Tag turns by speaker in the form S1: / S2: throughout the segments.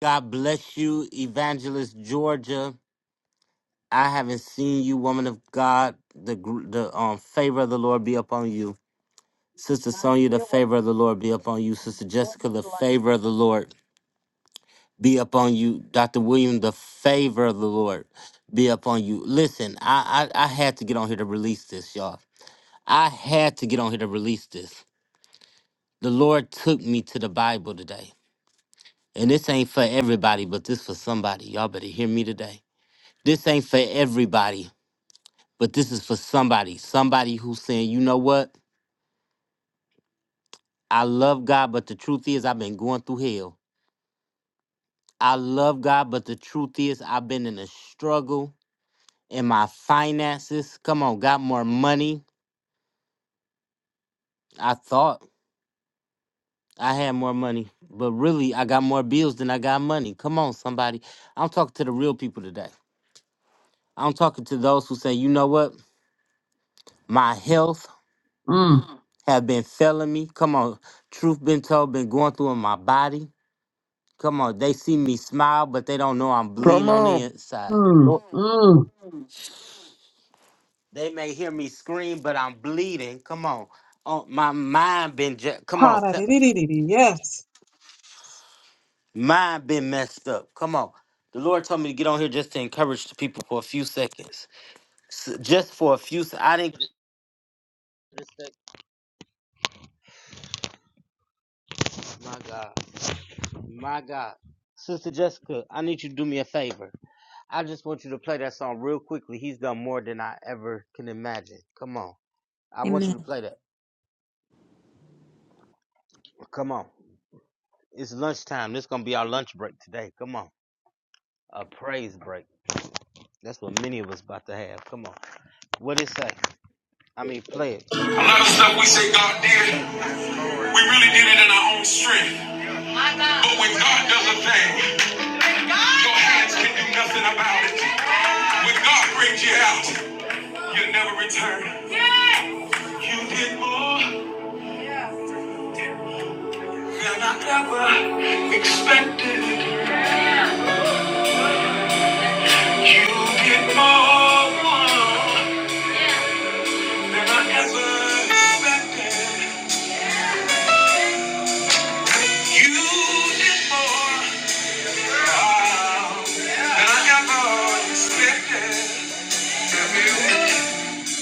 S1: God bless you, Evangelist Georgia. I haven't seen you, woman of God. The gr- the um favor of the Lord be upon you, Sister
S2: God is
S1: Sonia. The
S2: still
S1: favor
S2: working
S1: of the Lord be
S2: miracles
S1: upon you,
S2: in
S1: Sister Jessica.
S2: Georgia's
S1: The
S2: life.
S1: favor of the Lord be upon you, Doctor William. The favor of the Lord be upon you. Listen, I, I I had to get on here to release this, y'all. I had to get on here to release this. The Lord took me to the Bible today, and this ain't for everybody, but this for somebody. Y'all better hear me today. This ain't for everybody, but this is for somebody. Somebody who's saying, you know what? I love God, but the truth is, I've been going through hell. I love God, but the truth is, I've been in a struggle in my finances. Come on, got more money. I thought I had more money, but really, I got more bills than I got money. Come on, somebody. I'm talking to the real people today. I'm talking to those who say, you know what? My health
S3: Mm,
S1: have been failing me. Come on, truth been told, been going through in my body. Come on, they see me smile, but they don't know I'm
S4: Come
S1: bleeding on the
S4: on.
S1: inside.
S3: mm,
S1: Lord, Mhm.
S3: mm.
S1: they may hear me scream, but I'm bleeding. Come on, oh, my mind been ju- come on, th-
S3: Pa-da-dee-dee-dee-dee. Yes,
S1: mind been messed up. Come on, the Lord told me to get on here just to encourage the people for a few seconds, S- just for a few. se- I didn't. My God, my God, Sister Jessica, I need you to do me a favor. I just want you to play that song real quickly. He's done more than I ever can imagine. Come on, I want you to play that. Come on. It's lunchtime. This gonna be our lunch break today. Come on, a praise break. That's what many of us about to have. Come on. What it say? I mean, play it for me.
S5: A lot
S1: Play
S5: of
S1: it for me.
S5: stuff we say God did,
S1: Thank you.
S5: we really did it in our own strength. But when God does a thing, your hands can do nothing about it. When God brings you out, you'll never return. You did more than I ever expected. You did more than I ever expected. You did more wow, than I ever expected.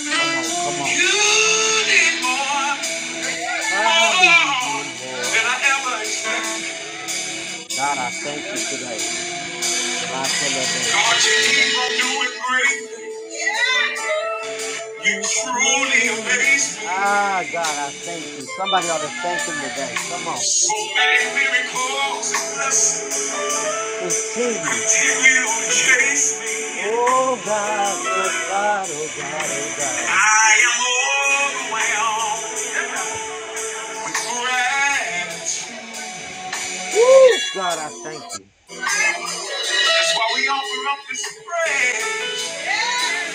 S1: Come on, come
S5: You
S1: on.
S5: did more,
S1: Father, you
S5: more
S1: did
S5: than
S1: more.
S5: I ever expected.
S1: God, I thank you today. Matelebe
S5: God, you
S1: kosia.
S5: keep on doing great. You
S1: You
S5: truly
S1: truly,
S5: amaze
S1: ah, God,
S5: me.
S1: I thank you. Somebody ought to thank him today. Come on.
S5: So many miracles blessings
S1: Continue.
S5: continue to chase me.
S1: Oh, God, oh, God, oh, God, oh, God.
S5: I am overwhelmed with gratitude.
S1: Woo, God, I thank you.
S5: That's why we offer up this praise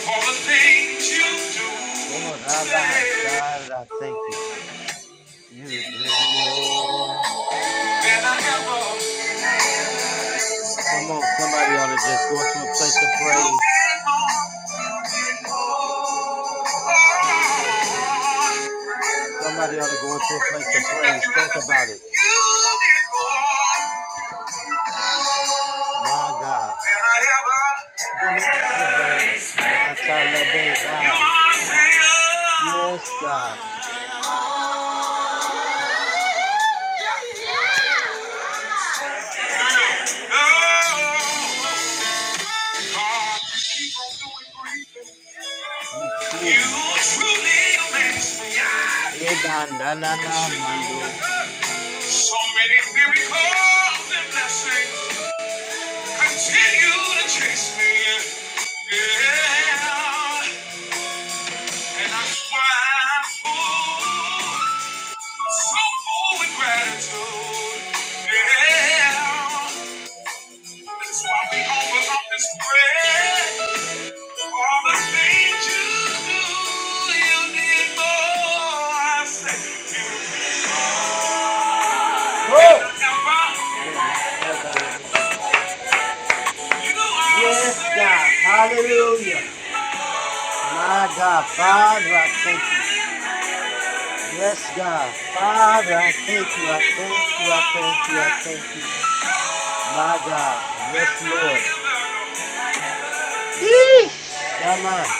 S5: for the things you do,
S1: Oh, Rabbi,
S5: say,
S1: God, I thank you. You did more.
S5: than I ever
S1: Come on, somebody ought to just go into a place of praise. Somebody ought to go into a place of praise. Think about it. My God. Then I ever. My talabeba. Yes, God. You truly. Ibandanana mando.
S5: So many miracles and blessings. Continue to chase me, yeah. And that's why I'm full, so full with gratitude, yeah. That's why we offer up this prayer for all the things you do. You did more, I say, you did
S1: Oh!
S5: never.
S1: Then I ever.
S5: You are the same.
S1: Yes, God.
S5: You
S1: Hallelujah.
S5: did,
S1: My God. Father, I thank you.
S5: yeah, yeah.
S1: Yes, God. Father,
S5: Yeah.
S1: I thank you. I thank you. I thank you. I thank you. My God. Yes, Lord. Eesh, Shaman.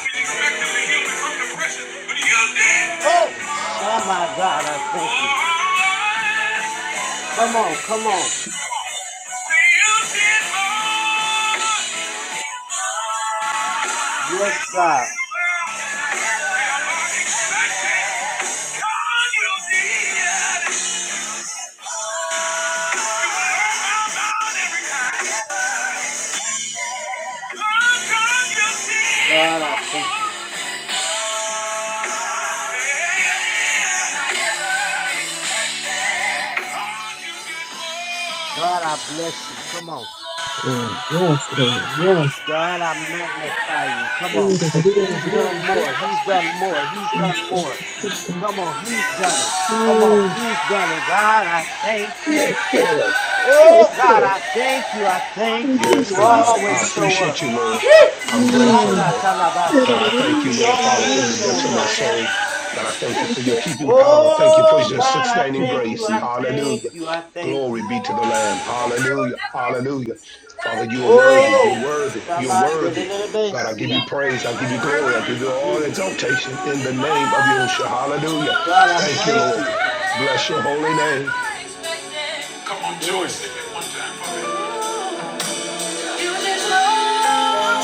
S1: Oh, Shaman, God, I thank you. Come on, come on. Yes, God. God, I thank you. God, I bless you. Come on.
S3: Lord. Yes, Lord. Yes.
S1: God, I magnify you. Come on. He's
S3: Dee-dee-dee-dee-dee-dee.
S1: done more. He's done more. He's
S3: Yes,
S1: done
S3: Lord.
S1: more.
S3: Yes,
S1: Come on, he's done it. Come on,
S3: Lord.
S1: he's done it. God, I thank you.
S3: Yes, Lord. Yes,
S1: Oh God,
S3: Lord.
S1: I thank you. I thank
S3: Thank
S1: you.
S3: you,
S6: Yes,
S1: You
S6: God.
S1: always
S6: I
S3: Jesus.
S1: show
S6: appreciate
S1: up.
S6: you, Lord.
S1: Eh,
S6: I'm grateful,
S3: Mm.
S6: Lord. God, I
S1: Shagatalabaso.
S6: thank you,
S1: He
S6: Lord, Father, from
S1: always
S6: the depths
S1: shows
S6: of my
S1: up.
S3: Dee-dee-dee-dee-dee-dee-dee-dee-dee-dee-dee-dee.
S6: soul. God, I thank you
S3: Thank
S6: for your
S3: you,
S6: keeping
S3: Jesus.
S6: power. Thank you for
S1: Oh
S6: your
S1: God, I
S6: sustaining
S1: thank you.
S6: grace.
S1: I thank
S6: Hallelujah.
S1: you. I thank
S6: Glory
S1: you.
S6: be to the Lamb. Hallelujah. Hallelujah. Father, you are worthy. You're
S1: Oh
S6: worthy. You're worthy. God, I give you
S1: Shamandelebesia.
S6: praise. I give you glory. I give you all
S1: Mm.
S6: exaltation in the name of Yahushua. Hallelujah.
S1: God, I
S6: Thank you,
S1: thank
S6: Lord.
S1: you.
S6: Bless your holy name.
S5: Come on, Joyce,
S1: Mm.
S5: sing it one time for me. You did more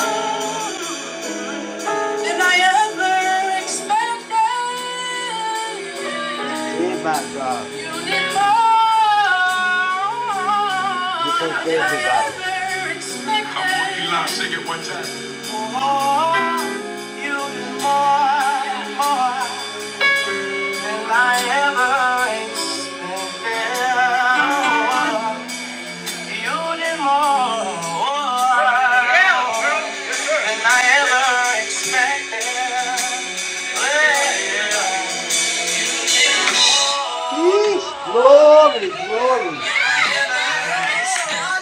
S5: than I ever expected.
S1: Yeah, my God.
S5: You you more More, you
S1: This ain't for everybody.
S5: did more More, than than I I ever ever expected. You did more, yeah, girl. Yes, sir. Than I ever expected.
S1: Eesh, glory, glory.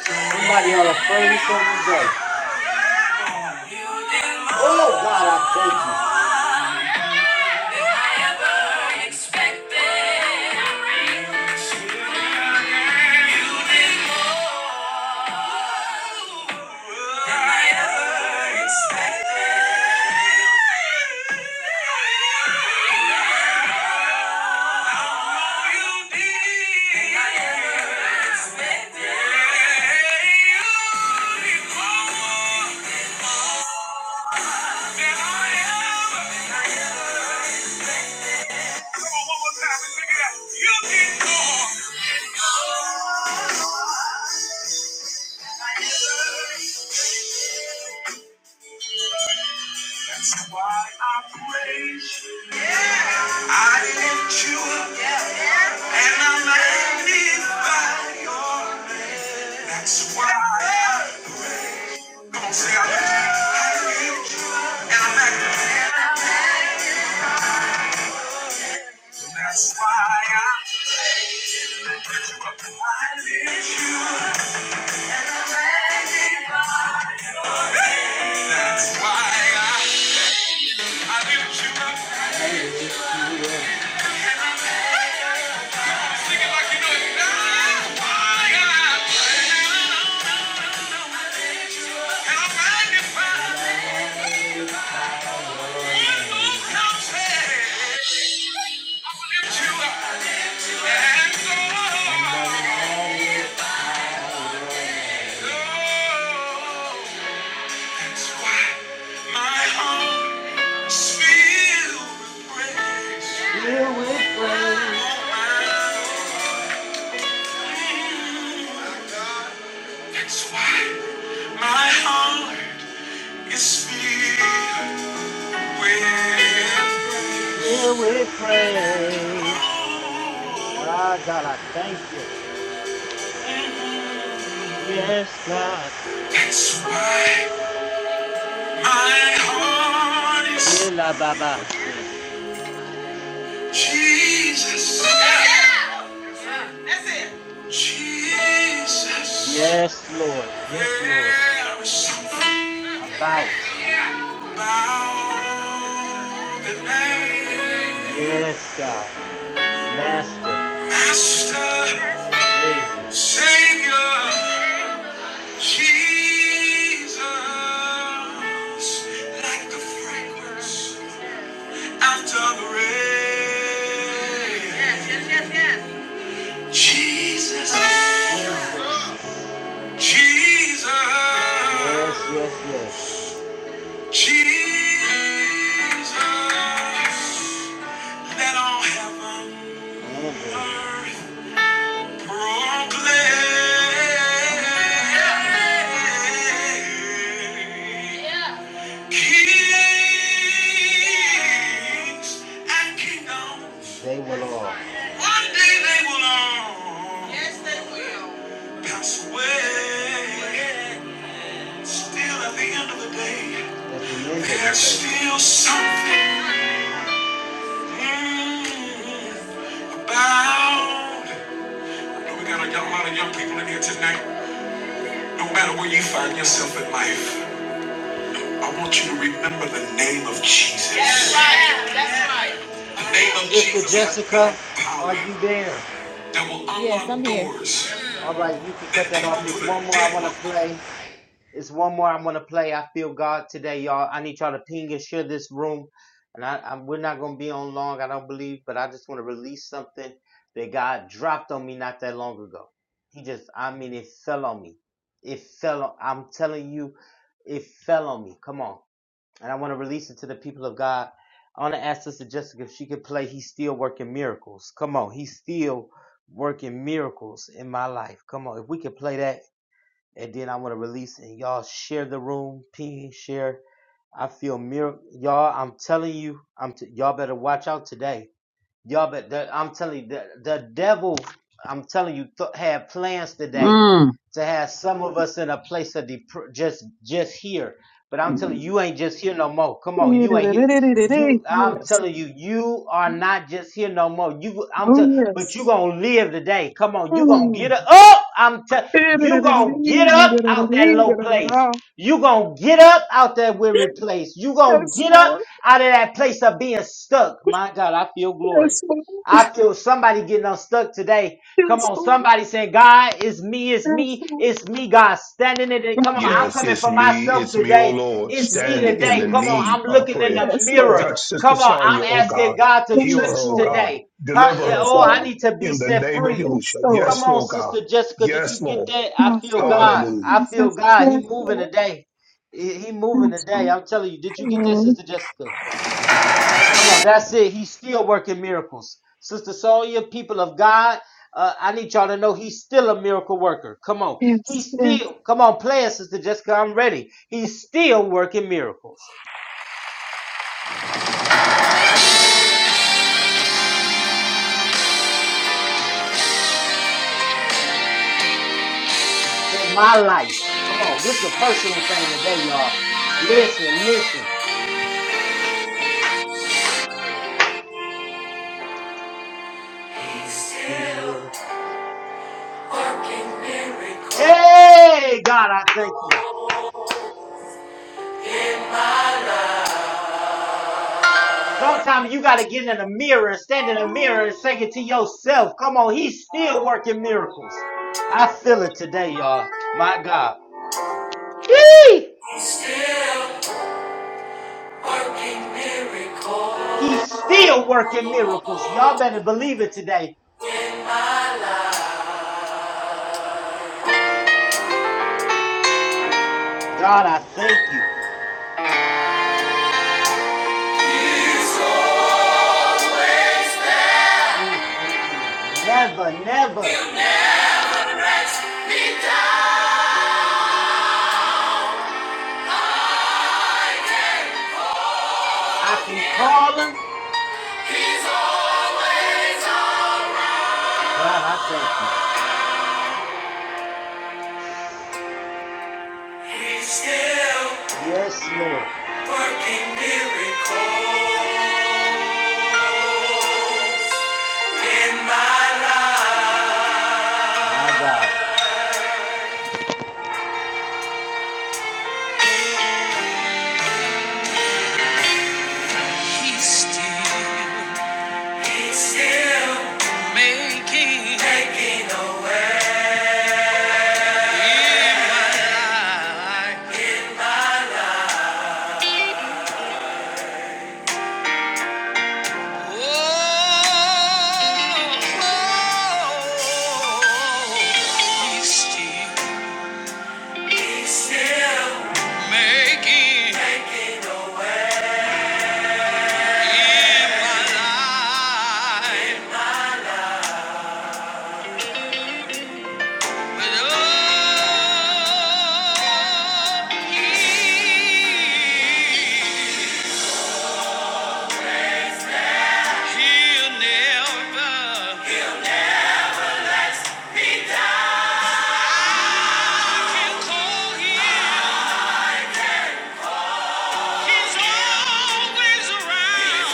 S1: Somebody ought to praise him today. Oh God, I thank you.
S5: Than I ever expected. That's why I praise you. Yeah. I lift you up and I magnify you. That's why. See, I live, and I'm active. That's why I lift you up. and I lift you up and I magnify you. That's why I, I lift you up
S1: I lift you up
S5: and I magnify Sing it like you know it. That's why I lift and I magnify
S1: and I magnify your
S5: One more
S1: name.
S5: time, say, I will lift you up and
S1: And I
S5: go.
S1: magnify your
S5: That's
S1: name.
S5: why my heart is filled with praise.
S1: Fill with
S5: Oh,
S1: praise.
S5: my. That's why my heart is filled with
S1: Fill
S5: praise.
S1: with praise.
S5: Oh,
S1: Ah, God, I thank you. Yes, God.
S5: that's why my heart is
S1: Ela baba say.
S5: Jesus. Jesus.
S1: Yes, Lord. Yes, Lord. About. Yes, God. Master.
S5: Master,
S1: Savior.
S5: Savior, Jesus, like the fragrance after the rain. Jesus,
S1: Jesus.
S5: Jesus,
S1: Yes, yes, yes.
S5: Jesus, let all heaven
S1: And
S5: and
S1: earth.
S5: earth. Proclaim kings and kingdoms.
S1: They will all.
S5: One day they will all Yes, pass away. Still, at the end of the day,
S1: At the end of the
S5: there's
S1: day.
S5: still something mm, about. We got a lot of young people in here tonight. No matter where you find yourself in life, I want you to remember the name of Jesus. That's right. That's right. The name of
S1: Sister
S5: Jesus has
S1: Jessica, are
S5: power
S1: you there?
S5: that will unlock yes, doors
S1: All right, you can cut
S5: that
S1: that
S5: people
S1: off. There's
S5: put a
S1: one more I want to
S5: deadlock. on.
S1: play. There's one more I want to play. I feel God today, y'all. I need y'all to ping and share this room. And I, I, we're not going to be on long, I don't believe, but I just want to release something that God dropped on me not that long ago. He just, I mean, it fell on me. It fell on, I'm telling you, it fell on me. Come on. and I want to release it to the people of God. I want to ask Sister Jessica if she could play He's Still Working Miracles. Come on, He's Still Working Miracles in my life. Come on, if we could play that, and then I want to release it. and y'all share the room, ping, share. I feel miracle, y'all. I'm telling you, I'm t- y'all better watch out today. Y'all, but the, I'm telling you, the, the devil, I'm telling you, th- had plans today
S3: Mm.
S1: to have some of us in a place of dep- just just here. But I'm telling you, you ain't just here no more. Come on, you ain't here. You,
S3: Dee-dee-dee-dee-dee-dee.
S1: I'm
S3: Yes.
S1: telling you, you are not just here no more. You, I'm
S3: Oh,
S1: telling, but you
S3: yes.
S1: gonna live today. Come on, you gonna get
S3: Mm.
S1: up. I'm telling you, gonna get up out that low place.
S3: Dee-dee-dee-dee-dee-dee-dee-dee-dee-dee-dee-dee-dee-dee.
S1: You're going to get up out that weary place. You're going to
S3: Yes,
S1: get up
S3: Lord.
S1: out of that place of being stuck. My God, I feel glory.
S3: Yes, Lord.
S1: I feel somebody getting unstuck today. Come
S3: Yes,
S1: on,
S3: Lord.
S1: somebody saying, God, it's me, it's
S3: Yes,
S1: me,
S3: Lord.
S1: it's me, God, standing in it. Come on,
S3: Yes,
S1: I'm
S6: Yes,
S1: coming
S6: it's
S1: for
S6: me.
S1: myself
S6: It's me, O
S1: today.
S6: Lord,
S1: It's
S3: yes,
S1: me
S6: standing
S3: Lord
S6: in the
S1: today. Come on,
S3: Jesus.
S6: need
S1: I'm
S6: of
S1: looking in
S6: prayer.
S1: the
S3: Yes, Lord.
S1: mirror.
S6: Touch Sister
S1: Come on, I'm
S6: Sonia, O
S1: asking
S6: God.
S1: God to
S6: Heal
S3: Yes,
S1: church
S6: her, O
S3: Lord.
S6: God.
S1: today. Huh?
S6: Deliver
S1: Yeah,
S6: her,
S3: Yes,
S1: Oh, I
S6: Father,
S3: Lord.
S1: need to be
S6: in the
S1: set
S6: name of
S1: free.
S3: Yes,
S6: Yahushua.
S3: Lord.
S1: Come
S6: Yes,
S1: on,
S6: Lord God.
S1: Sister Jessica. Did you
S6: Yes,
S1: get
S6: Lord.
S1: that? I
S3: Yes,
S1: feel
S3: Lord.
S1: God.
S6: Hallelujah.
S1: I feel
S3: Jesus.
S1: God. He
S3: Yes,
S1: moving
S3: Lord.
S1: today. He he moving
S3: Yes,
S1: today.
S3: Lord.
S1: I'm telling you. Did you get that,
S3: Oh,
S1: Sister Jessica? Come on. That's it. He's still working miracles. Sister Sonia, people of God, uh, I need y'all to know he's still a miracle worker. Come on.
S3: Yes,
S1: He's
S3: yes.
S1: still, come on, play it, Sister Jessica. I'm ready. He's still working miracles in my life. Come on. This is a personal thing today, y'all. Listen, listen. He's still Hey, God, I thank you. Sometimes you got to get in the mirror and stand in the mirror and say it to yourself. Come on, he's still working miracles. I feel it today, y'all. My God. Yee!
S5: Still working still working miracle.
S1: He's still working miracles. Y'all better believe it today. God, I thank you. Mm, mm, mm. Never, never.
S5: He'll never be down.
S1: I can call him.
S5: He's always on.
S1: God, I thank you.
S5: He's still
S1: Yes, Lord.
S5: working miracle in my life.
S1: My God.
S5: He's still making light. Oh, he's still making my life. Oh, he- he'll never- if you call him, he's always around.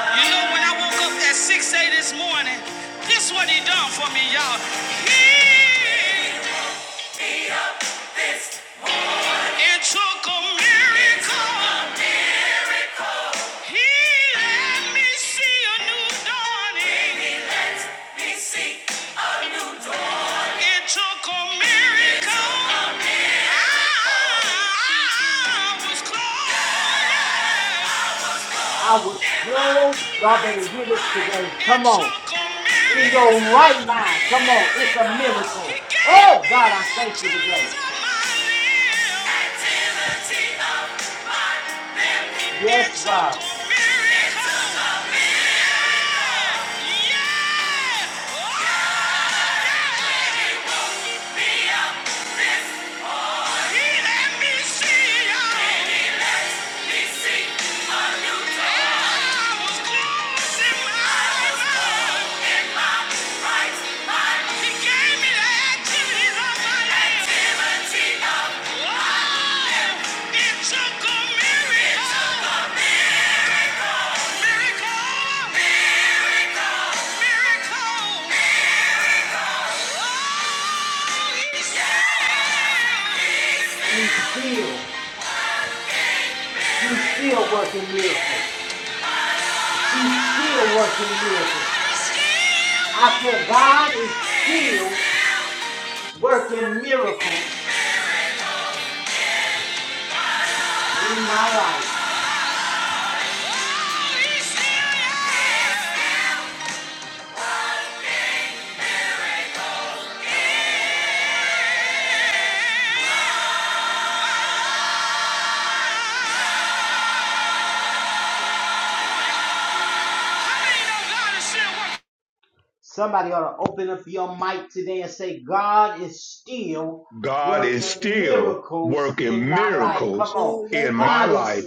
S5: You know, when I woke up at 6 a.m. this morning, this what he done for me, y'all. He and took a miracle. He let me see a new dawning It took a miracle. I, I was close.
S1: I was clothed. Y'all better hear this today.
S5: It
S1: Come
S5: took
S1: on.
S5: a
S1: in your
S5: miracle.
S1: right mind. Come on, it's a
S5: He
S1: miracle.
S5: gave
S1: Oh
S5: me
S1: God,
S5: the
S1: I thank you today.
S5: activities of my limbs. Activity of living. It
S1: Yes,
S5: took
S1: God,
S5: a miracle. Yeah. He let me see y'all. I was closing my eyes. He gave me the activities of my limbs. Activity of life. It took a miracle. Still
S1: He's still, He's still working miracles. He's still working miracles. I said, God is still working miracles in my life. Somebody ought to open up your mic today and say, God is still
S6: God is
S1: working
S6: still
S1: miracles in
S6: working
S1: my life. Come
S6: miracles
S1: on.
S6: in
S5: working
S6: my
S1: God is
S5: miracles
S6: life.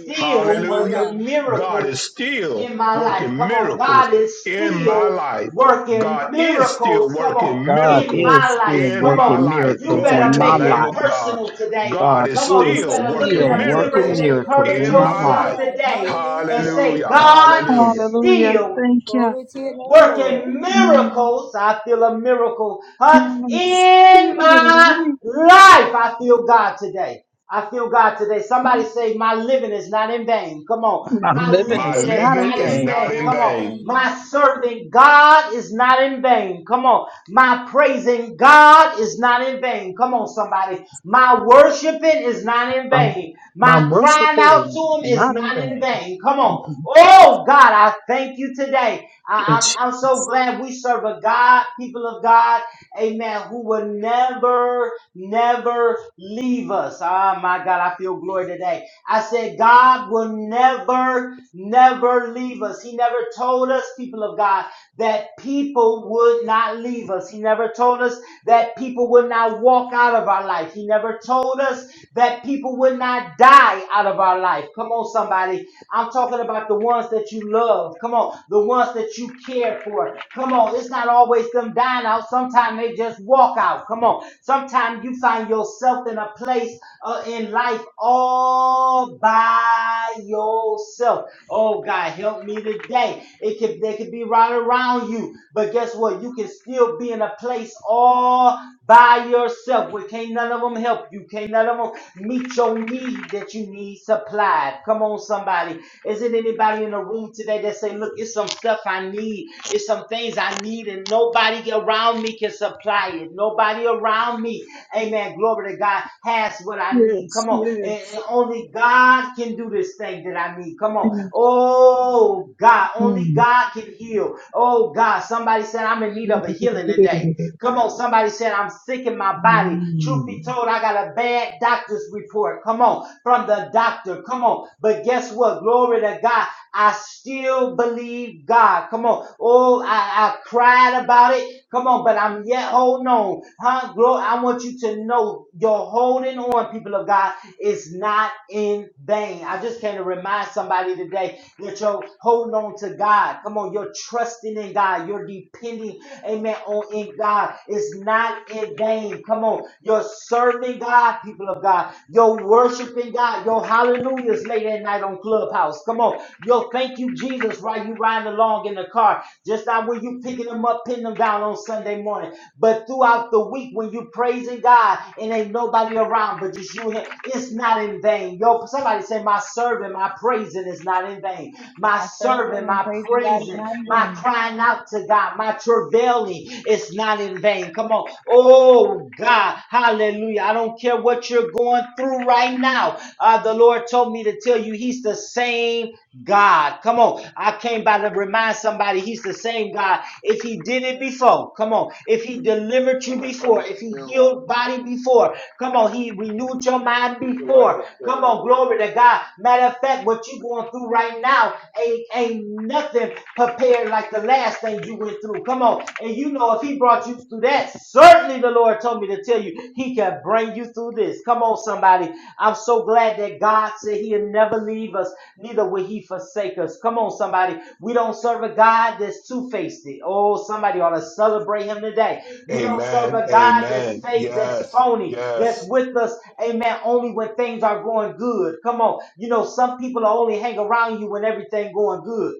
S5: in my
S6: Hallelujah.
S5: life.
S1: working
S6: God is
S1: miracles
S6: still
S1: in my life.
S6: working
S1: Come on.
S6: miracles
S1: God is
S6: in my
S1: still
S6: life.
S1: working
S6: God is still
S1: miracles. Come on.
S6: working
S3: God
S1: In
S6: miracles
S3: is
S1: my
S3: still
S1: life.
S6: in
S1: Come
S6: my
S3: working
S1: on.
S6: life.
S1: You
S3: miracles in
S6: Glory
S1: better
S6: to the
S3: my
S1: make
S6: Lamb
S1: it
S3: life.
S6: of God.
S1: personal today.
S6: God
S3: God
S6: is
S1: Come on.
S3: is
S1: You
S6: still
S1: better look in
S3: still
S6: working
S5: God
S1: the
S5: is
S1: mirror
S5: still
S3: working
S1: and
S6: miracles
S5: working
S3: miracles
S1: encourage
S3: in
S6: in
S5: miracles
S3: my
S6: my
S5: in my
S3: life.
S1: yourself
S6: life.
S5: life.
S1: today and
S5: Hallelujah.
S1: say,
S6: Hallelujah.
S5: Thank you,
S1: God
S5: Jesus.
S6: Hallelujah.
S1: is
S3: Hallelujah.
S1: still
S3: Thank you.
S5: Glory to your name, Lord.
S1: working
S3: Mm,
S1: miracles. I feel a miracle, huh?
S3: yes.
S1: In my life, I feel God today. I feel God today. Somebody say, My living is not in vain. Come on.
S3: I'm
S1: My
S3: living
S6: My
S3: is
S1: living is
S3: not
S6: living
S3: in
S1: not
S6: is
S1: in
S5: Giving
S3: vain.
S5: is
S6: not
S1: vain.
S6: in
S5: not
S1: Come
S5: in
S1: on.
S6: vain.
S5: vain.
S1: My serving God is not in vain. Come on. My praising God is not in vain. Come on, somebody. My worshiping is not in
S3: My,
S1: vain.
S3: my
S1: My
S3: worship
S1: crying
S3: is
S1: out to Him is
S3: not in
S1: not in
S3: vain.
S1: vain. Come on.
S3: Mhm.
S1: Oh, God, I thank you today. I,
S3: Yes,
S1: I'm, I'm so
S3: yes,
S1: glad we serve a God, people of God, amen, who will never, never leave us. Ah, my God, I feel glory today. I said, God will never, never leave us. He never told us, people of God, that people would not leave us. He never told us that people would not walk out of our life. He never told us that people would not die out of our life. Come on, somebody. I'm talking about the ones that you love. Come on, the ones that you care for. Come on, it's not always them dying out. Sometimes they just walk out. Come on, sometimes you find yourself in a place uh, in life all by yourself. Oh God, help me today. It could they could be right around you, but guess what? You can still be in a place all by yourself. Where can't none of them help you? Can't none of them meet your need that you need supplied. Come on, somebody. Is it anybody in the room today that say, look, it's some stuff I need. It's some things I need and nobody around me can supply it. Nobody around me, amen, glory to God, has what I need.
S3: yes,
S1: Come on. And and
S3: yes.
S1: only God can do this thing that I need. Come on.
S3: yes.
S1: Oh, God. Only
S3: Mm.
S1: God can heal. Oh, God. Somebody said, I'm in need of a healing today. Come on, somebody said, I'm sick in my body. Truth
S3: Mm.
S1: be told, I got a bad doctor's report. Come on, from the doctor. Come on. But guess what? Glory to God. I still believe God. Come on. Oh, I, I cried about it. Come on, but I'm yet holding on. Huh? Glory, I want you to know your holding on, people of God, is not in vain. I just came to remind somebody today that you're holding on to God. Come on, you're trusting in God. You're depending Amen. On in God. It's not in vain. Come on. You're serving God, people of God. You're worshiping God. Your hallelujahs late at night on Clubhouse. Come on. Yo, thank you, Jesus, while you riding along in the car. Just not when you picking them up, pinning them down on Sunday morning. But throughout the week when you praising God and ain't nobody around but just you and him, it's not in vain. Yo, somebody say, My serving, my praising is not in vain. My
S5: I serve Him
S1: serving,
S5: and
S1: my
S5: praising God is
S1: praising,
S5: not in
S1: my
S5: vain.
S1: crying out to to God. My travailing is not in vain. Come on. Oh, God. Hallelujah. I don't care what you're going through right now. Uh, the Lord told me to tell you He's the same God. Come on. I came by to remind somebody He's the same God. If He did it before, come on. If He delivered you before, if He healed body before, come on. He renewed your mind before. Come on. Glory to God. Matter of fact, what you're going through right now ain't, ain't nothing prepared compared like the last thing you went through. Come on. And you know, if he brought you through that, certainly the Lord told me to tell you, he can bring you through this. Come on, somebody. I'm so glad that God said he'll never leave us, neither will he forsake us. Come on, somebody. We don't serve a God that's two faced. Oh, somebody ought to celebrate him today. We don't serve
S6: Amen.
S1: a God that's
S6: Amen.
S1: fake, that's
S6: Yes.
S1: phony, that's
S6: Yes.
S1: with us, amen, only when things are going good. Come on. You know, some people will only hang around you when everything going good.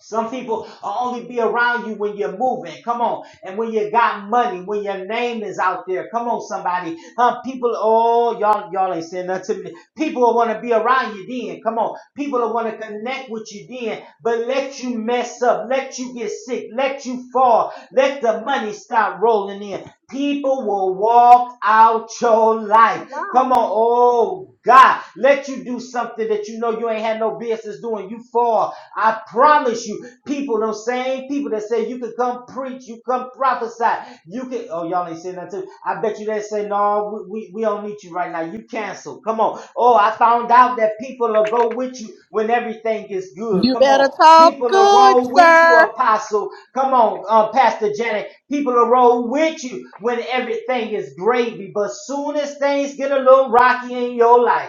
S1: Some people only be around you when you're moving. Come on. And when you got money, when your name is out there. Come on, somebody. Huh? People, oh, y'all, y'all ain't saying nothing to me. People will want to be around you then. Come on. People will want to connect with you then. But let you mess up. Let you get sick. Let you fall. Let the money start rolling in. People will walk out your life.
S2: Come on,
S1: Come on. Oh, God let you do something that you know you ain't had no business doing. You fall. I promise you, people, those same people that say you can come preach, you come prophesy, you can. Oh, y'all ain't saying that too. I bet you they say no, we, we we don't need you right now. You cancel. Come on. Oh, I found out that people will go with you when everything is good.
S7: You
S1: Come
S7: better
S1: on.
S7: talk
S1: People will
S7: good,
S1: roll with you,
S7: sir.
S1: Apostle. Come on, uh, Pastor Janet. People will roll with you when everything is gravy. But soon as things get a little rocky in your life,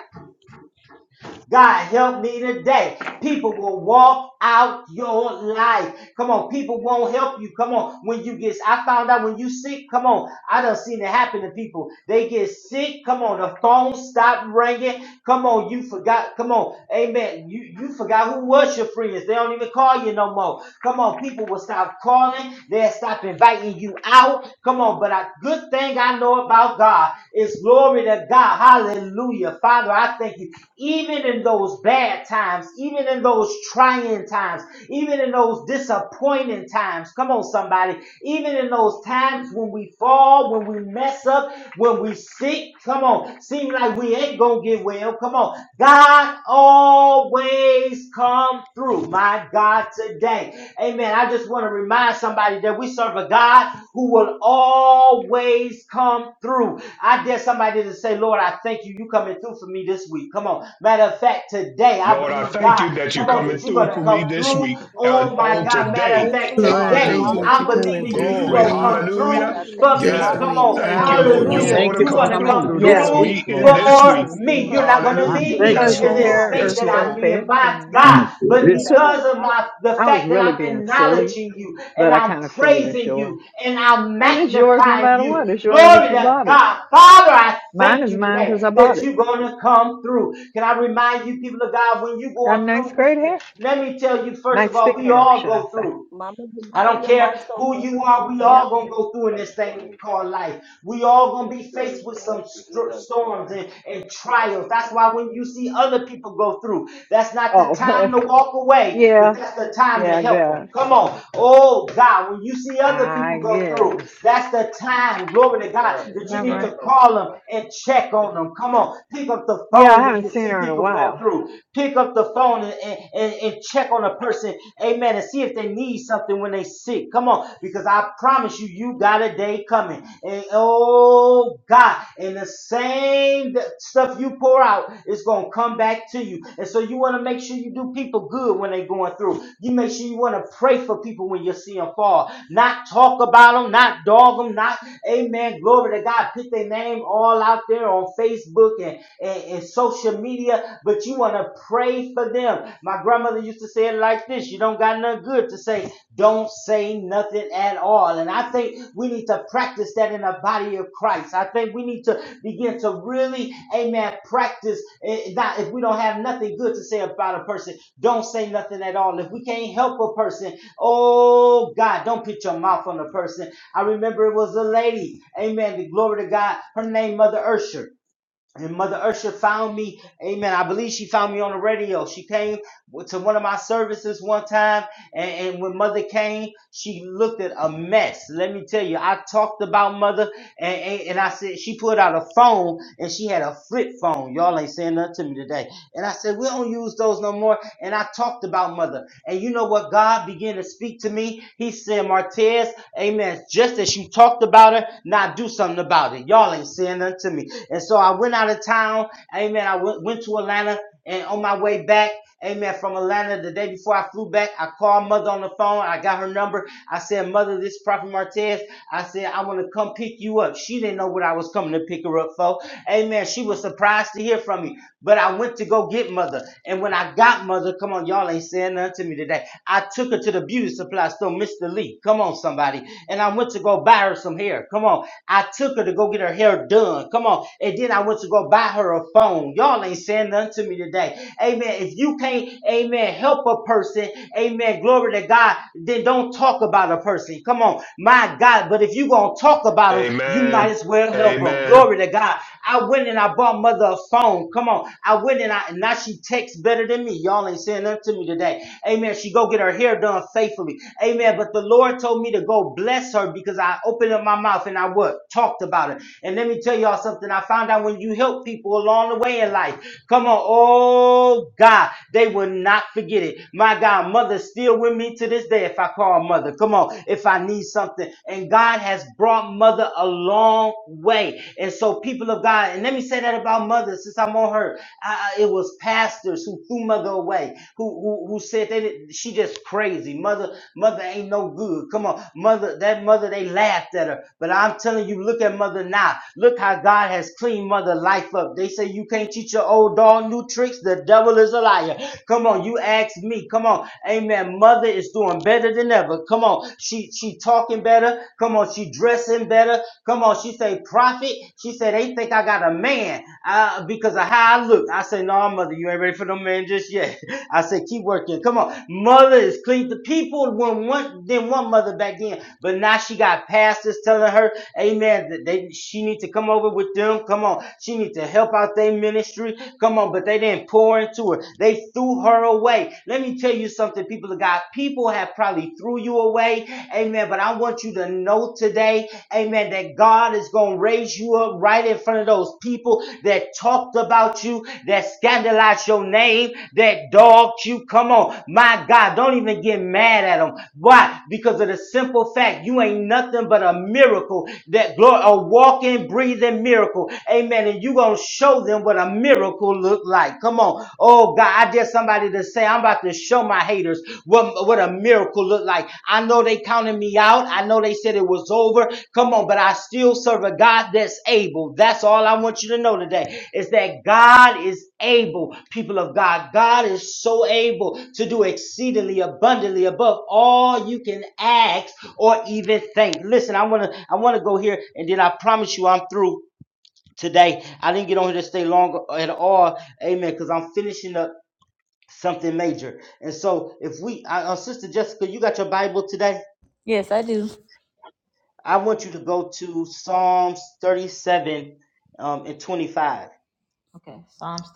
S1: God, help me today. People will walk out your life. Come on, people won't help you. Come on, when you get, I found out when you sick. Come on, I done seen it happen to people. They get sick. Come on, the phone stop ringing. Come on, you forgot. Come on, Amen. You you forgot who was your friends. They don't even call you no more. Come on, people will stop calling. They'll stop inviting you out. Come on, but but a good thing I know about God is glory to God. Hallelujah. Father, I thank you. Even in those bad times, even in those trying times, even in those disappointing times, come on, somebody, even in those times when we fall, when we mess up, when we sick, come on, seem like we ain't gonna get well, come on. God always comes through, my God, today. Amen. I just want to remind somebody that we serve a God who will always come through. I dare somebody to say, Lord, I thank you. You coming through for me this week. Come on. Matter of fact, today, I
S6: Lord, I
S1: believe
S6: thank
S1: God,
S6: you that you're
S1: come on,
S6: coming
S1: that you're going
S6: through
S1: to
S6: for
S2: Lord,
S6: me
S1: come
S2: I
S6: this
S2: thank
S1: through.
S2: you
S6: week
S2: that you
S6: and
S1: Oh, my
S6: on
S5: Thank you
S1: God.
S2: continue
S5: that you're
S1: Matter of
S6: today.
S2: this
S5: coming to
S1: fact,
S2: week
S8: Lord, I
S5: listen.
S1: today,
S8: thank
S2: for
S8: you
S6: Hallelujah.
S8: that
S2: me.
S1: I'm
S8: you're
S5: Hallelujah.
S8: coming
S1: believing you.
S8: through
S2: In
S1: You're
S8: for
S2: the
S6: Glory.
S5: Thank
S1: going to
S5: you,
S8: me
S2: name
S1: come
S5: Lord,
S2: of
S5: that you're
S2: Jesus,
S1: through
S6: Hallelujah.
S5: coming
S2: I
S5: to
S2: thank
S5: listen.
S1: for
S2: you
S8: this
S2: for
S1: me.
S6: Yes.
S2: the
S1: Come
S8: week.
S1: on.
S5: Hallelujah.
S2: favor.
S6: Thank you,
S3: Thank
S6: Lord.
S3: you. I
S6: You're
S8: Hallelujah.
S2: I
S1: Hallelujah.
S3: thank
S6: going to
S3: you
S1: You're
S2: thank
S3: for
S1: going
S6: come
S2: you
S1: to
S3: coming
S2: for the
S6: through
S1: come
S3: through this
S9: Yeah.
S6: for
S2: favor.
S1: through
S3: week,
S6: me in
S3: Lord
S9: Yeah.
S6: this
S2: I
S1: for
S6: week.
S3: Jesus.
S2: thank
S1: me.
S2: you for
S1: You're
S9: Because
S2: the
S1: not going to
S3: I
S2: favor.
S6: Hallelujah.
S1: leave
S3: thank
S1: me
S3: you
S6: Yes,
S2: Get
S1: in
S9: your
S1: this
S6: Lord.
S9: hair
S2: high
S1: state
S6: Yes,
S9: is
S1: that
S2: in
S9: so
S1: I'm
S2: the
S6: Lord.
S1: in
S9: thick
S2: name of
S1: by
S9: and
S3: for
S2: Jesus.
S1: God.
S3: coming
S2: Say
S3: through
S1: But
S2: it
S9: you
S3: this
S2: up on
S3: week.
S9: could.
S1: because of
S2: top.
S1: my the
S9: I was
S1: fact that
S9: really
S1: I'm
S9: being silly,
S1: acknowledging you and
S9: but I
S1: I'm
S9: kind of figured it's
S1: praising
S9: yours.
S1: you and I'm
S9: And it's yours no
S1: magnifying
S9: matter
S1: you.
S9: what. It's yours
S1: Glory
S9: if you
S1: to
S9: bought it.
S1: God. Father, I
S9: Mine
S1: thank
S9: is
S1: you
S9: mine
S1: today
S9: because I bought
S1: that
S9: it.
S1: you're going to come through. Can I remind you, people of God, when you're
S9: Got
S1: going
S9: nice
S1: through,
S9: great
S1: we,
S9: hair.
S1: let me tell you, first of
S9: Nice
S1: all,
S9: thick
S1: we
S9: hair,
S1: all
S9: should I
S1: go
S9: say.
S1: through.
S2: Mama, you
S1: I
S2: know
S1: don't
S2: your
S1: care
S2: mic's
S1: who
S2: open.
S1: you are. We
S9: Yep.
S1: all gonna go through in this thing called life. We all gonna be faced with some str storms and, and trials. That's why when you see other people go through, that's not the
S9: Oh,
S1: time to walk away, but
S9: yeah.
S1: that's the time to
S9: Yeah, I
S1: help them.
S9: guess.
S1: Come on, oh God, when you see other
S9: I
S1: people go
S9: guess.
S1: through,
S9: Is
S1: that's the time, glory to God, that you
S9: that
S1: need
S9: right?
S1: to call them and check on them. Come on, pick up the
S9: Yeah, I
S1: phone when
S9: haven't
S1: you
S9: seen
S1: see
S9: her in a
S1: people go
S9: while.
S1: through. Pick up the phone and, and, and, and check check on a person, amen, and see if they need something when they sick. Come on, because I promise you, you got a day coming. And oh God, and the same stuff you pour out is gonna come back to you. And so you want to make sure you do people good when they're going through. You make sure you want to pray for people when you see them fall, not talk about them, not dog them, not amen. Glory to God, put their name all out there on Facebook and, and, and social media but you want to pray for them. My grandmother used to say it like this you don't got nothing good to say, don't say nothing at all. And I think we need to practice that in the body of Christ. I think we need to begin to really, amen, practice. eh, Not, if we don't have nothing good to say about a person, don't say nothing at all. If we can't help a person, oh God, don't put your mouth on a person. I remember it was a lady, amen, the glory to God, her name, Mother Ursher and Mother Ursha found me. Amen. I believe she found me on the radio. She came to one of my services one time and, and when mother came, she looked at a mess. Let me tell you, I talked about mother and, and, and I said, she pulled out a phone and she had a flip phone. Y'all ain't saying nothing to me today. And I said, we don't use those no more. And I talked about mother. And you know what? God began to speak to me. He said, Martez, amen. Just as you talked about her, now do something about it. Y'all ain't saying nothing to me. And so I went out of town. Amen. I went, went to Atlanta. And on my way back, amen, from Atlanta the day before I flew back, I called mother on the phone. I got her number. I said, Mother, this Prophet Martez. I said, I want to come pick you up. She didn't know what I was coming to pick her up for. Amen. She was surprised to hear from me. But I went to go get mother. And when I got mother, come on, y'all ain't saying nothing to me today. I took her to the beauty supply store, Mr. Lee. Come on, somebody. And I went to go buy her some hair. Come on. I took her to go get her hair done. Come on. And then I went to go buy her a phone. Y'all ain't saying saying unto me today. Amen. If you can't, amen, help a person, amen, glory to God, then don't talk about a person. Come on, my God. But if you're going to talk about them, you might
S6: Amen.
S1: as well help them.
S6: Amen.
S1: Glory to God. I went and I bought mother a phone. Come on. I went and I, and now she texts better than me. Y'all ain't saying nothing to me today. Amen. She go get her hair done faithfully. Amen. But the Lord told me to go bless her because I opened up my mouth and I what? Talked about it. And let me tell y'all something. I found out when you help people along the way in their life. Come on. Oh God, they will not forget it. My God, mother's still with me to this day if I call mother. Come on, if I need something. And God has brought mother a long way. And so people of God, and let me say that about mother since I'm on her. I, I- it was pastors who threw mother away, who, who, who said they, didn't- she just crazy. Mother, mother ain't no good. Come on, mother, that mother, they laughed at her. But I'm telling you, look at mother now. Look how God has cleaned mother life up. They they say you can't teach your old dog new tricks. The devil is a liar. Come on, you ask me. Come on, Amen. Mother is doing better than ever. Come on, she she talking better. Come on, she dressing better. Come on, she say prophet. She said they think I got a man uh, because of how I look. I say no, mother, you ain't ready for no man just yet. I say keep working. Come on, mother is clean. The people when one then one mother back then, but now she got pastors telling her, Amen. That they she need to come over with them. Come on, she she needs to help out their ministry. Come on, but they didn't pour into her. They threw her away. Let me tell you something, people of God. People have probably threw you away. Amen. But I want you to know today, amen, that God is going to raise you up right in front of those people that talked about you, that scandalized your name, that dogged you. Come on. My God, don't even get mad at them. Why? Because of the simple fact you ain't nothing but a miracle that glory, a walking, breathing miracle. Amen. And you going to show them what a miracle look like. Come on. Oh, God, I dare somebody to say, I'm about to show my haters what, what a miracle look like. I know they counted me out. I know they said it was over. Come on. But I still serve a God that's able. That's all I want you to know today is that God is able, people of God. God is so able to do exceedingly abundantly above all you can ask or even think. Listen, I want to I want to go here and then I promise you I'm through today. I didn't get on here to stay long at all. Amen. Because I'm finishing up something major. And so if we, uh, Sister Jessica, you got your Bible today? I want you to go to Psalms 37 um, and 25,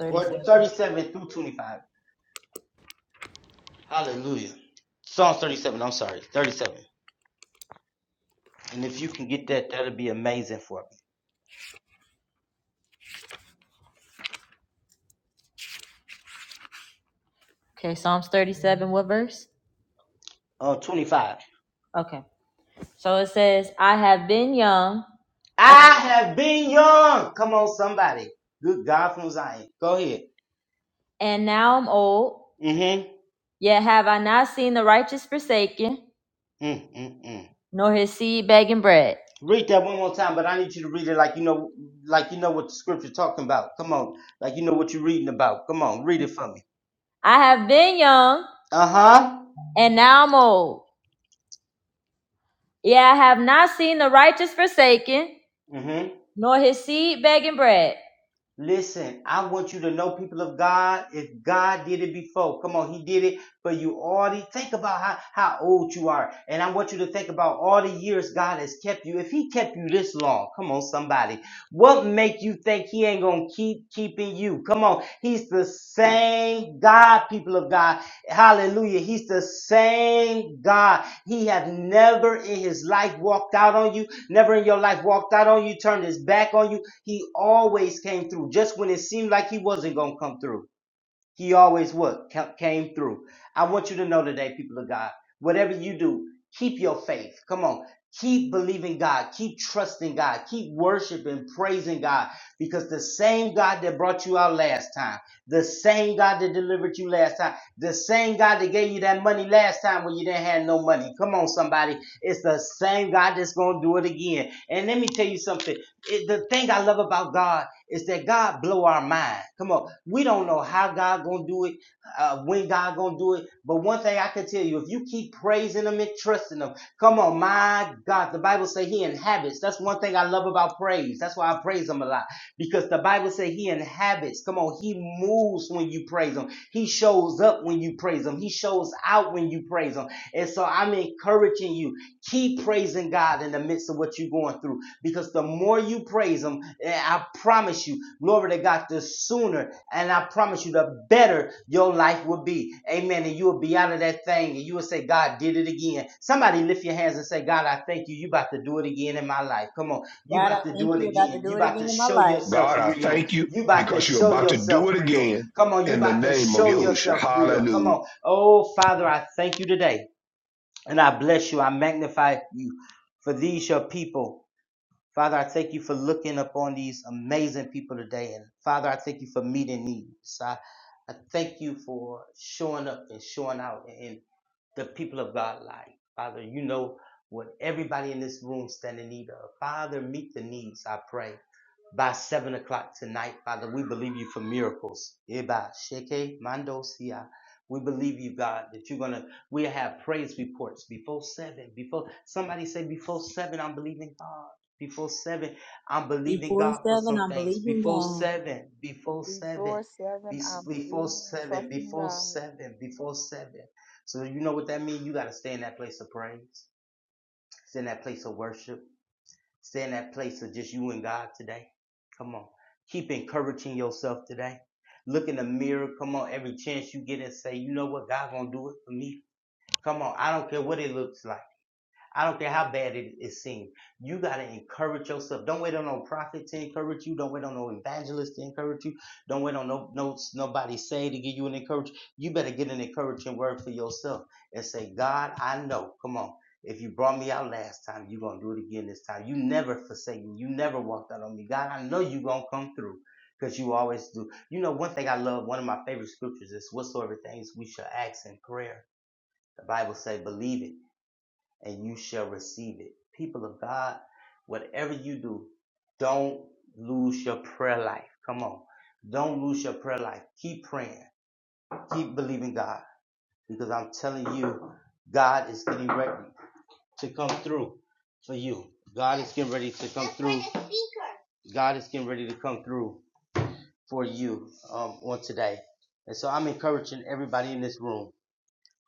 S1: or 37 through 25. Hallelujah. Psalms 37, I'm sorry, 37. And if you can get that, that'll be amazing for me.
S5: Okay, Psalms 37, what verse?
S1: Uh, 25.
S5: Okay. So it says, I have been young
S1: I
S5: and,
S1: have been young. Come on, somebody. Good God from Zion. Go ahead.
S5: and now I'm old,
S1: Mm-hmm.
S5: yet have I not seen the righteous forsaken,
S1: Mm-mm-mm.
S5: nor his seed begging bread.
S1: Read that one more time, but I need you to read it like you know, like you know what the scripture talking about. Come on, like you know what you're reading about. Come on, read it for me.
S5: I have been young
S1: Uh huh.
S5: and now I'm old, yet I have not seen the righteous forsaken,
S1: Mm hmm.
S5: nor his seed begging bread.
S1: Listen, I want you to know, people of God, if God did it before, come on, He did it for you already. Think about how, how old you are. And I want you to think about all the years God has kept you. If He kept you this long, come on, somebody, what make you think He ain't going to keep keeping you? Come on, He's the same God, people of God. Hallelujah. He's the same God. He has never in His life walked out on you. Never in your life walked out on you, turned his back on you. He always came through. Just when it seemed like he wasn't going to come through, he always would Ca- Came through. I want you to know today, people of God, whatever you do, keep your faith. Come on. Keep believing God. Keep trusting God. Keep worshiping, praising God. Because the same God that brought you out last time. The same God that delivered you last time. The same God that gave you that money last time when you didn't have no money. Come on, somebody. It's the same God that's going to do it again. And let me tell you something. It- the thing I love about God is that God blow our mind. Come on. We don't know how God going to do it, uh, when God going to do it. But one thing I can tell you, if you keep praising him and trusting him, come on, my God. The Bible say he inhabits. That's one thing I love about praise. That's why I praise him a lot because the Bible says he inhabits. Come on, he moves when you praise him. He shows up when you praise him. He shows out when you praise him. And so I'm encouraging you. Keep praising God in the midst of what you're going through because the more you praise Him, eh, I promise you, glory to God, the sooner and I promise you, the better your life will be. Amen. And you will be out of that thing and you will say, God did it again. Somebody lift your hands and say, God, I thank you. You about to do it again in my life. Come on. You
S5: God, I
S1: about to
S5: thank
S1: do it
S5: you about to
S1: again.
S5: do
S1: You
S5: it
S1: about
S5: again
S1: to
S5: in my
S1: show
S5: life.
S1: yourself
S6: God, I
S1: real.
S6: thank you
S1: You about to
S6: because you're
S1: show
S6: about to
S1: yourself
S6: do it
S1: real.
S6: again
S1: Come on. You
S6: in the
S1: about to
S6: name of
S1: show
S6: Yahushua.
S1: yourself real. Come
S6: Hallelujah.
S1: on. Oh, Father, I thank you today. And I bless you. I magnify you. For these your people. Father, I thank you for looking upon these amazing people today. And Father, I thank you for meeting needs. I, I thank you for showing up and showing out in the people of God life. Father, you know what everybody in this room stand in need of. Father, meet the needs, I pray. By seven o'clock tonight, Father, we believe you for miracles. Eba, sheke, mando, sia. We believe you, God, that you're gonna we have praise reports before seven. Before somebody say before seven, I'm believing God. Before seven, I'm believing
S5: Before
S1: God for
S5: seven,
S1: some
S5: I'm
S1: things.
S5: believing
S1: Before
S5: God.
S1: seven, before
S2: Before
S1: seven,
S2: seven, I'm
S1: before
S2: believing and
S1: seven,
S2: trusting
S1: before
S2: God.
S1: seven, before seven. So you know what that means? You gotta stay in that place of praise, stay in that place of worship, stay in that place of just you and God today. Come on. Keep encouraging yourself today. Look in the mirror. Come on, every chance you get and say, you know what, God gonna do it for me. Come on, I don't care what it looks like. I don't care how bad it, it seems. You got to encourage yourself. Don't wait on no prophet to encourage you. Don't wait on no evangelist to encourage you. Don't wait on no, no nobody say to give you an encouragement. You better get an encouraging word for yourself and say, God, I know. Come on. If you brought me out last time, you're going to do it again this time. You never forsake me. You never walked out on me. God, I know you're going to come through because you always do. You know, one thing I love, one of my favorite scriptures is whatsoever things we shall ask in prayer. The Bible say, believe it and you shall receive it. People of God, whatever you do, don't lose your prayer life. Come on. Don't lose your prayer life. Keep praying. Keep believing God because I'm telling you, God is getting ready to come through for you. God is getting ready to come through. God is getting ready to come through for you um, on today. And so I'm encouraging everybody in this room.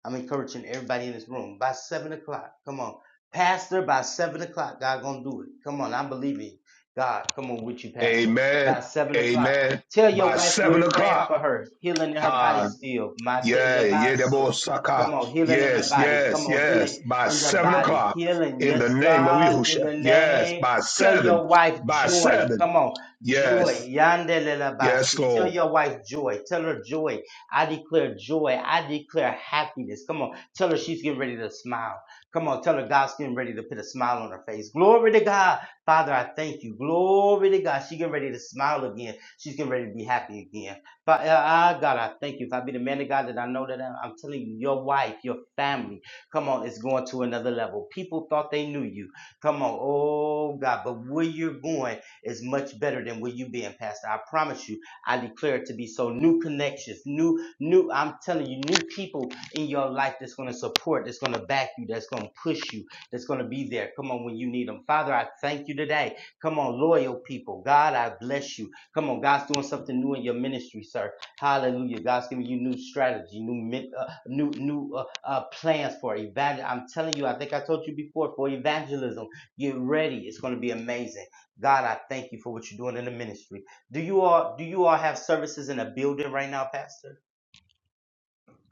S1: I'm encouraging everybody in this room by seven o'clock. Come on, Pastor. By seven o'clock, God gonna do it. Come on, I'm believing God. Come on with you, Pastor. By
S6: Amen.
S1: seven o'clock,
S6: Amen.
S1: tell your
S6: By
S1: wife we're
S6: seven
S1: praying
S6: o'clock.
S1: for her, healing in her
S6: ah,
S1: body still. Mate
S6: Yeah, yeah, that boy
S1: lebanso.
S6: Saka.
S1: Come on, healing in the
S6: Yes,
S1: body. Come
S6: yes,
S1: on,
S6: yes.
S1: healing
S6: By
S1: in the
S6: seven
S1: body.
S6: o'clock
S1: Healing,
S6: in the
S1: yes,
S6: name of
S1: God, in
S6: Yahusha.
S1: the
S6: Yes,
S1: name.
S6: by
S1: Tell
S6: seven.
S1: your wife
S6: By
S1: joy.
S6: seven.
S1: Come on, joy.
S6: Yes.
S1: Yande
S6: Yes,
S1: lelabasi. Tell
S6: Lord.
S1: your wife joy. Tell her joy I declare joy. I declare happiness. Come on, tell her she's getting ready to smile. Come on, tell her God's getting ready to put a smile on her face. Glory to God. Father, I thank you. Glory to God. She's getting ready to smile again. She's getting ready to be happy again. But uh, uh, God, I thank you. If I be the man of God that I know that I'm, I'm telling you, your wife, your family, come on, it's going to another level. People thought they knew you. Come on, oh God, but where you're going is much better than where you been, Pastor. I promise you. I declare it to be so. New connections, new new I'm telling you, new people in your life that's going to support, that's going to back you, that's going to push you, that's going to be there. Come on, when you need them. Father, I thank you today. Come on, loyal people. God, I bless you. Come on, God's doing something new in your ministry, sir. Hallelujah. God's giving you new strategy, new uh, new new uh, uh, plans for evangel. I'm telling you, I think I told you before for evangelism. Get ready. It's going to be amazing. God, I thank you for what you're doing in the ministry. Do you all do you all have services in a building right now, Pastor?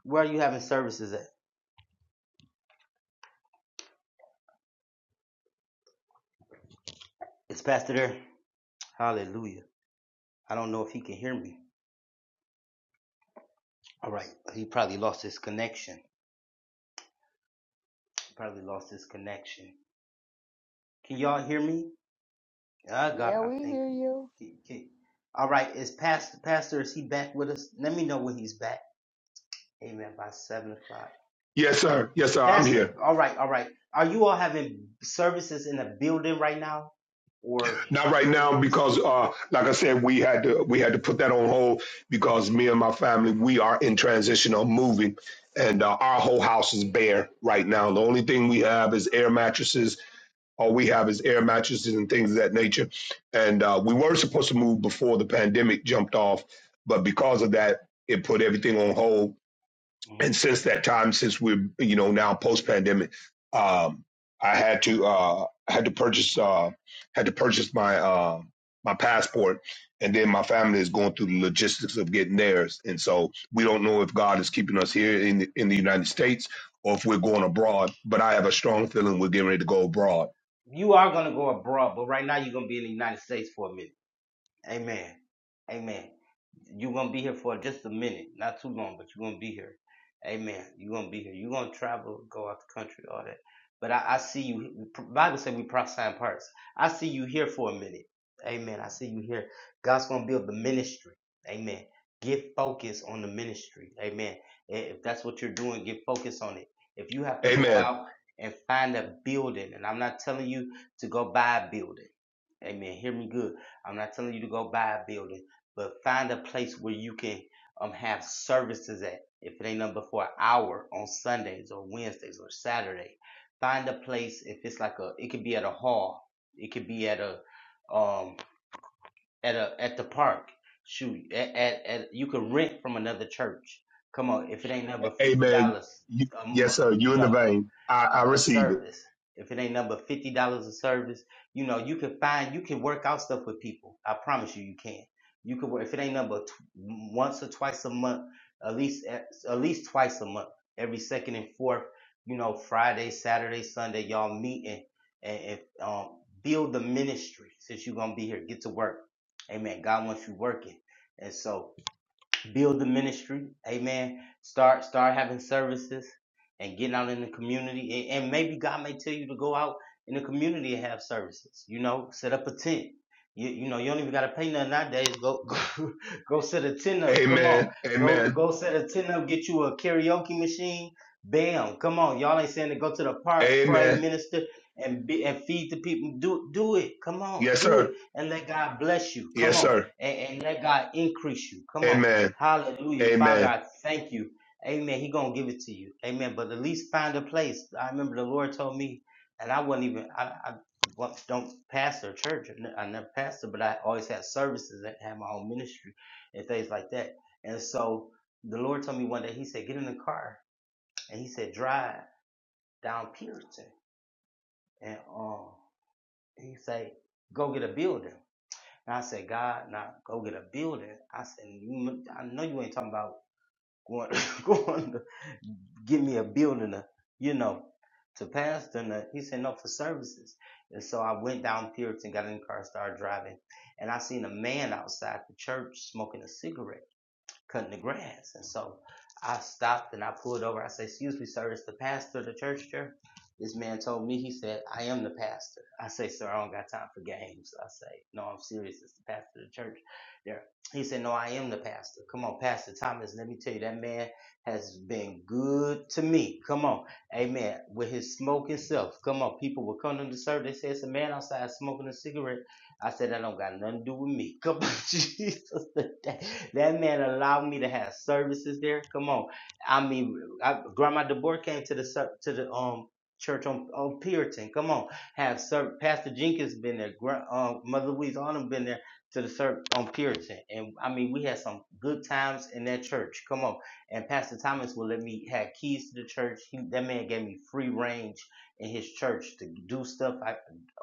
S1: Where are you having services at? Is Pastor there? Hallelujah. I don't know if he can hear me. All right. He probably lost his connection. He probably lost his connection. Can y'all hear me? Ah, God,
S2: Yeah,
S1: I
S2: we
S1: thank
S2: hear
S1: you.
S2: you.
S1: Can- can- All right. Is Pastor, Pastor, is he back with us? Let me know when he's back. Amen. By seven o'clock.
S6: Yes, sir. Yes, sir. I'm
S1: Pastor,
S6: here.
S1: all right, all right. Are you all having services in the building right now? Or
S6: Not right
S1: where are you
S6: now
S1: having
S6: because
S1: services?
S6: uh like I said, we had to we had to put that on hold because me and my family, we are in transition of moving and uh, our whole house is bare right now. The only thing we have is air mattresses all we have is air mattresses and things of that nature. And uh, we were supposed to move before the pandemic jumped off, but because of that, it put everything on hold.
S1: hmm
S6: And since that time, since we're you know now post pandemic, um, I had to uh, had to purchase uh, had to purchase my uh, my passport, and then my family is going through the logistics of getting theirs. And so we don't know if God is keeping us here in the, in the United States or if we're going abroad. But I have a strong feeling we're getting ready to go abroad.
S1: You are going to go abroad, but right now you're going to be in the United States for a minute. Amen. Amen. You're gonna be here for just a minute, not too long, but you're gonna be here. Amen. You're gonna be here. You're gonna travel, go out the country, all that. But I, I see you. Bible said we prophesy in parts. I see you here for a minute. Amen. I see you here. God's gonna build the ministry. Amen. Get focused on the ministry. Amen. I- If that's what you're doing, get focused on it. If you have to go
S6: Amen.
S1: out and find a building, and I'm not telling you to go buy a building. Amen. Hear me good I'm not telling you to go buy a building, but find a place where you can um have services at. If it ain't nothing but for an hour on Sundays or Wednesdays or Saturday, find a place. If it's like a, it could be at a hall, it could be at a um at a at the park. Shoot, at, at, at you can rent from another church. Come on, if it ain't number fifty
S6: Amen.
S1: dollars,
S6: You,
S1: um,
S6: yes, sir. You
S1: you
S6: in the
S1: know,
S6: vein. I, I
S1: a, a
S6: receive it.
S1: service. If it ain't number fifty dollars a service, you know, you can find you can work out stuff with people. I promise you, you can. You can work if it ain't number tw- once or twice a month, at least at, at least twice a month, every second and fourth. You know, Friday, Saturday, Sunday, y'all meet and and, and um, build the ministry since you're gonna be here. Get to work Amen. God wants you working. And so build the ministry amen start start having services and getting out in the community and, and maybe god may tell you to go out in the community and have services you know set up a tent you, you know you don't even got to pay nothing nowadays go, go go set a tent up come on
S6: Amen.
S1: go
S6: Amen.
S1: go set a tent up get you a karaoke machine bam come on y'all ain't saying to go to the park pray
S6: Amen.
S1: minister and be, and feed the people do do it come on
S6: Yes,
S1: do it
S6: sir.
S1: and let god bless you come
S6: Yes,
S1: on
S6: sir.
S1: and, and let god increase you come on
S6: Amen.
S1: Hallelujah. Father,
S6: Amen.
S1: I thank you. Amen. He gonna give it to you. Amen. But at least find a place. I remember the Lord told me, and I wasn't even I, I wa- don't pastor a church. I ne- I never pastor, but I always had services and had my own ministry and things like that. And so the Lord told me one day, He said, get in the car. And he said, drive down Pearson. And um he said, go get a building. And I said, God, now go get a building. I said, you, I know you ain't talking about Going, going to give me a building, to, you know, to pastor. And uh, he said, no, for services. And so I went down Puritan, got in the car, started driving. And I seen a man outside the church smoking a cigarette cutting the grass. And so I stopped and I pulled over. I said, Excuse me, sir, is the pastor of the church here? This man told me, he said, I am the pastor. I say, Sir, I don't got time for games. I say, No, I'm serious. It's the pastor of the church there. He said, No, I am the pastor. Come on, Pastor Thomas, let me tell you, that man has been good to me. Come on. Amen. With his smoking self. Come on. People will come to the service. They say, It's a man outside smoking a cigarette. I said that don't got nothing to do with me. Come on, Jesus, that, that man allowed me to have services there. Come on, I mean, I, Grandma DeBoer came to the ser- to the um church on, on Puritan. Come on, have ser- Pastor Jenkins been there. Gra- uh, Mother Louise Autumn been there to the service on Puritan, and I mean, we had some good times in that church. Come on, and Pastor Thomas will let me have keys to the church. He, that man gave me free range in his church to do stuff. I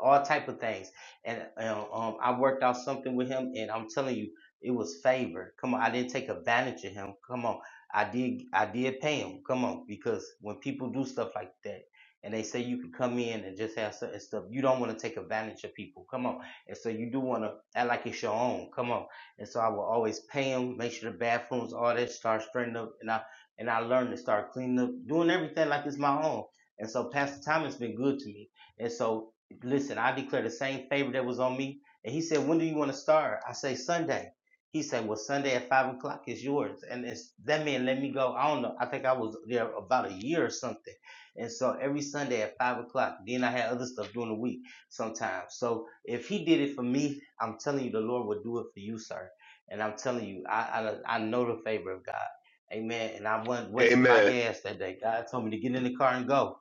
S1: all type of things and um, um, I worked out something with him, and I'm telling you, it was favor. Come on, I didn't take advantage of him. Come on, I did, I did pay him. Come on, because when people do stuff like that, and they say you could come in and just have certain stuff, you don't want to take advantage of people. Come on, and so you do want to act like it's your own. Come on, and so I will always pay him, make sure the bathrooms, all that, start straightening up, and I and I learned to start cleaning up, doing everything like it's my own. And so Pastor Thomas been good to me. And so listen, I declare the same favor that was on me. And he said, when do you want to start? I say Sunday. He said, well, Sunday at five o'clock is yours. And it's, that man let me go. I don't know. I think I was there about a year or something. And so every Sunday at five o'clock, then I had other stuff during the week sometimes. So if he did it for me, I'm telling you, the Lord will do it for you, sir. And I'm telling you, I, I, I know the favor of God. Amen. And I wasn't wasting my
S6: Amen.
S1: gas that day. God told me to get in the car and go.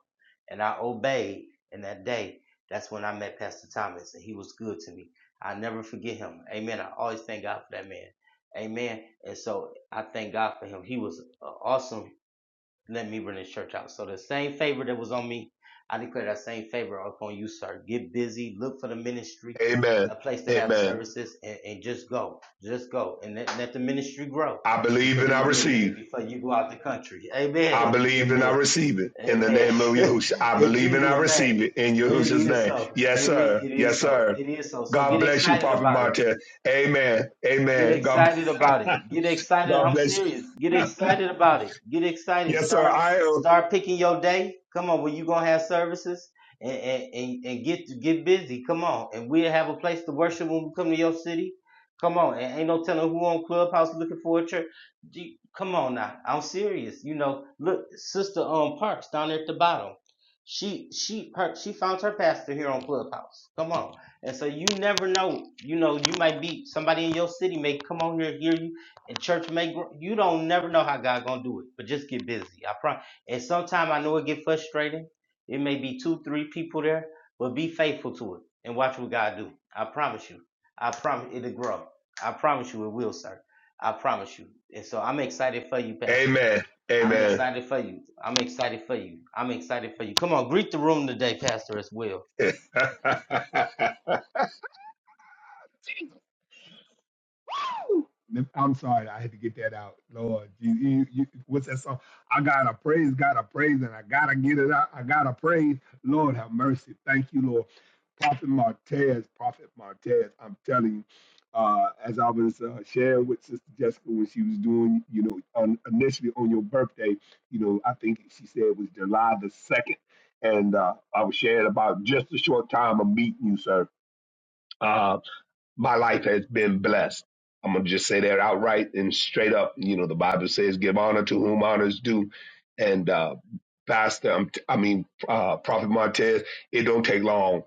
S1: And I obeyed in that day. That's when I met Pastor Thomas, and he was good to me. I'll never forget him. Amen. I always thank God for that man. Amen. And so I thank God for him. He was uh, awesome. Let me bring this church out. So the same favor that was on me, I declare that same favor upon you, sir. Get busy. Look for the ministry,
S6: Amen.
S1: a place to have
S6: Amen.
S1: services, and, and just go. Just go. And let, let the ministry grow
S6: I believe
S1: because
S6: and
S1: it'll
S6: I
S1: be a minute
S6: receive.
S1: before you go out the country. Amen.
S6: I
S1: It'll be a
S6: believe and
S1: minute.
S6: I receive it in the
S1: Amen.
S6: name of Yahushua. I
S1: In
S6: believe and I
S1: Jesus' name.
S6: receive it in
S1: And it
S6: Yahushua's
S1: is
S6: name.
S1: so.
S6: Yes,
S1: Amen.
S6: sir.
S1: It is
S6: Yes,
S1: so.
S6: sir.
S1: It is so. So
S6: God
S1: get
S6: bless you,
S1: excited
S6: Prophet
S1: about it.
S6: Martez. Amen.
S1: Get
S6: Amen. God,
S1: excited about it. Get excited.
S6: God
S1: I'm
S6: bless
S1: serious. Get
S6: you.
S1: excited about it. Get excited.
S6: yes, sir.
S1: Start
S6: I am.
S1: start picking your day. Come on, when you gonna have services and and, and, and get get busy. Come on, and we'll have a place to worship when we come to your city. Come on, and ain't no telling who on Clubhouse looking for a church. Gee, Come on now, I'm serious. You know, look, sister um Parks down there at the bottom. She she her she found her pastor here on Clubhouse. Come on. And so you never know. You know, you might be somebody in your city may come on here and hear you, and church may grow. You don't never know how God gonna do it. But just get busy. I promise. And sometimes I know it get frustrating. It may be two, three people there, but be faithful to it and watch what God do. I promise you. I promise it'll grow. I promise you it will, sir. I promise you. And so I'm excited for you, Pastor.
S6: Amen.
S1: I'm
S6: Amen.
S1: excited for you. I'm excited for you. I'm excited for you. Come on, greet the room today, Pastor, as well.
S6: I'm sorry, I had to get that out. Lord, you, you, you, what's that song? I gotta praise, gotta praise, and I gotta get it out. I gotta praise. Lord, have mercy. Thank you, Lord. Prophet Martez, Prophet Martez, I'm telling you, uh, as I was uh, sharing with Sister Jessica when she was doing, you know, on, initially on your birthday, you know, I think she said it was July the 2nd. And uh, I was sharing about just a short time of meeting you, sir. Uh, my life has been blessed. I'm gonna just say that outright and straight up. You know, the Bible says, "Give honor to whom honor is due." And uh, Pastor, I'm t- i mean, uh, Prophet Montez, it don't take long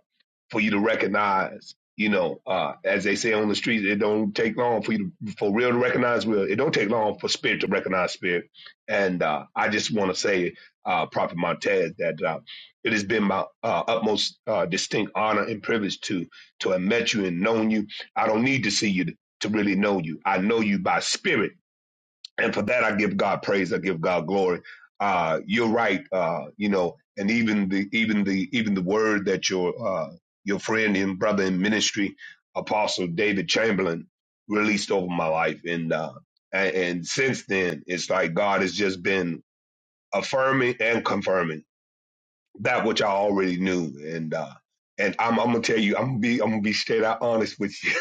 S6: for you to recognize. You know, uh, as they say on the streets, it don't take long for you to, for real to recognize real. It don't take long for spirit to recognize spirit. And uh, I just want to say, uh, Prophet Montez, that uh, it has been my uh, utmost uh, distinct honor and privilege to to have met you and known you I don't need to see you to, to really know you. I know you by spirit. And for that, I give God praise. I give God glory. Uh, you're right. Uh, you know, and even the, even the, even the word that your, uh, your friend and brother in ministry, apostle David Chamberlain released over my life. And, uh, and, and since then, it's like God has just been affirming and confirming that which I already knew. And, uh, and I'm, I'm gonna tell you, I'm gonna be, I'm gonna be straight out honest with you.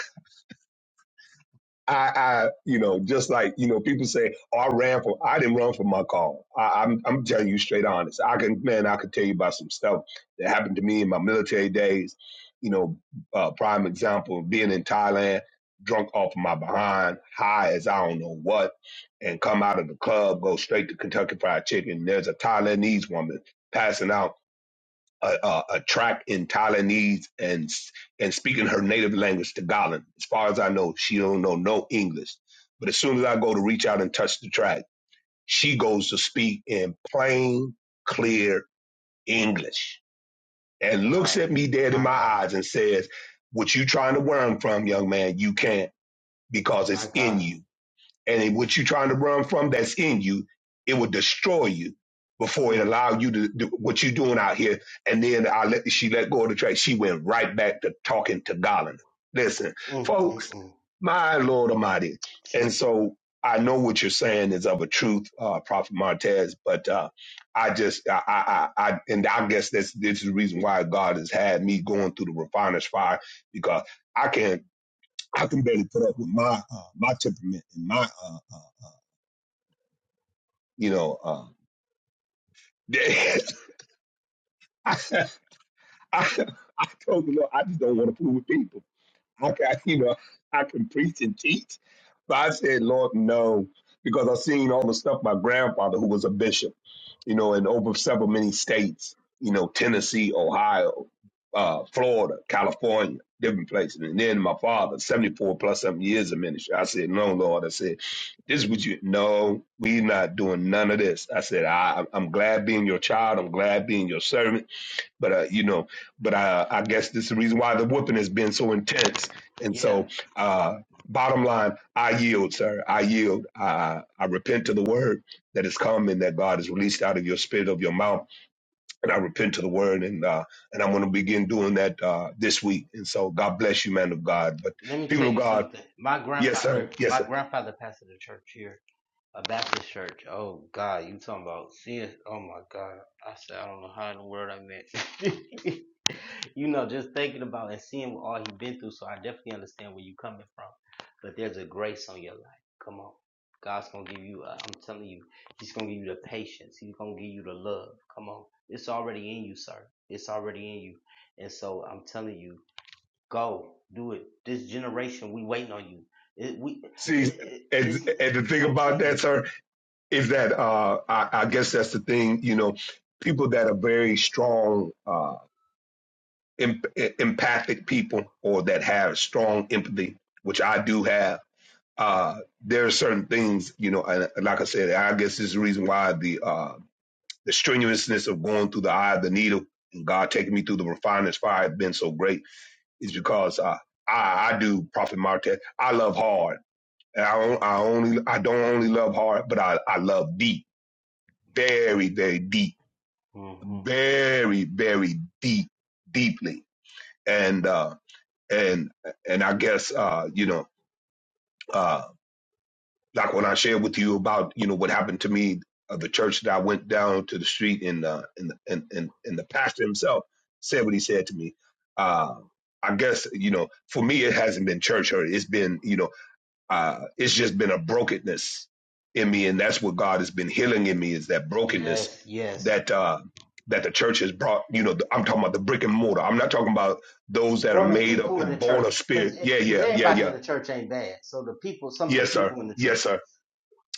S6: I, I, you know, just like you know, people say, "Oh, I ran for." I didn't run for my call. I, I'm, I'm telling you straight honest. I can, man, I could tell you about some stuff that happened to me in my military days. You know, uh, prime example being in Thailand, drunk off my behind, high as I don't know what, and come out of the club, go straight to Kentucky Fried Chicken. There's a Thailandese woman passing out a, a, a track in Thailandese and and speaking her native language Tagalog. As far as I know, she don't know no English. But as soon as I go to reach out and touch the track, she goes to speak in plain, clear English and looks
S1: God,
S6: at me dead in
S1: my
S6: my
S1: God.
S6: eyes and says, "What you trying to learn from, young man? You can't because
S1: My
S6: it's in
S1: God.
S6: you." and it-
S1: Mm,
S6: what you're trying to run from that's in you, it will destroy you
S1: mm,
S6: before it
S1: mm,
S6: allow you to do what you're doing out here. And then I let she let go of the track. She went right back to talking to Garland. Listen,
S1: mm, mm,
S6: folks,
S1: mm.
S6: my Lord Almighty. And
S1: Jesus.
S6: so I know what you're saying is of a truth, uh, Prophet Martez, but uh, I just I, I I I- and I guess that's this is the reason why God has had me going through the refiner's fire because I can I can barely put up with my uh, my temperament and my uh, uh, you know, uh, I, I, I told the Lord, I just don't want to fool with people. I can, you know, I can preach and teach, but I said, Lord, no, because I seen all the stuff my grandfather, who was a bishop. you know, in over several many states, you know, Tennessee, Ohio, uh, Florida, California, different places. And then my father, 74 plus something years of ministry. I said, no, Lord. I said, this is what you, no, we not doing none of this. I said, I, I'm glad being your child. I'm glad being your servant but uh, you know, but uh, I guess this is the reason why the whooping has been so intense. And
S1: Yeah.
S6: so, uh, bottom line, I yield, sir. I yield. I, I repent to the word that has come and that God has released out of your spirit of your mouth, and I repent to the word, and uh, and I'm going to begin doing that uh, this week. And so, God bless you, man of God. But
S1: Let me
S6: people
S1: tell
S6: of
S1: you
S6: God,
S1: something. My
S6: yes, sir,
S1: grandfather,
S6: yes,
S1: my
S6: sir.
S1: grandfather pastored a church here A Baptist church. Oh God, you talking about seeing? Oh my God, I said I don't know how in the world I met. you know, just thinking about and seeing what all he been through. So I definitely understand where you coming from. But there's a grace on your life. Come on, God's gonna give you. Uh, I'm telling you, He's gonna give you the patience. He's gonna give you the love. Come on, it's already in you, sir. It's already in you. And so I'm telling you, go do it. This generation, we waiting on you. It, we, it,
S6: See,
S1: it,
S6: and
S1: it's.
S6: and the thing
S1: I'm
S6: about
S1: telling
S6: that,
S1: you.
S6: sir, is that uh, I, I guess that's the thing, you know. People that are very strong. uh, em- e-, empathic people or that have strong empathy, which I do have, uh, there are certain things, you know, and like I said, I guess this is the reason why the uh, the strenuousness of going through the eye of the needle and God taking me through the refiner's fire has been so great is because uh, I, I do Prophet Martez. I love hard. And I, don't- I only I don't only love hard, but I, I love deep, very very deep,
S1: Mm-hmm.
S6: very very deep, deeply. And uh, and and I guess uh, you know, uh, like when I shared with you about you know what happened to me, uh, the church that I went down to the street and uh, and and and and the pastor himself said what he said to me. Uh, I guess you know, for me, it hasn't been church hurt. It's been you know uh, it's just been a brokenness in me, and that's what God has been healing in me is that brokenness
S1: Yes, yes.
S6: that uh, that the church has brought. You know, the, I'm talking about the brick and mortar. I'm not talking about those that are
S1: Or the
S6: made up
S1: people in the
S6: and born of
S1: church,
S6: spirit.
S1: because
S6: Yeah,
S1: because
S6: yeah, yeah,
S1: everybody in
S6: yeah.
S1: the church ain't bad. So the people, some of the
S6: Yes, sir.
S1: people in the
S6: Yes,
S1: church.
S6: sir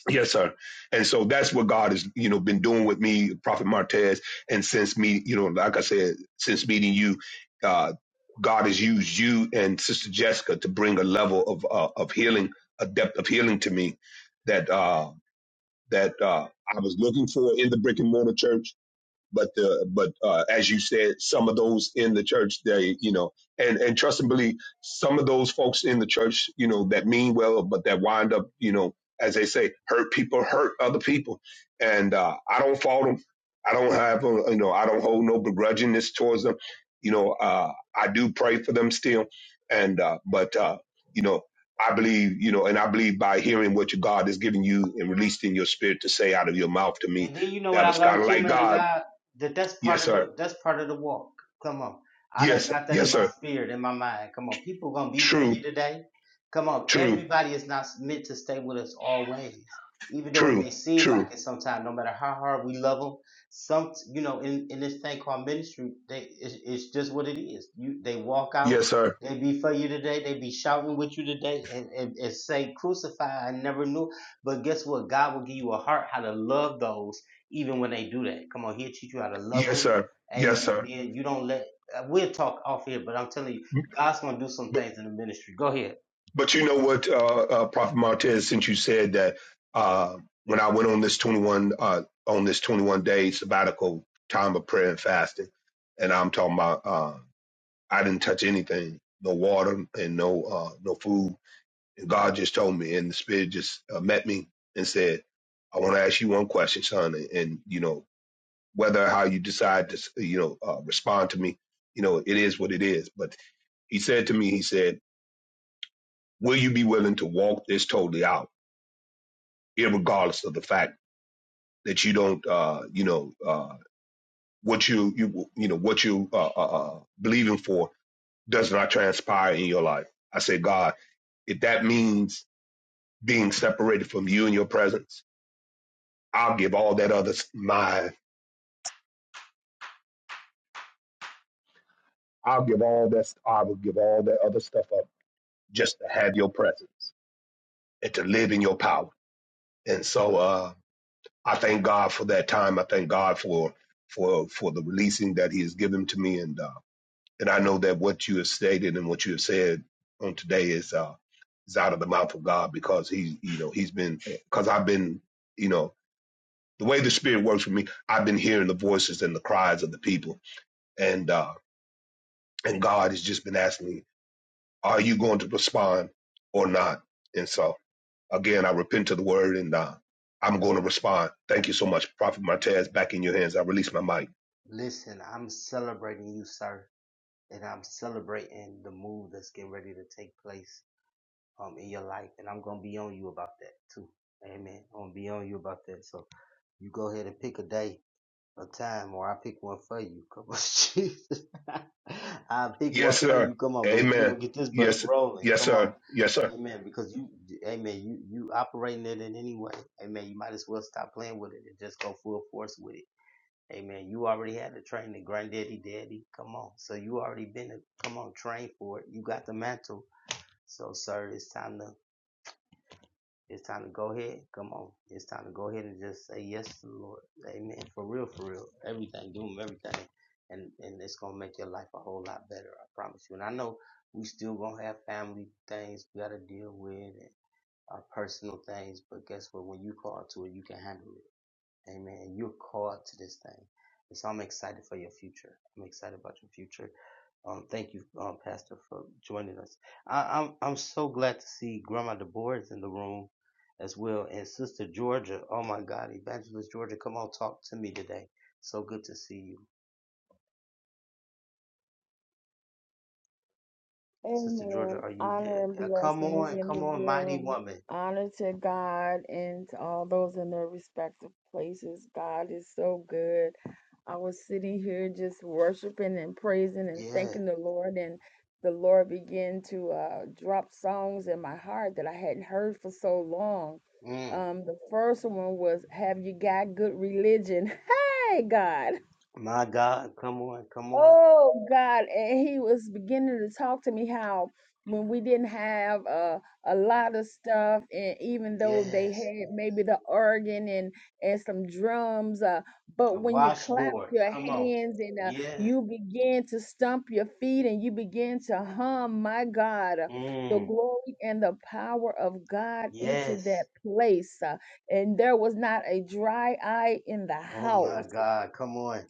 S6: Yes, sir. And so that's what God has, you know, been doing with me, Prophet Martez, and since me, you know, like I said, since meeting you, uh, God has used you and Sister Jessica to bring a level of uh, of healing, a depth of healing to me that uh, that uh, I was looking for in the brick and mortar church but the but uh, as you said, some of those in the church, they you know, and and trust and believe, some of those folks in the church, you know, that mean well, but that wind up, you know, as they say, hurt people, hurt other people, and uh, I don't fault them. I don't have, uh, you know, I don't hold no begrudgingness towards them. You know, uh, I do pray for them still, and uh, but uh, you know. I believe, you know, and I believe by hearing what your God has given you and released in your spirit to say out of your mouth to me,
S1: And then you know what
S6: that
S1: I
S6: was kind
S1: learned
S6: of
S1: too,
S6: like
S1: man of
S6: God
S1: God, that that's part
S6: Yes,
S1: of
S6: sir.
S1: the that's part of the walk. Come on, I
S6: Yes,
S1: done
S6: sir.
S1: got that in
S6: Yes,
S1: my
S6: sir.
S1: spirit, in my mind. Come on, people gonna be for
S6: True,
S1: you today. Come on,
S6: true,
S1: everybody is not meant to stay with us always, even though it
S6: true,
S1: may seem
S6: true.
S1: like it sometimes. No matter how hard we love them, some you know, in, in this thing called ministry, they it's, it's just what it is. You they walk out.
S6: Yes, sir.
S1: They be for you today. They be shouting with you today, and, and, and say crucify. I never knew. But guess what? God will give you a heart how to love those even when they do that. Come on, He'll teach you how to love
S6: Yes,
S1: them.
S6: sir. Yes,
S1: Amen.
S6: sir.
S1: Then you don't let, uh, we'll talk off here, but I'm telling you, God's going to do some
S6: But,
S1: things in the ministry. Go ahead.
S6: but you know what, uh, uh, Prophet Martez, since you said that uh, when I went on this 21 uh, on this 21 day sabbatical time of prayer and fasting, and I'm talking about uh, I didn't touch anything, no water and no uh, no food, and God just told me, and the Spirit just uh, met me and said, I want to ask you one question, son. And, and, you know, whether how you decide to you know uh, respond to me you know it is what it is but he said to me he said will you be willing to walk this totally out irregardless of the fact that you don't uh you know uh what you you you know what you uh, uh uh, believing for does not transpire in your life i said god if that means being separated from you and your presence i'll give all that other my i'll give all that i will give all that other stuff up just to have your presence and to live in your power And so uh, I thank God for that time. I thank God for for for the releasing that He has given to me, and uh, and I know that what you have stated and what you have said on today is uh, is out of the mouth of God because He you know He's been because I've been you know the way the Spirit works with me, I've been hearing the voices and the cries of the people, and uh, and God has just been asking me, are you going to respond or not? And so. Again, I repent to the word and uh, I'm going to respond. Thank you so much. Prophet Martez, back in your hands. I release my mic.
S1: Listen, I'm celebrating you, sir, and I'm celebrating the move that's getting ready to take place um, in your life, and I'm going to be on you about that too. Amen. I'm going to be on you about that. So you go ahead and pick a day a time or I pick one for you. Come on, Jesus. I pick
S6: Yes,
S1: one for
S6: sir.
S1: you. Come on, but we're
S6: Amen.
S1: gonna get this bus
S6: Yes,
S1: rolling.
S6: yes,
S1: Come on.
S6: sir. Yes, sir.
S1: Amen. Because you amen, you you operating it in any way. Amen. You might as well stop playing with it and just go full force with it. Amen. You already had the training, granddaddy daddy. Come on. So you already been a, come on, train for it. You got the mantle. So sir, it's time to it's time to go ahead. Come on. It's time to go ahead and just say yes to the Lord. Amen. For real, for real. Everything. Do him everything. And and it's gonna make your life a whole lot better, I promise you. And I know we still gonna have family things we gotta deal with and our personal things, but guess what? When you call to it, you can handle it. Amen. And you're called to this thing. And so I'm excited for your future. I'm excited about your future. Um, thank you, um, Pastor, for joining us. I, I'm I'm so glad to see Grandma DeBoer is in the room as well, and Sister Georgia. Oh my God, Evangelist Georgia, come on, talk to me today. So good to see you, Sister Georgia.
S2: Amen.
S1: Are you there?
S2: Honor and
S1: Uh, come
S2: blessings
S1: on,
S2: in
S1: come
S2: the
S1: on, mighty
S2: room.
S1: woman.
S2: Honor to God and to all those in their respective places. God is so good. I was sitting here just worshiping and praising and
S1: Yeah.
S2: thanking the Lord, and the Lord began to uh, drop songs in my heart that I hadn't heard for so long.
S1: Mm.
S2: Um, the first one was "Have You Got Good Religion?" Hey, God.
S1: My God, come on, come on.
S2: Oh God, and he was beginning to talk to me how when we didn't have uh, a lot of stuff, and even though they
S1: Yes. yeah.
S2: had maybe the organ and and some drums, uh, but
S1: A
S2: when you clap
S1: washboard.
S2: your
S1: Come on.
S2: hands and uh,
S1: Yes.
S2: you begin to stomp your feet and you begin to hum, my God, uh, the
S1: Mm,
S2: glory and the power of God entered
S1: yes.
S2: that place, uh, and there was not a dry eye in the
S1: Oh my
S2: house.
S1: God. Come on.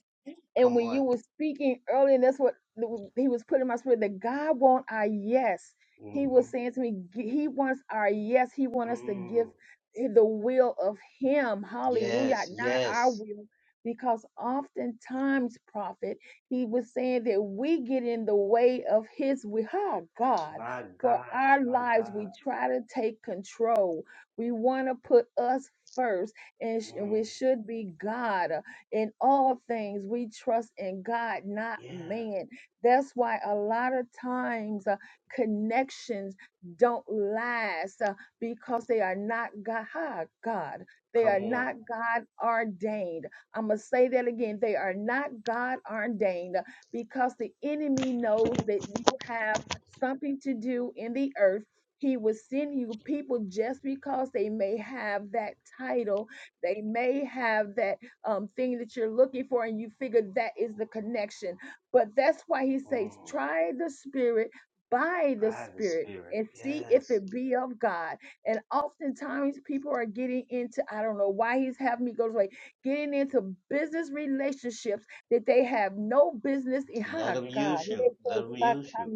S2: And
S1: Come
S2: when
S1: on.
S2: you were speaking earlier, and that's what the- he was putting in my spirit that God wants our yes. He was
S1: hmm
S2: saying to me, g- He wants our yes. He wants us to give
S1: Mm,
S2: the will of Him. Hallelujah.
S1: yes.
S2: Not our
S1: Yes.
S2: will. Because oftentimes, prophet, he was saying that we get in the way of His will. Oh, God.
S1: My
S2: For
S1: God.
S2: our
S1: My
S2: lives,
S1: God.
S2: we try to take control. We want to put us first, and, sh- and we
S1: Mm,
S2: should be God. In all things, we trust in God, not
S1: yeah.
S2: man. That's why a lot of times uh, connections don't last uh, because they are not God. ha, God. They
S1: Come
S2: are
S1: on.
S2: not God ordained. I'm going to say that again. They are not God ordained uh, because the enemy knows that you have something to do in the earth. He will send you people just because they may have that title, they may have that um, thing that you're looking for, and you figure that is the connection. But that's why he says,
S1: Mm,
S2: try the spirit by the
S1: by the
S2: spirit
S1: Spirit.
S2: and see if
S1: Yes.
S2: it be of God. And oftentimes people are getting into, I don't know why he's having me go this way, getting into business relationships that they have no business in.
S1: Let
S2: Ha
S1: them
S2: God
S1: use you. Let them use you.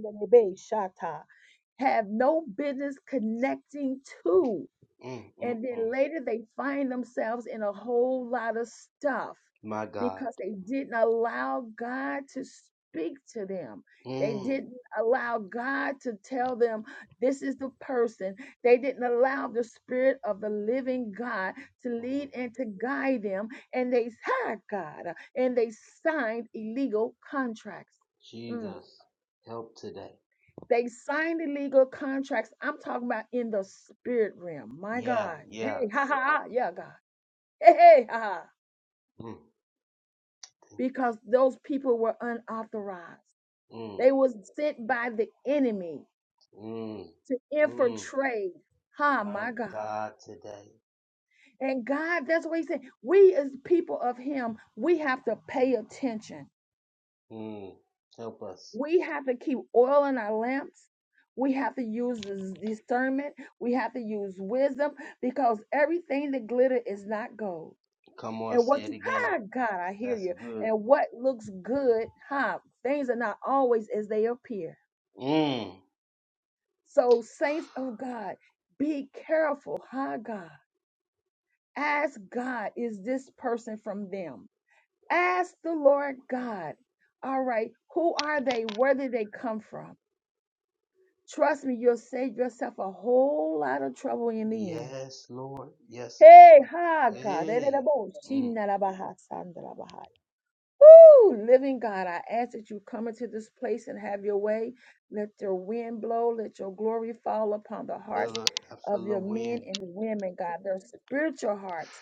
S2: have no business connecting to.
S1: Mm, mm,
S2: And
S1: mm.
S2: then later they find themselves in a whole lot of stuff
S1: My God.
S2: because they didn't allow God to speak to them. They
S1: Mm,
S2: didn't allow God to tell them, this is the person. They didn't allow the Spirit of the living God to
S1: hmm
S2: lead and to guide them. And they hired God uh, and they signed illegal contracts. Mm.
S1: Jesus. Help today.
S2: They signed illegal contracts. I'm talking about in the spirit realm. My
S1: Yeah.
S2: God.
S1: Yeah.
S2: Hey, ha ha. ha. Yeah, God. Hey, hey, ha,
S1: Mm,
S2: because those people were unauthorized.
S1: mm,
S2: They was sent by the enemy
S1: mm,
S2: to
S1: mm.
S2: infiltrate. Ha,
S1: My
S2: my God.
S1: God today.
S2: And God, that's what he said. We as people of him, we have to pay attention.
S1: Mm. Help us.
S2: We have to keep oil in our lamps. We have to use this discernment. We have to use wisdom because everything that glitter is not gold.
S1: Come on,
S2: and
S1: say
S2: what
S1: it
S2: you
S1: again.
S2: ah, God, I hear
S1: That's
S2: you.
S1: good.
S2: And what looks good, huh? Things are not always as they appear.
S1: Mm.
S2: So, saints of God, be careful, huh, God. Ask God, is this person from them? Ask the Lord God, all right, who are they? Where did they come from? Trust me, you'll save yourself a whole lot of trouble in the end.
S1: Yes, Lord. Yes,
S2: Hey,
S1: Lord.
S2: ha, God.
S1: Hey. Mm.
S2: Woo! Living God, I ask that you come into this place and have your way. Let your wind blow. Let your glory fall upon the
S1: Feel
S2: hearts
S1: the, I
S2: of
S1: feel the
S2: your men
S1: wind.
S2: and women, God, their spiritual hearts,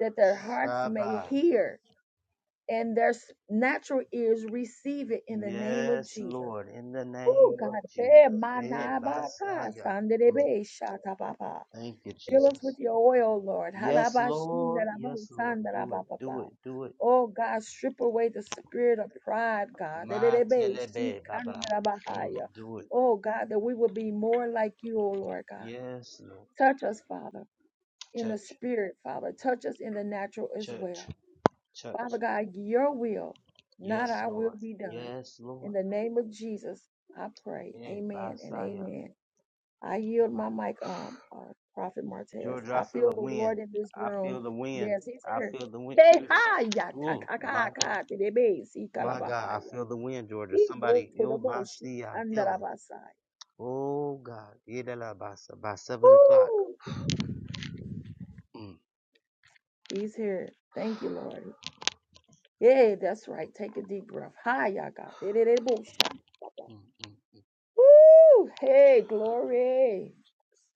S2: that their hearts may
S1: Shabbat.
S2: hear and their s- natural ears receive it in the name of
S1: Yes,
S2: Jesus.
S1: Lord. In the
S2: Woo!
S1: name
S2: God,
S1: of Jesus.
S2: eh, my
S1: Hey,
S2: na ba ta,
S1: Basaya.
S2: san de
S1: Mm.
S2: be, sha ta ba
S1: Thank you,
S2: Fill us
S1: Jesus.
S2: with your oil, Lord.
S1: Yes, Lord. Yes, Lord. Do it. Do
S2: Harabashindarabosandarababaha.
S1: it. Do it.
S2: Oh God, strip away the spirit of pride, God.
S1: Ma telebe, Baba. Mm.
S2: Dererebe-shikandarabahaya.
S1: Do it.
S2: Oh God, that we would be more like you, oh Lord God.
S1: Yes, Lord.
S2: Touch us, Father, in the
S1: Church.
S2: spirit, Father. Touch us in the natural as
S1: Church.
S2: well.
S1: Church.
S2: Father God, your will, not
S1: Yes,
S2: our will,
S1: Lord.
S2: be done.
S1: Yes,
S2: In
S1: Lord.
S2: the name of Jesus, I pray.
S1: Hey,
S2: Amen and
S1: Messiah.
S2: amen. I yield my mic, um, uh, Prophet Martez.
S1: Georgia,
S2: I
S1: I feel
S2: feel
S1: the
S2: the
S1: wind.
S2: Lord in this
S1: I feel
S2: room.
S1: the wind.
S2: Yes, he's
S1: I
S2: here.
S1: feel the wind.
S2: Behaya ta
S1: Ooh,
S2: ta ka
S1: my God.
S2: ka te de be si
S1: My God, I
S2: kalabahaya.
S1: feel the wind, Georgia.
S2: He go
S1: Somebody,
S2: to the
S1: ill
S2: mo
S1: my
S2: shi
S1: see, I feel it.
S2: kandarabasai.
S1: Oh, God. Yeah, that lah, by, se- by 7 o'clock.
S2: Woo!
S1: Mm,
S2: He's here. Thank you, Lord. Yeah, that's right. Take a deep breath. Hiya God. De de de bo sha.
S1: mm, mm,
S2: Woo! Hey, glory.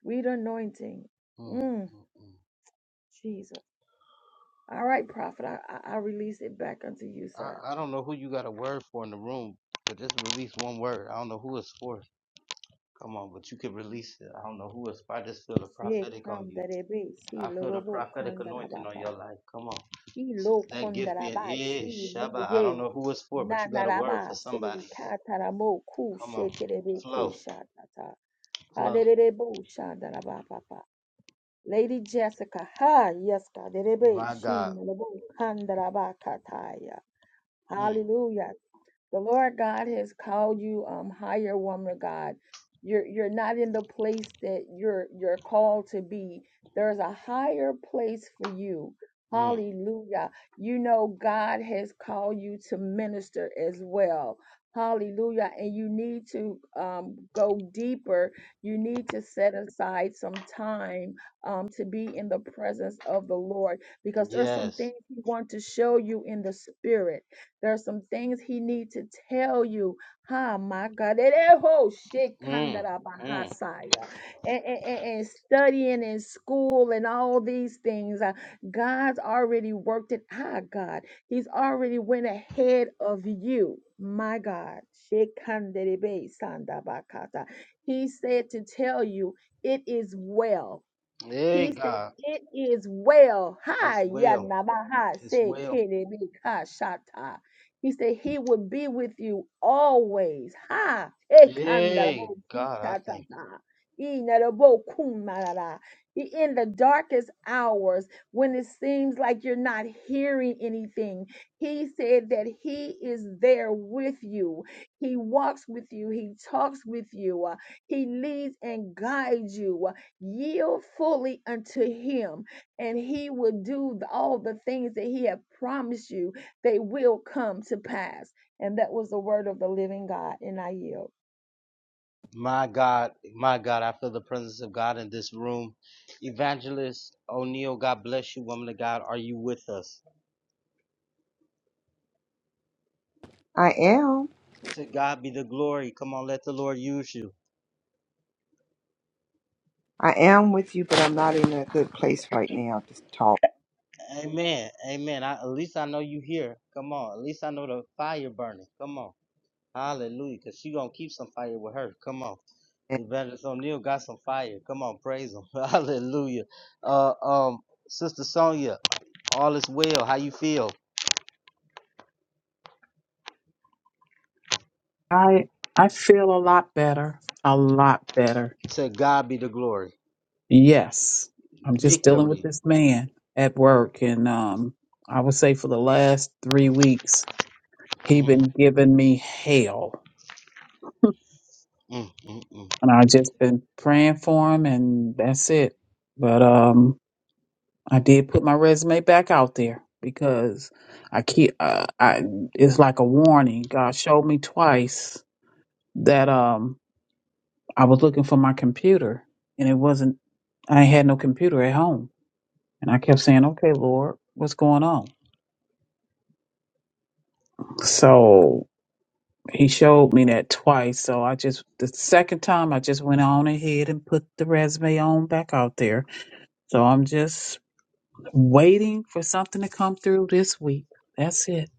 S2: Sweet anointing.
S1: mm,
S2: Mm,
S1: mm, mm.
S2: Jesus. All right, prophet. I, I I release it back unto you, sir.
S1: I, I don't know who you got a word for in the room, but just release one word. I don't know who it's for. Come on, but you can release it. I don't know who it's for. I just feel the
S2: She
S1: prophetic on you.
S2: kandarebe si
S1: I feel the
S2: lorobo
S1: prophetic
S2: kandaraba
S1: anointing on your
S2: baba.
S1: life. Come on.
S2: Ilo
S1: That gift being
S2: kondaraba shi
S1: is
S2: ne
S1: Shabbat. I don't
S2: ye.
S1: know who it's for, but you got a
S2: Nanaraba
S1: word for
S2: se
S1: somebody.
S2: kataramo ku
S1: Come
S2: she
S1: on.
S2: terebe ke
S1: Flow.
S2: shatata.
S1: Flow.
S2: Haderebo shandaraba baba. Lady Jessica, ha, yes, kaderebe
S1: My
S2: shi
S1: God.
S2: nalobo kandaraba kataya.
S1: Mm.
S2: Hallelujah. The Lord God has called you um higher woman of God. You're you're not in the place that you're you're called to be. There's a higher place for you.
S1: Mm.
S2: Hallelujah. You know God has called you to minister as well. Hallelujah. And you need to um, go deeper. You need to set aside some time um, to be in the presence of the Lord because there's some
S1: Yes.
S2: things He wants to show you in the spirit there's some things he needs to tell you. Ha, my God. Ereho
S1: Mm. Mm.
S2: shekandarabahasaya. And, and, and and studying in school and all these things. uh, God's already worked it. Ah, God. He's already went ahead of you. My God. Shekandarebe sandabakata. He said to tell you, it is well.
S1: Hey
S2: He said,
S1: God.
S2: It is well.
S1: It's
S2: Hi,
S1: well.
S2: Yanamaha,
S1: It's
S2: said
S1: well.
S2: Shata. He said, He will be with you always. Ha,
S1: Hey
S2: Ekandarabo
S1: God, I thank you.
S2: Tatata. Inarabo Kumarara. I- In the darkest hours, when it seems like you're not hearing anything, he said that he is there with you. He walks with you. He talks with you. Uh, He leads and guides you yield fully unto him and he will do the- all the things that he have promised you they will come to pass and that was the word of the living god and i yield
S1: My God, my God, I feel the presence of God in this room. Evangelist O'Neill, God bless you, woman of God. Are you with us?
S10: I am.
S1: To God be the glory. Come on, let the Lord use you.
S10: I am with you, but I'm not in a good place right now to talk.
S1: Amen. Amen. I, at least I know you here. Come on. At least I know the fire burning. Come on. Hallelujah. Because she going to keep some fire with her. Come on.
S10: And
S1: Evangelist O'Neill got some fire. Come on. Praise him. Hallelujah. Uh, um, Sister Sonia, all is well. How you feel?
S3: I I feel a lot better, a lot better.
S1: To God be the glory.
S3: Yes, I'm just dealing with
S1: Victory.
S3: this man at work, and um, I would say for the last three weeks. He
S1: Mhm,
S3: been giving me hell,
S1: mm mm mm.
S3: and I just been praying for him, and that's it. But um, I did put my resume back out there because I keep uh, I it's like a warning. God showed me twice that um I was looking for my computer, and it wasn't. I ain't had no computer at home, and I kept saying, "Okay, Lord, what's going on?" So He showed me that twice, so I just the second time I just went on ahead and put the resume on back out there. So I'm just waiting for something to come through this week. That's it.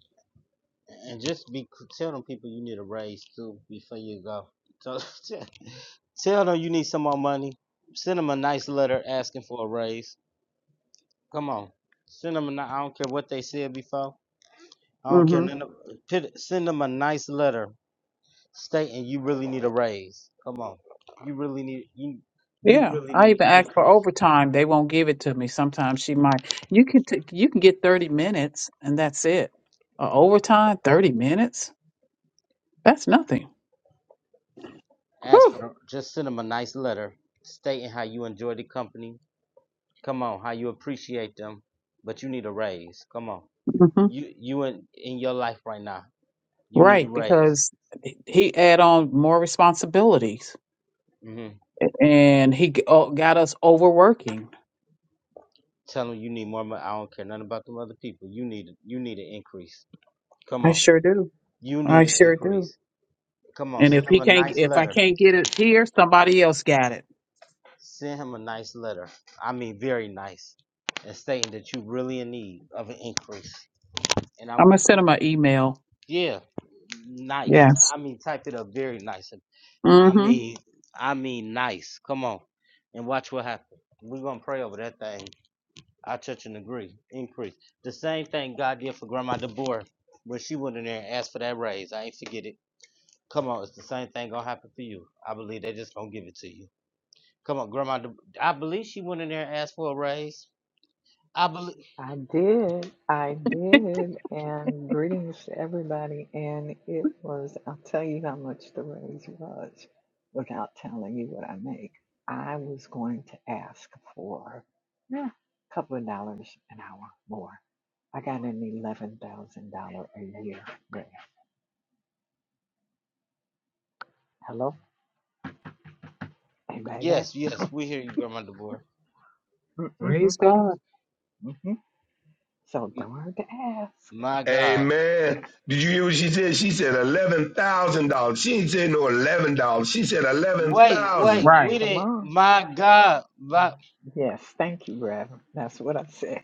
S1: And just be tell them people you need a raise too before you go. So Tell them you need some more money. Send them a nice letter asking for a raise. Come on. Send them a ni- I don't care what they said before. I don't care.
S3: hmm
S1: None of, pit- send them a nice letter stating you really need a raise. Come on. You really need you you
S3: Yeah,
S1: really
S3: I even
S1: need
S3: asked for
S1: increase.
S3: overtime. They won't give it to me. Sometimes she might. You can t- you can get thirty minutes, and that's it. Uh, overtime, thirty minutes. That's nothing.
S1: Ask
S3: Whew.
S1: for the, just send them a nice letter stating how you enjoy the company. Come on, how you appreciate them, but you need a raise. Come on.
S3: hmm
S1: You you in in your life right now. You need a
S3: Right,
S1: raise.
S3: because he add on more responsibilities.
S1: Mm-hmm.
S3: and he g- oh, got us overworking.
S1: Tell them you need more money. I don't care nothing about them other people. You need you need an increase. Come
S3: I
S1: on.
S3: sure do.
S1: You
S3: I
S1: need an
S3: sure do.
S1: increase. Come on,
S3: And if
S1: send him
S3: he
S1: a
S3: can't,
S1: nice
S3: if I
S1: letter.
S3: can't get it here, somebody else got it.
S1: Send him a nice letter. I mean very nice. And stating that you really in need of an increase. And
S3: I'm
S1: I'm
S3: gonna send him an email.
S1: yeah, nice.
S3: Yes.
S1: I mean type it up very nice. I
S3: Mm-hmm.
S1: mean I mean nice. Come on. And watch what happens. We're gonna pray over that thing. I touch and agree. Increase. The same thing God did for Grandma DeBoer when she went in there and asked for that raise. I ain't forget it. Come on, it's the same thing gonna happen for you. I believe they just gonna give it to you. Come on, Grandma. De- I believe she went in there and asked for a raise. I believe.
S9: I did. I did. And greetings to everybody. And it was, I'll tell you how much the raise was without telling you what I make. I was going to ask for yeah, a couple of dollars an hour more. I got an $11,000 a year raise. Hello? Anybody there?
S1: Yes, yes, we hear you, Grandma DeBoer.
S9: Mm-hmm.
S3: Praise God.
S9: Mm-hmm. So
S1: M-
S9: don't hurt to ask.
S1: My God.
S6: Amen. Did you hear what she said? She
S1: Did you?
S6: said eleven thousand dollars. She didn't say no eleven dollars. She said eleven
S1: Wait, wait.
S6: thousand.
S1: We
S3: Right.
S9: Come
S1: didn't.
S9: on.
S1: My God. My.
S9: Yes, thank you, Reverend. That's what I said.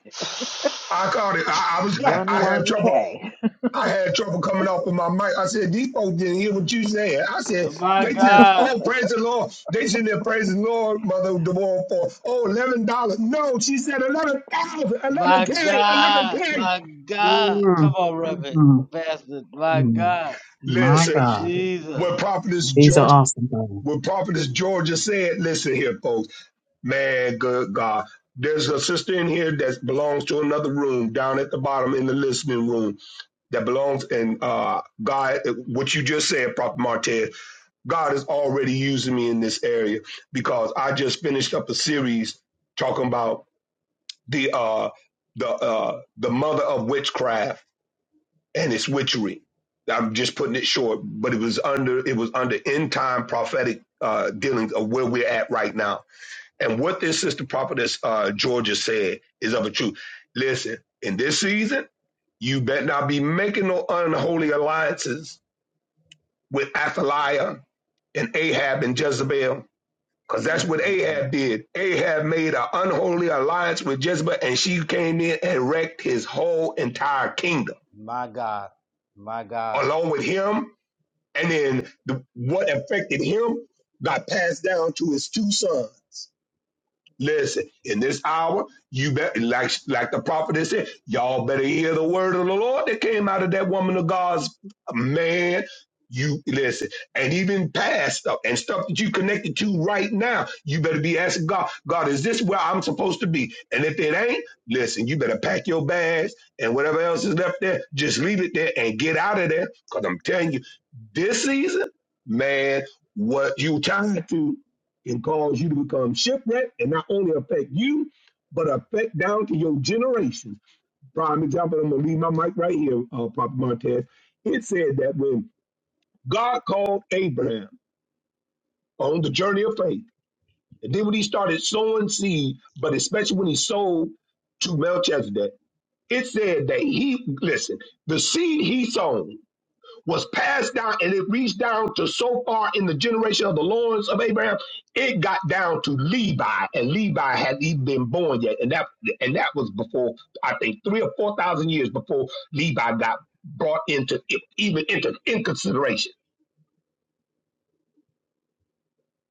S6: I caught it. I, I was. I,
S9: One
S6: I had
S9: one
S6: trouble.
S9: K.
S6: I had trouble coming off of my mic. I said, these folks didn't hear what you said. I said,
S1: my
S6: they said,
S1: God.
S6: oh, praise the Lord. They should have praised the Lord, Mother DeWall, for, oh $11. No, she said eleven thousand, eleven
S1: My
S6: k
S1: God,
S6: 11K.
S1: my God. Come on, Reverend
S3: Mm-hmm.
S1: Pastor. My
S3: Mm.
S1: God,
S3: My
S6: Listen,
S3: God.
S1: Jesus.
S6: what Prophetess
S3: He's an
S6: George,
S3: awesome God.
S6: what Prophetess Georgia said, listen here, folks. Man, good God. There's a sister in here that belongs to another room down at the bottom in the listening room that belongs in uh, God, what you just said, Prophet Martez. God is already using me in this area because I just finished up a series talking about the uh the uh the mother of witchcraft and its witchery. I'm just putting it short, but it was under it was under end time prophetic uh dealings of where we're at right now. And what this sister prophetess uh Georgia said is of a truth. Listen, in this season, you better not be making no unholy alliances with Athaliah and Ahab and Jezebel Because that's what
S1: Mm-mm-mm.
S6: Ahab did. Ahab made an unholy alliance with Jezebel, and she came in and wrecked his whole entire kingdom,
S1: My God, my God.
S6: along with him. And then the, what affected him got passed down to his two sons. Listen, in this hour, you better like like the prophet has said, y'all better hear the word of the Lord that came out of that woman of God's man. You listen, and even past stuff and stuff that you connected to right now, you better be asking God, God, is this where I'm supposed to be? And if it ain't, listen, you better pack your bags and whatever else is left there, just leave it there and get out of there. Cause I'm telling you, this season, man, what you trying to? can cause you to become shipwrecked and not only affect you, but affect down to your generations. Prime example, I'm going to leave my mic right here, uh, Papa Montez. It said that when God called Abraham on the journey of faith, and then when he started sowing seed, but especially when he sowed to Melchizedek, it said that he, listen, the seed he sown was passed down and it reached down to so far in the generation of the loins of Abraham, it got down to Levi, and Levi hadn't even been born yet, and that and that was before I think three or four thousand years before Levi got brought into even into in consideration.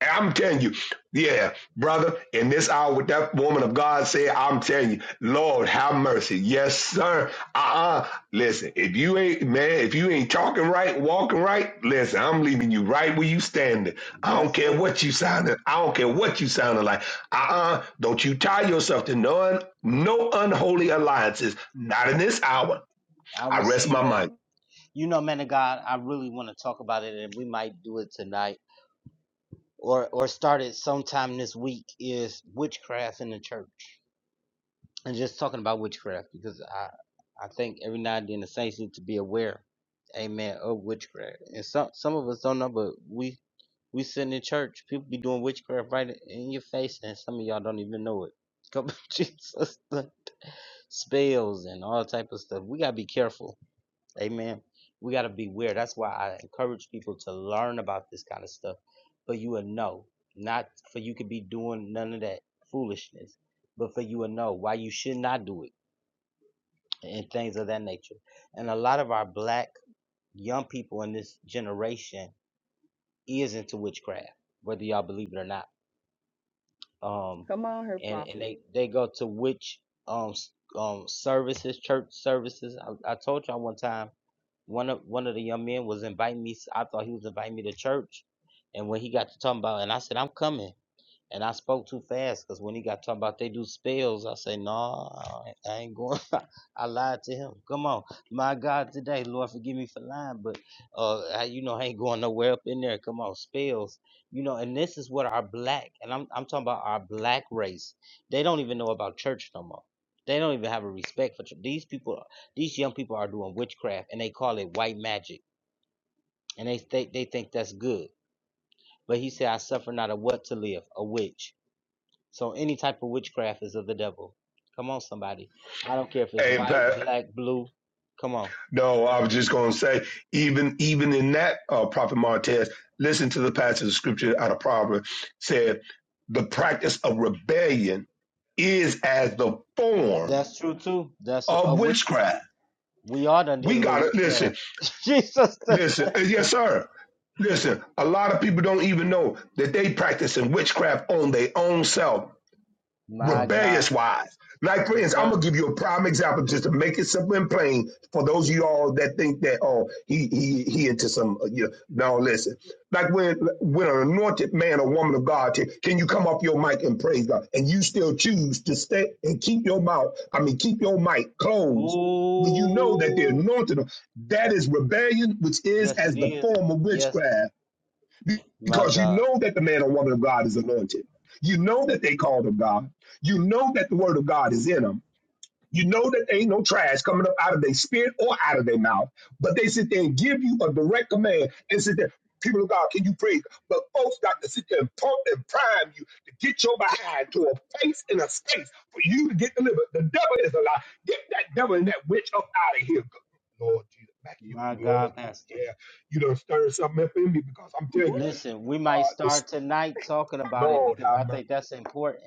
S6: I'm telling you, yeah, brother, in this hour, what that woman of God said, I'm telling you, Lord, have mercy. Yes, sir. Uh-uh. Listen, if you ain't, man, if you ain't talking right, walking right, listen, I'm leaving you right where you standing. I don't
S1: That's
S6: care
S1: it.
S6: what you sounding. I don't care what you sounding like. Uh-uh. Don't you tie yourself to none, no unholy alliances. Not in this hour.
S1: I
S6: I rest
S1: receive
S6: my
S1: that.
S6: mind.
S1: You know, man of God, I really want to talk about it, and we might do it tonight or or start it sometime this week. Is witchcraft in the church, and just talking about witchcraft because I I think every now and then the saints need to be aware, Amen, of witchcraft. And some some of us don't know, but we We sitting in church, people be doing witchcraft right in your face, and some of y'all don't even know it. Couple of Jesus, spells and all type of stuff. We gotta be careful, amen. We gotta beware. That's why I encourage people to learn about this kind of stuff, for you will know, not for you could be doing none of that foolishness, but for you will know why you should not do it and things of that nature. And a lot of our black young people in this generation is into witchcraft, whether y'all believe it or not um,
S2: Come on her
S1: and and
S2: prophet.
S1: they they go to which um s- um services, church services. I, I told y'all one time, one of one of the young men was inviting me. I thought he was inviting me to church, and when he got to talking about, and I said I'm coming, and I spoke too fast because when he got talking about they do spells, I say, no, I ain't going. I lied to him. Come on. My God, today, Lord, forgive me for lying, but, uh, I, you know, I ain't going nowhere up in there. Come on, spells. You know, and this is what our black, and I'm, I'm talking about our black race. They don't even know about church no more. They don't even have a respect for church. These people, these young people are doing witchcraft and they call it white magic. And they, they, they think that's good. But he said, I suffer not a what to live, a witch. So any type of witchcraft is of the devil. Come on, somebody. I don't care if it's
S6: Hey, Amen.
S1: white, black, blue. Come on.
S6: No, I was just going to say, even even in that, uh, Prophet Martez, listen to the passage of scripture out of Proverbs said, the practice of rebellion is as the form
S1: That's true too. That's a
S6: of
S1: witchcraft.
S6: witchcraft.
S1: We all done did
S6: We
S1: a little
S6: gotta listen,
S1: witchcraft. Jesus.
S6: listen, uh, yes, sir. Listen, a lot of people don't even know that they practicing witchcraft on their own self
S1: My
S6: rebellious
S1: God.
S6: wise. Like, for
S1: Yes,
S6: instance, I'm
S1: sir.
S6: gonna give you a prime example just to make it simple and plain for those of y'all that think that oh he he he into some uh, you know, no listen. Like when when an anointed man or woman of God t- can you come off your mic and praise God and you still choose to stay and keep your mouth I mean keep your mic closed when you know that they're
S1: Ooh.
S6: anointed that is rebellion which is
S1: Yes, it
S6: as the
S1: is.
S6: form of
S1: Yes.
S6: witchcraft
S1: My
S6: because you
S1: God.
S6: know that the man or woman of God is anointed. You know that they called of God. You know that the word of God is in them. You know that there ain't no trash coming up out of their spirit or out of their mouth. But they sit there and give you a direct command and sit there, people of God, can you pray? But folks got to sit there and pump and prime you to get your behind to a place and a space for you to get delivered. The devil is a lie. Get that devil and that witch up out of here. Lord Jesus, back you,
S1: My
S6: Lord,
S1: God,
S6: you,
S1: Pastor.
S6: yeah, you done stirred something up in me because I'm telling you.
S1: Listen, we might
S6: This-
S1: start tonight talking about it
S6: Lord,
S1: because I
S6: have mercy.
S1: think that's important.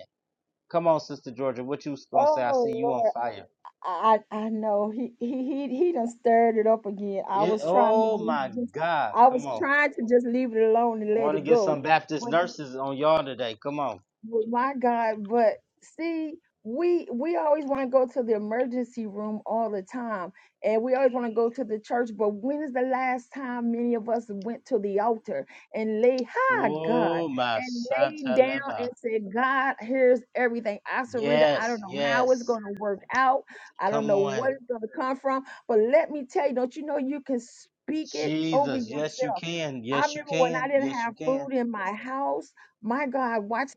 S1: Come on, Sister Georgia. What you gonna say? I
S2: oh
S1: see you on
S2: lord
S1: fire.
S2: i i I know he he he, he done stirred it up again i
S1: It,
S2: was trying to
S1: oh
S2: just,
S1: my
S2: just
S1: God.
S2: i
S1: Come
S2: was
S1: on.
S2: trying to just leave it alone and
S1: I
S2: let
S1: want to
S2: it
S1: get
S2: go
S1: some Baptist nurses on y'all today. Come on.
S2: Well, my God, but see, we we always want to go to the emergency room all the time, and we always want to go to the church. But when is the last time many of us went to the altar and lay high God
S1: Oh my
S2: and laid down and
S1: Sataleba.
S2: said, God, here's everything. I surrender. I don't
S1: Yes,
S2: know how it's
S1: yes.
S2: going to work out. I don't
S1: Come
S2: know what
S1: on.
S2: it's going to come from. But let me tell you, don't you know you can speak it over
S1: Jesus. Yes, you
S2: yourself?
S1: can.
S2: I
S1: Yes, you
S2: remember when I
S1: can.
S2: didn't
S1: Yes,
S2: have
S1: you
S2: food
S1: can.
S2: in my house my God, watch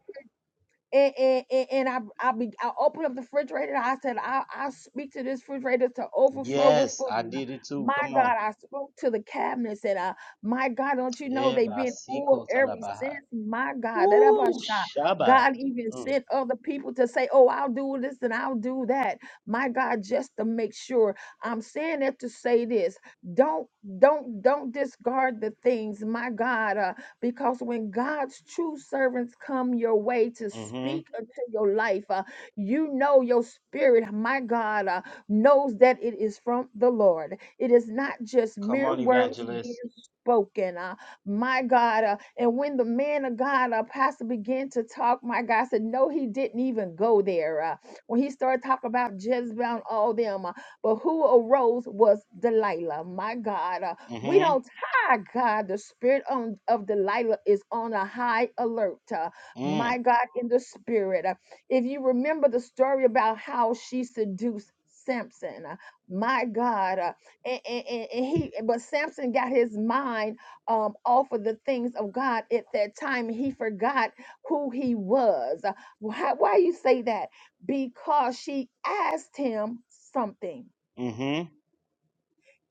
S2: and and, and and I I be I opened up the refrigerator. I said I I speak to this refrigerator to overflow with
S1: Yes, I
S2: food.
S1: did it too.
S2: My
S1: Come on.
S2: God, I spoke to the cabinets and I, my God, don't you know they've
S1: Eba
S2: been full
S1: siko
S2: ever since?
S1: talabaha.
S2: My God, that about
S1: Ooh,
S2: shot.
S1: Shaba.
S2: God even
S1: Mm.
S2: sent other people to say, "Oh, I'll do this and I'll do that." My God, just to make sure. I'm saying that to say this: don't don't don't discard the things, my God. Uh, because when God's true servants come your way to
S1: Mm-hmm.
S2: speak unto your life, uh, you know your spirit, my God, uh, knows that it is from the Lord. It is not just
S1: Come
S2: mere
S1: on,
S2: words being
S1: evangelist.
S2: spoken, uh, my God. uh, and when the man of God, uh, pastor, began to talk, my God I said, No, he didn't even go there. Uh, when he started talking about Jezebel and all them, uh, but who arose was Delilah, my God. Uh, we
S1: Mm-hmm.
S2: don't my God, the spirit on, of Delilah is on a high alert. uh,
S1: Mm.
S2: my God, in the spirit. Uh, if you remember the story about how she seduced Samson, uh, my God, uh, and, and, and and he, but Samson got his mind um, off of the things of God at that time. And He forgot who he was. Uh, Why, why you say that? Because she asked him something
S1: Mm-hmm.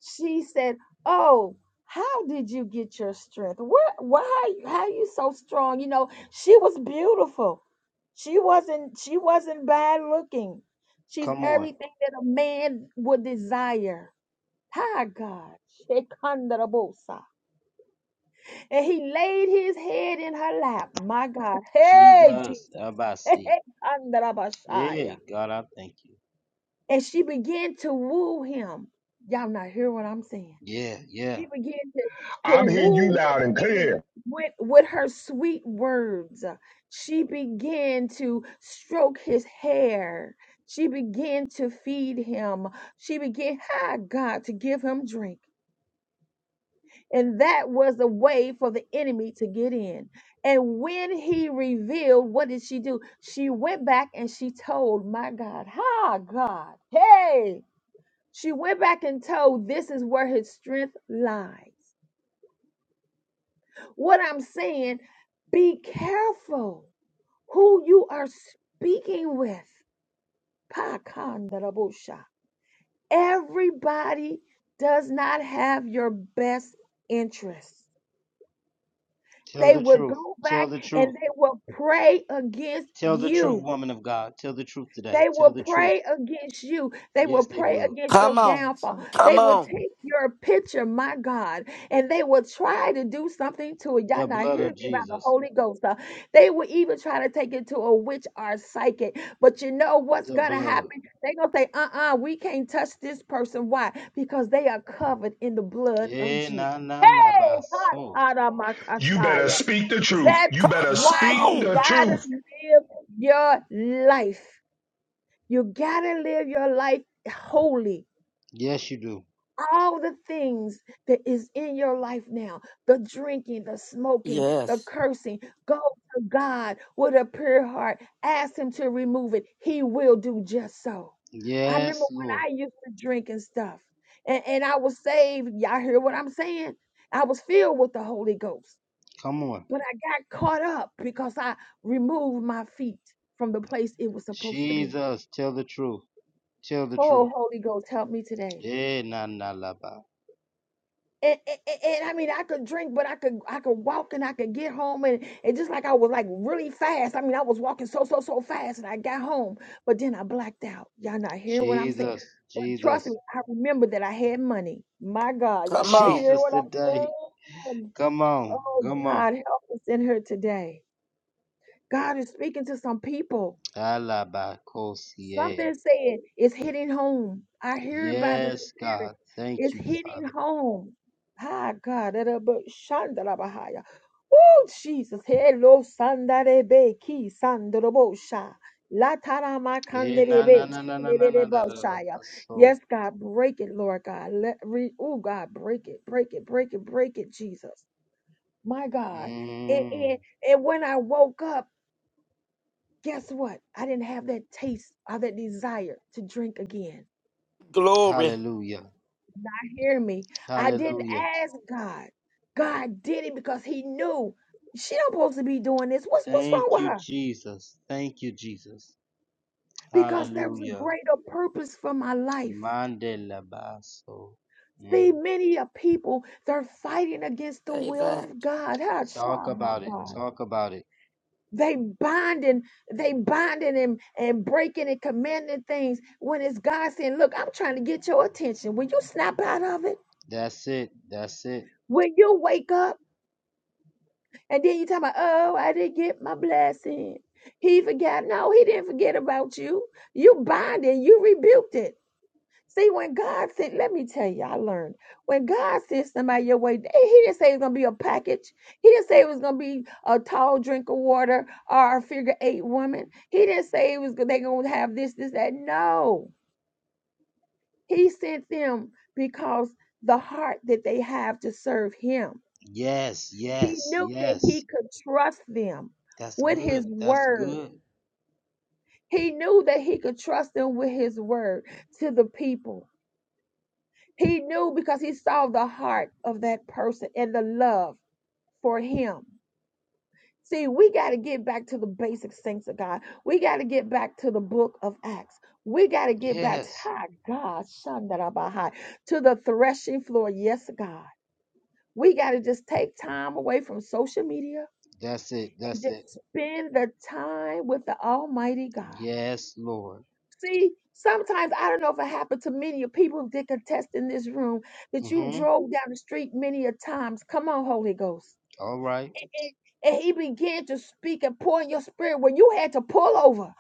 S2: she said, "Oh, how did you get your strength? Where, why, are you- how are you so strong?" You know, she was beautiful. She wasn't. She wasn't bad looking. She's
S1: Come on.
S2: everything that a man would desire. Hi, God. Shekandarabosa. And he laid his head in her lap. My God. Hey,
S1: Jesus.
S2: Jesus.
S1: Abasi. Yeah,
S2: Shekandarabashaya.
S1: God, I thank you.
S2: And she began to woo him. Y'all not hear what I'm saying?
S1: Yeah, yeah.
S2: She began to, to
S6: I'm hearing you
S2: woo this
S6: loud and
S2: man
S6: clear.
S2: with, with her sweet words. She began to stroke his hair. She began to feed him. She began, hi, God, to give him drink. And that was a way for the enemy to get in. And when he revealed, what did she do? She went back and she told, my God, hi, God, hey. She went back and told, this is where his strength lies. What I'm saying, be careful who you are speaking with. Pakandarabusha. Everybody does not have your best interests.
S1: Tell
S2: They
S1: the
S2: will
S1: truth.
S2: go
S1: Tell
S2: back
S1: the
S2: and
S1: truth.
S2: they will pray against
S1: Tell the
S2: you
S1: truth, woman of God. Tell the truth today.
S2: They will
S1: Tell the truth.
S2: pray against you. They will
S1: Yes, they
S2: pray
S1: will.
S2: against your
S4: Come on.
S2: downfall. They
S4: Come
S2: will
S4: on.
S2: take your picture, my God, and they will try to do something to it.
S1: The
S2: Y'all not
S1: blood
S2: hear me
S1: of
S2: about the
S1: Jesus.
S2: Holy Ghost. huh? They will even try to take it to a witch or a psychic. But you know what's
S1: The
S2: going to
S1: blood.
S2: happen? They're going to say, uh uh, we can't touch this person. Why? Because they are covered in the blood of
S1: Yeah,
S2: Jesus.
S1: nah, nah, nah, by
S2: Hey,
S1: soul.
S2: hot, hot, my
S6: You better
S2: Messiah.
S6: speak the truth.
S2: That's
S6: You
S4: Come
S6: better
S2: why
S6: speak
S2: you
S4: on.
S6: the
S2: got
S6: truth.
S2: to live your life. You gotta live your life holy.
S1: Yes, you do.
S2: All the things that is in your life now, the drinking, the smoking, the
S4: Yes.
S2: cursing, go to God with a pure heart. Ask Him to remove it. He will do just so. I remember
S1: Yes,
S2: when
S1: Lord.
S2: I used to drink and stuff, and, and I was saved. Y'all hear what I'm saying? I was filled with the Holy Ghost,
S1: Come on.
S2: but I got caught up because I removed my feet from the place it was supposed to be.
S1: Jesus, tell the truth. Tell the
S2: Oh,
S1: truth.
S2: Holy Ghost, help me today.
S1: Yeah, nah, nah, la, ba.
S2: and, and, and I mean, I could drink, but I could I could walk and I could get home, and and just like I was like really fast. I mean, I was walking so so so fast, and I got home, but then I blacked out. Y'all not hearing what I'm saying?
S1: Jesus,
S2: But trust me,
S1: Jesus,
S2: I remember that I had money. My God, y'all
S4: Come
S2: not
S4: on.
S2: hearing
S1: Jesus
S2: what I'm
S1: today.
S2: saying?
S1: Come on.
S2: Oh
S1: Come on.
S2: God, help us in here today. God is speaking to some people
S1: Alabacosier.
S2: Something saying it's hitting home. I hear it by the
S1: Yes,
S2: Spirit.
S1: God. Thank
S2: It's
S1: you,
S2: hitting
S1: Father.
S2: home. Ah, God. that a bu- shandarabahaya. Oh, Jesus. Hello, sandarebe ki sandarabosha. Latarama
S1: Eh, na
S2: kanderebe
S1: na na na na na na na na
S2: chilerebosaya.
S1: na. So,
S2: Yes, God, break it, Lord God. Let re, oh God, break it, break it, break it, break it, Jesus. My God. And,
S1: mm,
S2: and, and when I woke up, Guess what? I didn't have that taste or that desire to drink again.
S4: Glory.
S1: hallelujah,
S2: Hear me. I didn't
S1: hallelujah.
S2: ask God. God did it because he knew she don't supposed to be doing this. What's what's wrong
S1: Thank
S2: with
S1: you,
S2: her?
S1: Jesus. Thank you, Jesus.
S2: Because there was a
S1: Hallelujah.
S2: greater purpose for my life.
S1: Mandela baso.
S2: See,
S1: Mm.
S2: many of people, they're fighting against the
S4: Say
S2: will
S4: that.
S2: of God. Huh,
S1: Talk
S2: Shaw, my
S1: about it.
S2: God.
S1: Talk about it.
S2: They binding, they binding and, and breaking and commanding things when it's God saying, look, I'm trying to get your attention. Will you snap out of it?
S1: That's it. That's it.
S2: When you wake up and then you talk about, oh, I didn't get my blessing. He forgot. No, he didn't forget about you. You bind it, you rebuked it. See, when God sent, let me tell you, I learned. When God sent somebody your way, eh, he didn't say it was gonna be a package. He didn't say it was gonna be a tall drink of water or a figure eight woman. He didn't say it was they gonna have this, this, that. No. He sent them because the heart that they have to serve him.
S1: Yes,
S2: He
S1: yes,
S2: knew that he
S1: yes.
S2: could trust them
S1: That's
S2: with
S1: good.
S2: his
S1: That's
S2: word.
S1: good.
S2: He knew that he could trust them with his word to the people. He knew because he saw the heart of that person and the love for him. See, we got to get back to the basic things of God. We got to get back to the book of Acts. We got to get back to
S1: Yes.
S2: ah, God, Shandarabahai, to the threshing floor. Yes, God. We got to just take time away from social media.
S1: That's it.
S2: and
S1: That's it.
S2: just spend the time with the Almighty God.
S1: Yes, Lord.
S2: See, sometimes I don't know if it happened to many of people that contest in this room that you
S1: Mm-hmm.
S2: drove down the street many a times. Come on, Holy Ghost.
S1: All right.
S2: And, and- and he began to speak and pour in your spirit where you had to pull over.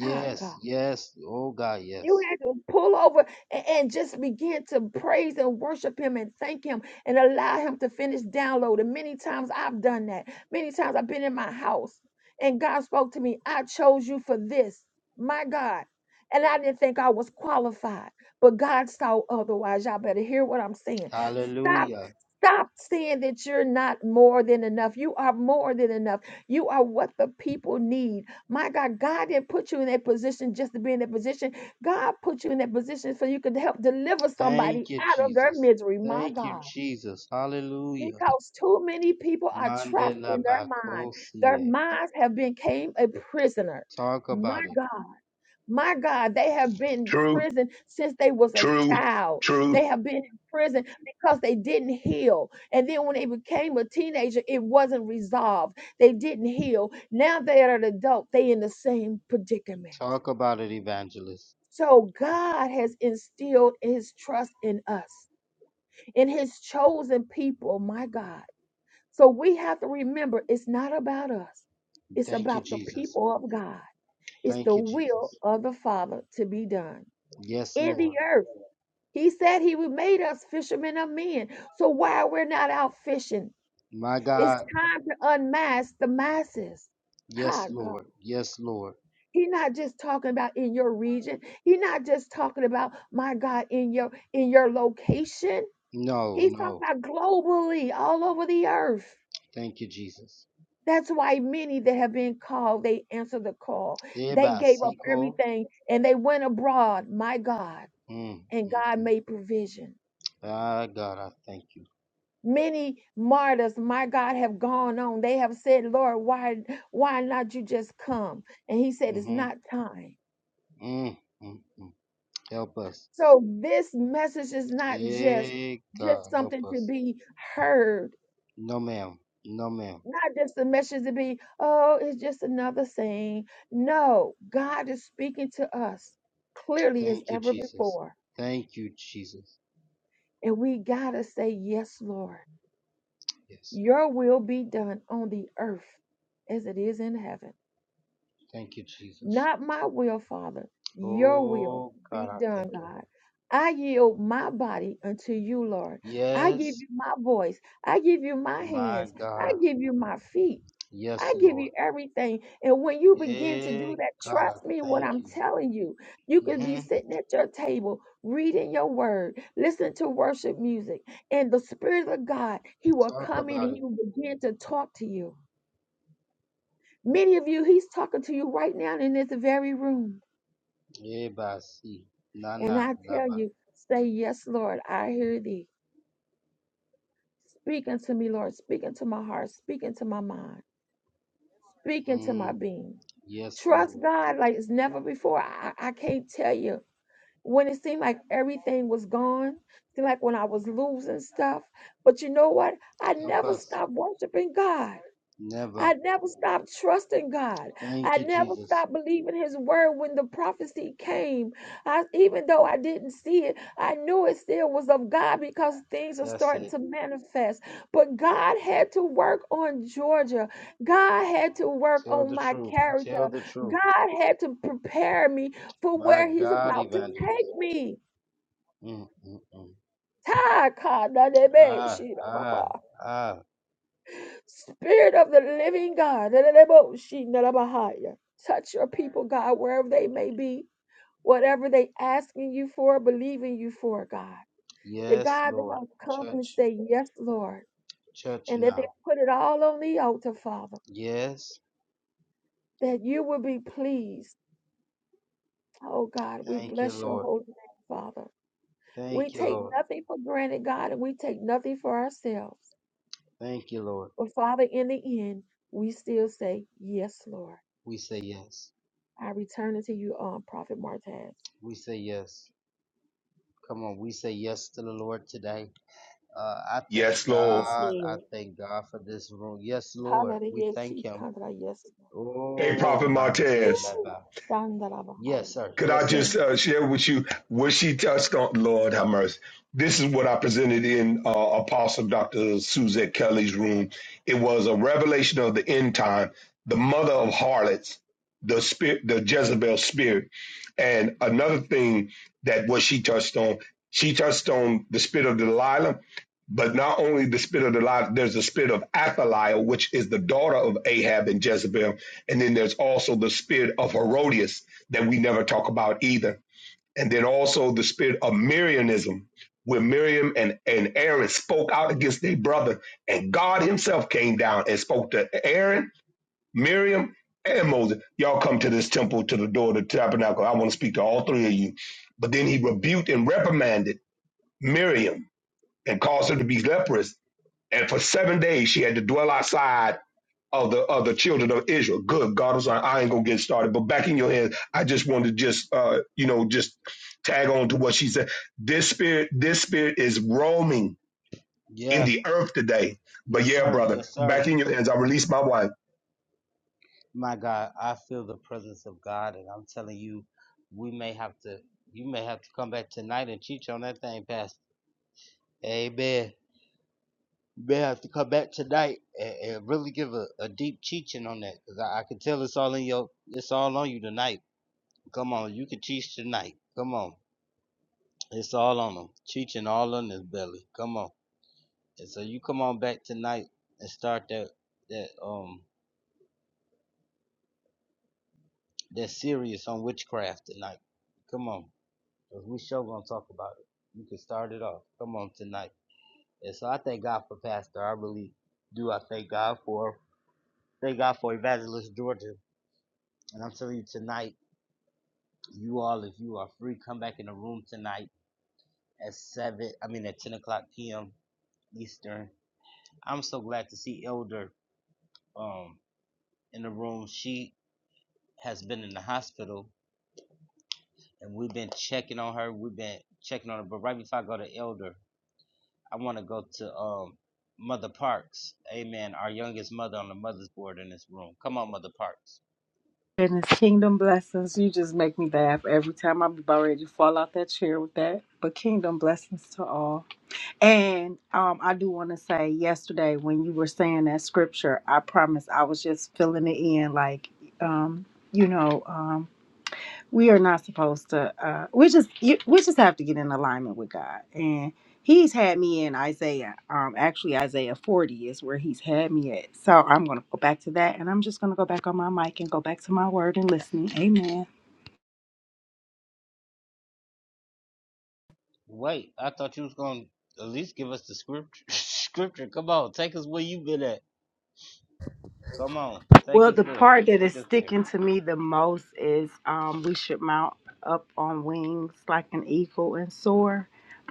S2: Child God.
S1: yes. Oh, God,
S2: You
S1: yes.
S2: had to pull over and, and just begin to praise and worship him and thank him and allow him to finish downloading. Many times I've done that. Many times I've been in my house and God spoke to me, I chose you for this, my God. And I didn't think I was qualified, but God saw otherwise. Y'all better hear what I'm saying. Stop.
S1: Hallelujah.
S2: Stop saying that you're not more than enough. You are more than enough. You are what the people need. My God, God didn't put you in that position just to be in that position. God put you in that position so you could help deliver somebody
S1: Thank you,
S2: out of their
S1: Jesus.
S2: misery, my
S1: Thank you,
S2: God.
S1: Jesus. Hallelujah.
S2: Because too many people are trapped
S1: Mandela
S2: in their mind. Their
S1: Bakosie.
S2: minds have became a prisoner.
S1: Talk
S2: My
S1: about it.
S2: God, my God, they have been in
S6: Truth,
S2: prison since they was a
S6: truth,
S2: child.
S6: truth.
S2: They have been in prison because they didn't heal. And then when they became a teenager, it wasn't resolved. They didn't heal. Now they are an adult. They in the same predicament.
S1: Talk about it, evangelist.
S2: So God has instilled his trust in us, in his chosen people, my God. So we have to remember it's not about us, it's
S1: Thank you,
S2: about the
S1: Jesus.
S2: people of God. It's the
S1: Thank you,
S2: will
S1: Jesus.
S2: of the Father to be done
S1: Yes,
S2: in the
S1: Lord.
S2: earth. He said he would made us fishermen of men. So why we're not out fishing?
S1: My
S2: It's
S1: God.
S2: time to unmask the masses.
S1: Yes,
S2: Ha, God.
S1: Lord. Yes, Lord.
S2: He's not just talking about in your region. He's not just talking about my God in your in your location.
S1: No,
S2: He's talking
S1: no.
S2: about globally, all over the earth.
S1: Thank you, Jesus.
S2: That's why many that have been called, they answered the call. They
S1: Eba
S2: gave up
S1: Siko.
S2: everything and they went abroad, my God,
S1: Mm,
S2: and
S1: mm.
S2: God made provision.
S1: Ah, God, I thank you.
S2: Many martyrs, my God, have gone on. They have said, Lord, why why not you just come? And he said, It's
S1: Mm-hmm.
S2: not time.
S1: Mm, mm, mm. Help us.
S2: So this message is not just
S1: Hey
S2: just
S1: God, help
S2: something to
S1: us.
S2: be heard,
S1: No, ma'am. No, ma'am.
S2: not just a message to be, oh, it's just another thing. No, God is speaking to us clearly as
S1: Thank you,
S2: ever
S1: Jesus.
S2: before.
S1: Thank you, Jesus.
S2: And we gotta say, Yes, Lord,
S1: Yes.
S2: your will be done on the earth as it is in heaven.
S1: Thank you, Jesus.
S2: Not my will, Father, your will
S1: Oh, God,
S2: be
S1: I thank
S2: done,
S1: you.
S2: God. I yield my body unto you, Lord. I give
S1: Yes,
S2: you my voice. I give you my
S1: my
S2: hands. I
S1: God.
S2: give you my feet. I
S1: Yes,
S2: give
S1: Lord.
S2: you everything. And when you begin to do
S1: Hey
S2: that,
S1: God, I
S2: trust me what
S1: thank
S2: I'm
S1: you.
S2: telling you. You could be
S1: hmm
S2: sitting at your table, reading your word, listening to worship music, and the Spirit of God, He will
S1: Talk
S2: come in
S1: about
S2: and He
S1: it.
S2: will begin to talk to you. Many of you, He's talking to you right now in this very room.
S1: Eh, ba, si. Na,
S2: And
S1: na,
S2: I tell you, say, Yes, Lord, I hear thee. Speak unto me, Lord. Speak into my heart. Speak into my mind. Speak into my
S1: Mm.
S2: being.
S1: Yes,
S2: Trust
S1: Lord.
S2: God like it's never before. I, I I can't tell you. When it seemed like everything was gone, seemed like when I was losing stuff. But you know what? I
S1: Help
S2: never
S1: us.
S2: stopped worshiping God.
S1: Never.
S2: I never stopped trusting God.
S1: Thank
S2: I
S1: you,
S2: never
S1: Jesus.
S2: stopped believing His word when the prophecy came. I, even though I didn't see it, I knew it still was of God because things are
S1: That's
S2: starting
S1: it.
S2: to manifest. But God had to work on Georgia. God had to work
S1: Tell
S2: on
S1: the
S2: my
S1: truth.
S2: character.
S1: Tell the truth.
S2: God had to prepare me for
S1: My
S2: where He's
S1: God,
S2: about to
S1: evangelist.
S2: take me.
S1: Mm, mm, mm. Ah,
S2: Ta-ka-da-de-be-shi-da-ba-ba.
S1: ah, ah.
S2: Spirit of the living God, touch your people, God, wherever they may be, whatever they asking you for, believing you for, God. That
S1: Yes,
S2: God,
S1: Lord.
S2: they'll come and
S1: Church,
S2: say, Yes, Lord,
S1: church
S2: and that they'll
S1: now.
S2: put it all on the altar, Father,
S1: Yes.
S2: that you will be pleased. Oh, God, we
S1: Thank you,
S2: bless your
S1: Lord.
S2: holy name, Father. We
S1: Thank you,
S2: take
S1: Lord.
S2: nothing for granted, God, and we take nothing for ourselves.
S1: Thank you, Lord.
S2: But, Father, in the end, we still say, Yes, Lord.
S1: We say yes.
S2: I return it to you, um, Prophet Martez.
S1: We say yes. Come on, we say yes to the Lord today. Uh, I thank
S6: Yes, Lord.
S5: Yes,
S1: God. I
S5: Lord.
S1: thank God for this room. Yes, Lord. We
S2: Hallelujah.
S1: thank
S2: See,
S1: Him.
S2: Kandra, Yes.
S6: Hey,
S1: Oh,
S6: Prophet
S1: my
S2: Woo.
S6: Martez.
S1: Teleba.
S2: Dandalabahaya.
S1: Yes, sir.
S6: Could I
S1: Yes, sir.
S6: just
S2: Mm.
S6: uh, share with you what she touched on? Lord have mercy. This is what I presented in uh, Apostle Dr. Suzette Kelly's room. It was a revelation of the end time, the mother of harlots, the spirit, the Jezebel spirit. And another thing that what she touched on, she touched on the spirit of Delilah, but not only the spirit of Delilah, there's the spirit of Athaliah, which is the daughter of Ahab and Jezebel. And then there's also the spirit of Herodias that we never talk about either. And then also the spirit of Mirianism, where Miriam and, and Aaron spoke out against their brother, and God Himself came down and spoke to Aaron, Miriam, and Moses. Y'all come to this temple, to the door of the tabernacle. I want to speak to all three of you. But then he rebuked and reprimanded Miriam and caused her to be leprous. And for seven days she had to dwell outside of the of the children of Israel. Good God, I'm sorry, I ain't gonna get started. But back in your hands, I just wanted to just uh, you know just tag on to what she said. This spirit, this spirit is roaming in
S1: Yeah.
S6: the earth today. But
S1: Yes,
S6: yeah,
S1: sir.
S6: brother,
S1: Yes, sir.
S6: back in your hands, I release my wife.
S1: My God, I feel the presence of God, and I'm telling you, we may have to, you may have to come back tonight and teach on that thing, Pastor. Amen. You may have to come back tonight and, and really give a, a deep teaching on that, because I, I can tell it's all in your, it's all on you tonight. Come on, you can teach tonight. Come on, it's all on them. Teaching all on his belly. Come on, and so you come on back tonight and start that that um that series on witchcraft tonight. Come on. Cause we sure gonna talk about it. You can start it off. Come on tonight. And so I thank God for Pastor. I really do. I thank God for thank God for Evangelist Georgia. And I'm telling you tonight, you all, if you are free, come back in the room tonight at seven. I mean at ten o'clock p.m. Eastern. I'm so glad to see Elder um in the room. She has been in the hospital, and we've been checking on her. We've been checking on her. But right before I go to Elder, I want to go to um, Mother Parks. Amen. Our youngest mother on the mother's board in this room. Come on, Mother Parks.
S11: Goodness, kingdom blessings. You just make me laugh every time I'm about ready to fall out that chair with that. But kingdom blessings to all. And um, I do want to say, yesterday when you were saying that scripture, I promise I was just filling it in, like, um, you know. um, we are not supposed to uh we just you, we just have to get in alignment with god and he's had me in isaiah um actually isaiah 40 is where he's had me at so i'm gonna go back to that and i'm just gonna go back on my mic and go back to my word and listening amen
S1: Wait, I thought you was going to at least give us the scripture. scripture. Come on, take us where you been at. Come on, take
S11: Well,
S1: us
S11: the
S1: there.
S11: part that
S1: Take
S11: is
S1: us there.
S11: sticking to me the most is um, we should mount up on wings like an eagle and soar.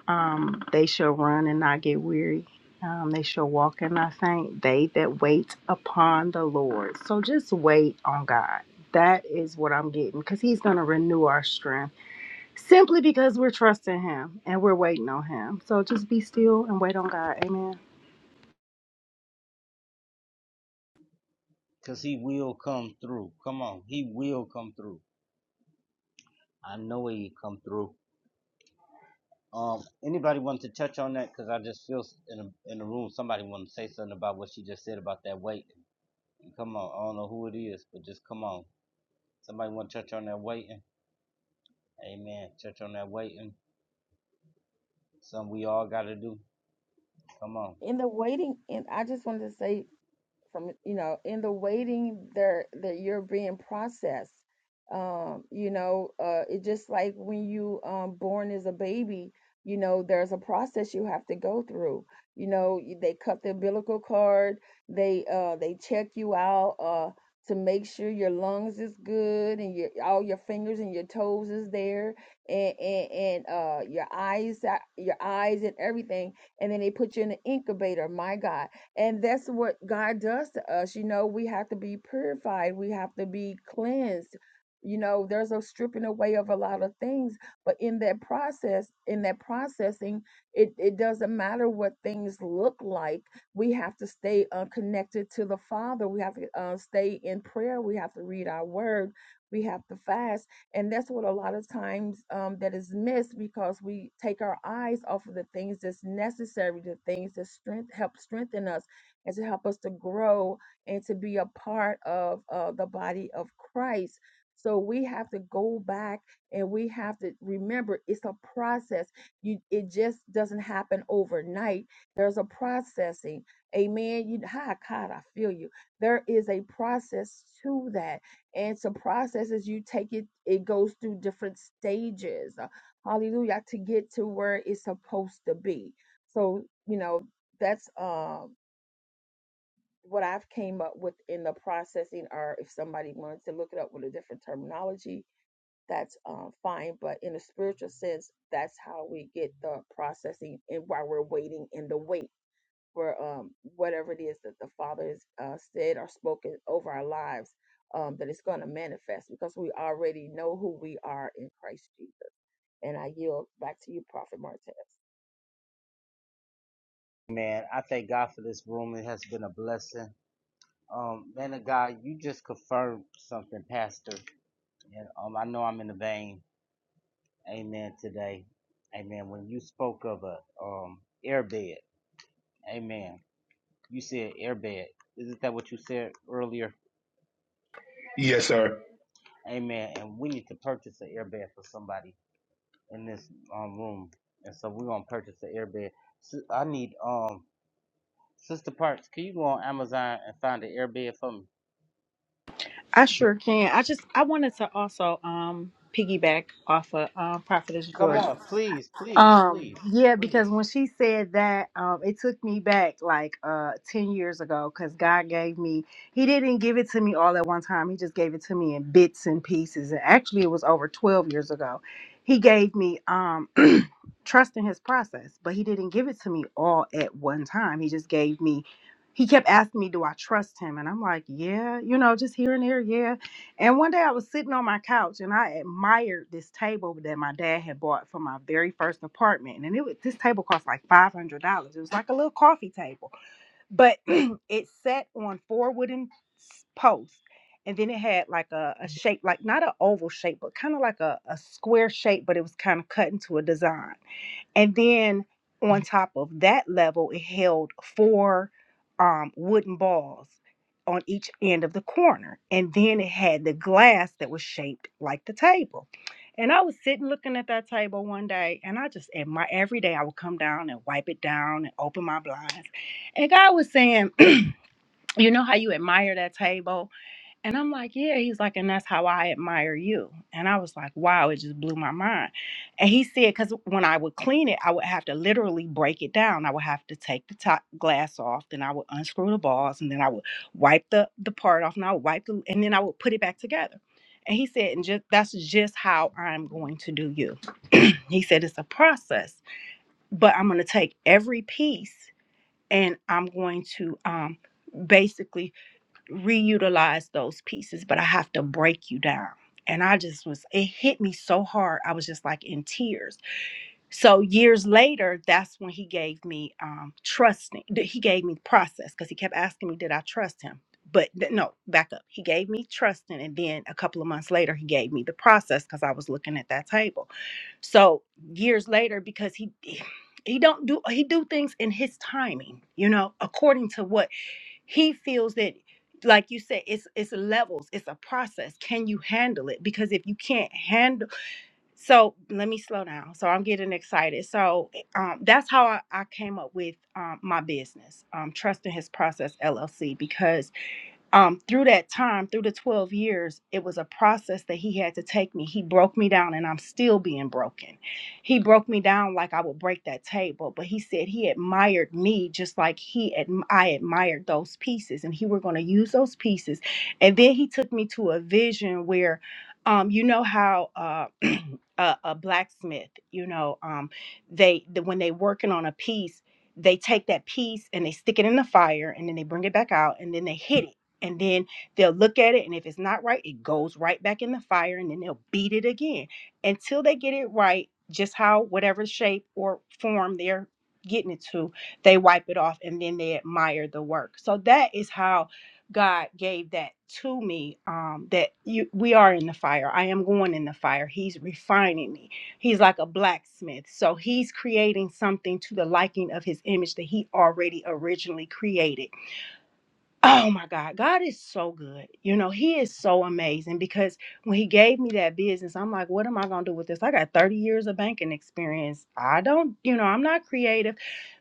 S11: Um, they shall run and not get weary. Um, they shall walk and not faint. They that wait upon the Lord. So just wait on God. That is what I'm getting because He's going to renew our strength simply because we're trusting Him and we're waiting on Him. So just be still and wait on God. Amen.
S1: Because he will come through. Come on, he will come through. I know he come through. Um, anybody want to touch on that? Because I just feel in a, in the room somebody want to say something about what she just said about that weight. Come on, I don't know who it is, but just come on. Somebody want to touch on that waiting? Amen. Touch on that waiting. Something we all got to do. Come on.
S2: In the waiting, and I just wanted to say from you know in the waiting there that you're being processed um you know uh it just like when you um born as a baby you know there's a process you have to go through you know you- they cut the umbilical cord they uh they check you out uh to make sure your lungs is good and your all your fingers and your toes is there and and, and uh your eyes uh, your eyes and everything and then they put you in an incubator my god and that's what God does to us. You know, we have to be purified, we have to be cleansed. You know, there's a stripping away of a lot of things, but in that process, in that processing, it, it doesn't matter what things look like. We have to stay uh, connected to the Father. We have to uh, stay in prayer. We have to read our word. We have to fast. And that's what a lot of times um, that is missed because we take our eyes off of the things that's necessary, the things that strength help strengthen us and to help us to grow and to be a part of uh, the body of Christ. So we have to go back and we have to remember it's a process. You, it just doesn't happen overnight. There's a processing. Amen. You, hi, God, I feel you. There is a process to that. And so processes you take it, it goes through different stages. uh, Hallelujah. To get to where it's supposed to be. So, you know, that's um what I've came up with in the processing are if somebody wants to look it up with a different terminology, that's um, fine. But in a spiritual sense, that's how we get the processing and while we're waiting in the wait for um, whatever it is that the Father has uh, said or spoken over our lives, um, that it's going to manifest because we already know who we are in Christ Jesus. And I yield back to you, Prophet Martez.
S1: Man, I thank God for this room. It has been a blessing. Um, man of God, you just confirmed something, Pastor. And um, I know I'm in the vein. Amen. Today, Amen. When you spoke of a um airbed, Amen. You said airbed. Isn't that what you said earlier?
S6: Yes, sir.
S1: Amen. And we need to purchase an airbed for somebody in this um room, and so we're gonna purchase the airbed. So I need um sister Parks. Can you go on Amazon and find the airbed for me?
S11: I sure can. I just I wanted to also um piggyback off of um Prophetess
S1: Come
S11: Georgia.
S1: on, please, please,
S11: Um
S1: please,
S11: yeah, because
S1: please.
S11: when she said that, um it took me back like uh ten years ago because God gave me he didn't give it to me all at one time. He just gave it to me in bits and pieces. And actually it was over twelve years ago. He gave me um trust in his process, but he didn't give it to me all at one time. He just gave me, he kept asking me, Do I trust him? And I'm like, Yeah, you know, just here and there, yeah. And one day I was sitting on my couch and I admired this table that my dad had bought for my very first apartment. And it was this table cost like five hundred dollars. It was like a little coffee table. But it sat on four wooden s- posts. And then it had like a, a shape, like not an oval shape, but kind of like a, a square shape, but it was kind of cut into a design and then on top of that level, it held four um, wooden balls on each end of the corner. And then it had the glass that was shaped like the table. And I was sitting looking at that table one day, and I just, and my every day I would come down and wipe it down and open my blinds. And God was saying, You know how you admire that table? And I'm like, yeah. He's like, and that's how I admire you. And I was like, wow, it just blew my mind. And he said, because when I would clean it, I would have to literally break it down. I would have to take the top glass off, then I would unscrew the balls, and then I would wipe the, the part off, and I would wipe the, and then I would put it back together. And he said, and just that's just how I'm going to do you. he said, it's a process, but I'm going to take every piece and I'm going to um, basically reutilize those pieces, but I have to break you down. And I just was, it hit me so hard. I was just like in tears. So years later, that's when he gave me um, trusting. th- He gave me the process because he kept asking me, did I trust him? But th- no, back up. He gave me trusting. And then a couple of months later, he gave me the process because I was looking at that table. So years later, because he, he don't do, he do things in his timing, you know, according to what he feels that like you said it's it's levels it's a process can you handle it because if you can't handle so let me slow down so i'm getting excited so eh, um, that's how I, I came up with um, my business um, trust in his process llc because um, through that time, through the 12 years, it was a process that he had to take me. He broke me down, and I'm still being broken. He broke me down like I would break that table, but he said he admired me just like he adm- I admired those pieces, and he were going to use those pieces. And then he took me to a vision where, um, you know how. Uh, a, a blacksmith you know um they the, when they working on a piece they take that piece and they stick it in the fire and then they bring it back out and then they hit it and then they'll look at it and if it's not right it goes right back in the fire and then they'll beat it again until they get it right just how whatever shape or form they're getting it to they wipe it off and then they admire the work so that is how god gave that to me um that you we are in the fire i am going in the fire he's refining me he's like a blacksmith so he's creating something to the liking of his image that he already originally created Oh my God, God is so good. You know, He is so amazing because when He gave me that business, I'm like, what am I going to do with this? I got 30 years of banking experience. I don't, you know, I'm not creative.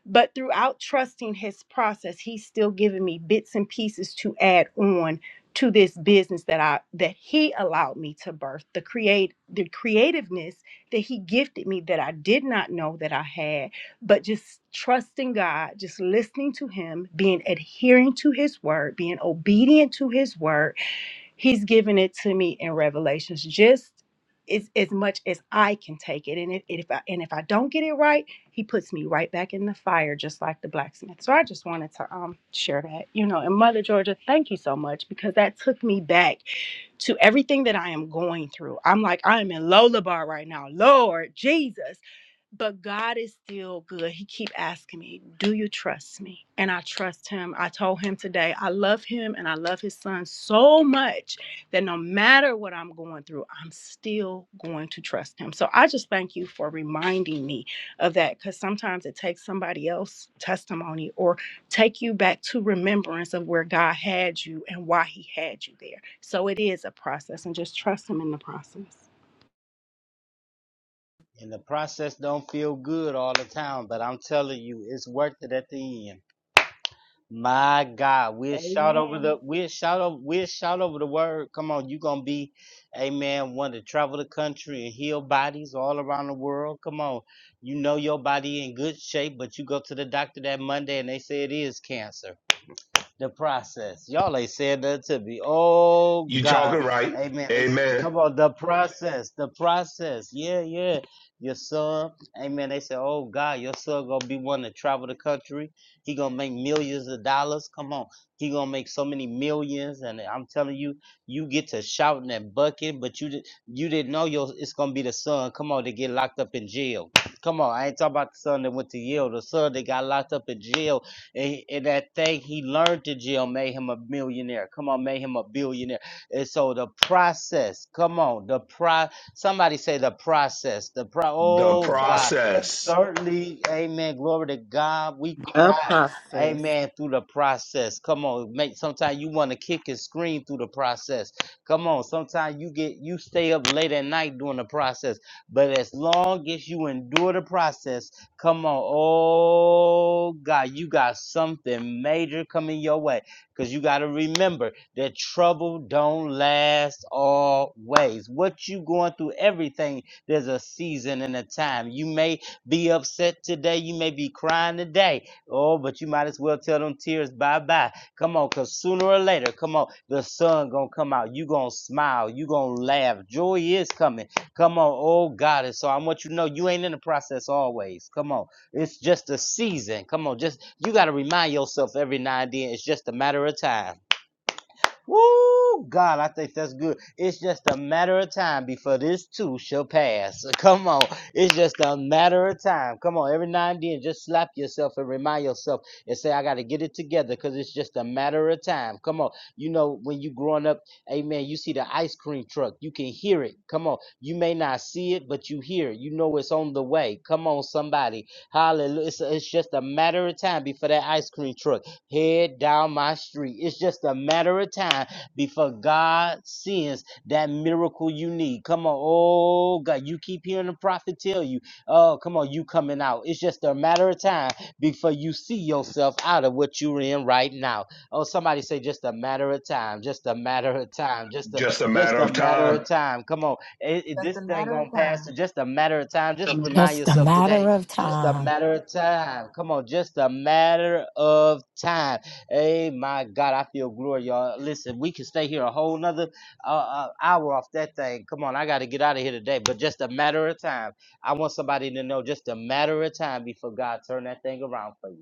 S11: But throughout trusting His process, He's still giving me bits and pieces to add on to this business that I that he allowed me to birth the create the creativeness that he gifted me that I did not know that I had but just trusting God, just listening to Him, being adhering to His word, being obedient to His word. He's given it to me in Revelations, just as, as much as I can take it. And if, if I and if I don't get it right, He puts me right back in the fire, just like the blacksmith. So I just wanted to um share that, you know. And Mother Georgia, thank you so much because that took me back to everything that I am going through. I'm like, I am in Lola Bar right now. Lord Jesus but God is still good. He keep asking me, "Do you trust me?" And I trust him. I told him today, I love him and I love his son so much that no matter what I'm going through, I'm still going to trust him. So I just thank you for reminding me of that cuz sometimes it takes somebody else's testimony or take you back to remembrance of where God had you and why he had you there. So it is a process and just trust him in the process.
S1: And the process don't feel good all the time, but I'm telling you, it's worth it at the end. My God, we'll shout over
S2: Amen.
S1: the we'll shout over we'll shout over the word. Come on, you gonna be, amen, one to travel the country and heal bodies all around the world. Come on. You know your body in good shape, but you go to the doctor that Monday and they say it is cancer the process. Y'all ain't saying that to me. Oh
S6: You
S1: God.
S6: talking right?
S1: Amen. They, s-
S6: Amen.
S1: come on, the process. The process. Yeah, yeah. Your son. Amen. They say, Oh God, your son gonna be one to travel the country. He gonna make millions of dollars. Come on. He gonna make so many millions. And I'm telling you, you get to shouting and bucking, but you did you didn't know your it's gonna be the son. Come on, to get locked up in jail. Come on, I ain't talking about the son that went to Yale, the son that got locked up in jail and, and that thing he learned to jail made him a millionaire. Come on, made him a billionaire. And so the process, come on, the pro somebody say the process. The pro
S6: The
S2: The
S1: oh God.
S2: process
S6: process,
S1: Certainly, amen. Glory to God. We
S11: A
S1: cry.
S11: process.
S1: Amen. Through the process. Come on. Make sometimes you want to kick and scream through the process. Come on. Sometimes you get you stay up late at night during the process. But as long as you endure the process, Come on. Oh, God, you got something major coming your way. Because you got to remember that trouble don't last always. What you going through, everything, there's a season and a time. You may be upset today. You may be crying today. Oh, but you might as well tell them tears bye-bye. Come on, because sooner or later, come on, the sun going to come out. you going to smile. you going to laugh. Joy is coming. Come on, oh God. And so I want you to know you ain't in the process always. Come on. It's just a season. Come on, just you gotta remind yourself every now and then it's just a matter of time. Woo! God, I think that's good. It's just a matter of time before this too shall pass. Come on. It's just a matter of time. Come on. Every now and then, just slap yourself and remind yourself and say, I got to get it together because it's just a matter of time. Come on. You know, when you growing up, amen, you see the ice cream truck. You can hear it. Come on. You may not see it, but you hear it. You know it's on the way. Come on, somebody. Hallelujah. It's, it's just a matter of time before that ice cream truck head down my street. It's just a matter of time before God sends that miracle you need. Come on, oh God, you keep hearing the prophet tell you, oh, come on, you coming out. It's just a matter of time before you see yourself out of what you're in right now. Oh, somebody say just a matter of time, just a matter of time, just a
S6: just a matter
S1: just a
S6: of
S1: matter
S6: time.
S1: of time. Come on, it, it- this thing gonna pass. It's Just a matter of time. Just remind
S12: Just a
S1: yourself today
S12: matter of
S1: just a
S12: time.
S1: matter of time. Come on, just a matter of time. Hey, my God, I feel glory, y'all. Listen, we can stay here a whole nother uh, uh, hour off that thing. Come on, I got to get out of here today, but just a matter of time. I want somebody to know just a matter of time before God turn that thing around for you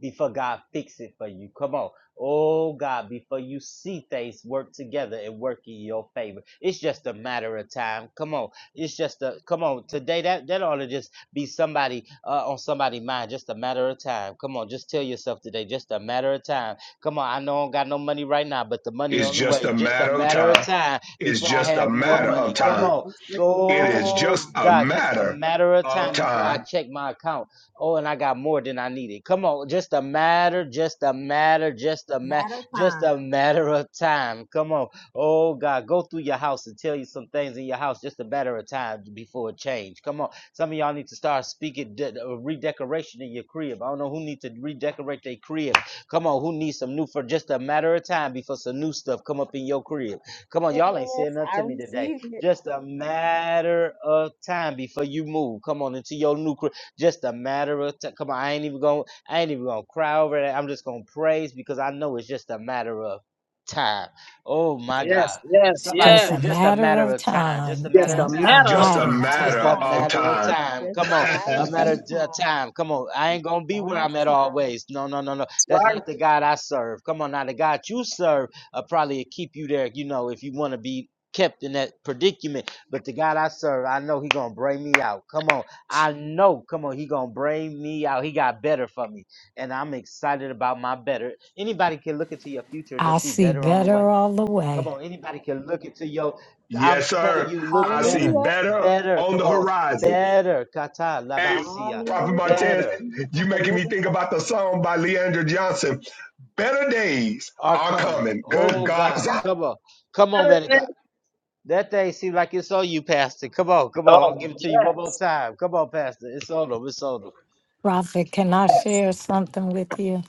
S1: before God fix it for you. Come on. Oh God, before you see things work together and work in your favor. It's just a matter of time. Come on. It's just a come on. Today that that ought to just be somebody uh, on somebody's mind. Just a matter of time. Come on, just tell yourself today, just a matter of time. Come on, I know I don't got no money right now, but the money
S6: It's
S1: on the
S6: just a
S1: way. Just a
S6: matter of
S1: matter of
S6: time.
S1: time
S6: It's
S1: before I
S6: just a
S1: have
S2: is
S1: more
S6: matter
S2: on the
S6: of
S1: money. Come
S6: time.
S2: way.
S1: on.
S2: It's just a
S6: It
S2: matter of
S6: is
S2: time.
S1: Oh
S6: just a
S1: God, just a
S6: matter
S1: matter of
S6: of
S1: time before
S6: time
S1: I check my account. Oh, and I got more than I needed. Come on, just a matter, just a matter, just a ma-
S5: Matter of
S1: just
S5: time.
S1: a matter of time. Come on. Oh God, go through your house and tell you some things in your house. Just a matter of time before it change. Come on. Some of y'all need to start speaking de- uh, redecoration in your crib. I don't know who need to redecorate their crib. Come on, who needs some new for just a matter of time before some new stuff come up in your crib. Come on,
S2: Yes,
S1: y'all ain't saying nothing
S2: I
S1: to me today.
S2: receive it.
S1: Just a matter of time before you move. Come on into your new crib. Just a matter of time. Come on, I ain't even gonna I ain't even gonna cry over that. I'm just gonna praise because I know it's just a matter of time. Oh my
S3: Yes.
S1: God.
S3: Yes.
S12: It's
S1: Somebody
S12: just
S3: Yes.
S1: say
S12: a
S1: just a
S12: matter
S1: matter
S12: of
S1: of time, just a
S12: time.
S1: matter
S3: Just
S1: of
S3: a
S12: Just a
S1: time,
S3: matter of
S6: Just
S1: just
S6: a
S12: matter of
S3: time.
S6: matter
S1: just
S12: time.
S1: a
S6: of
S1: matter of
S6: time.
S1: time.
S2: Just
S1: Come
S2: a
S1: on,
S2: matter
S1: a matter
S2: of
S1: of
S2: time.
S1: time. Come on, I ain't gonna be where
S2: God's
S1: I'm at
S2: time.
S1: always. No, no, no, no.
S3: It's
S1: That's
S3: right.
S1: not the God I serve. Come on, now the God you serve uh, probably keep you there. You know, if you want to be kept in that predicament. But the God I serve, I know He gonna bring me out. Come on, I know, come on, he gonna bring me out. He got better for me, and I'm excited about my better. Anybody can look into your future,
S12: I
S1: just see
S12: see
S1: better on the way.
S12: better all the
S1: Come
S12: way.
S1: on, anybody can look into your. I'm
S6: yes,
S1: telling
S6: sir.
S1: you, look
S6: I see
S1: better,
S5: Hallelujah.
S6: better
S1: better.
S6: on
S1: Come
S6: the
S1: on,
S6: horizon.
S1: better. Kata
S6: Hey,
S1: labasia,
S6: Prophet
S2: Hallelujah.
S6: Martez,
S1: better
S2: Praise
S6: you
S2: of the
S6: making me
S2: living
S6: think about the song by Leandra Johnson. Better days
S1: are
S6: are
S1: coming.
S6: coming. Good
S1: Oh
S6: God,
S1: God,
S6: I
S1: come on, come on,
S3: Matter
S1: man
S3: of
S1: of God.
S3: time.
S1: That thing seems like it's on you, Pastor. Come on, come on, I'll
S3: Oh
S1: give it to you one more
S3: yes.
S1: time. Come on, Pastor, it's on them, it's on them.
S12: Prophet, can I
S3: Yes.
S12: share something with you?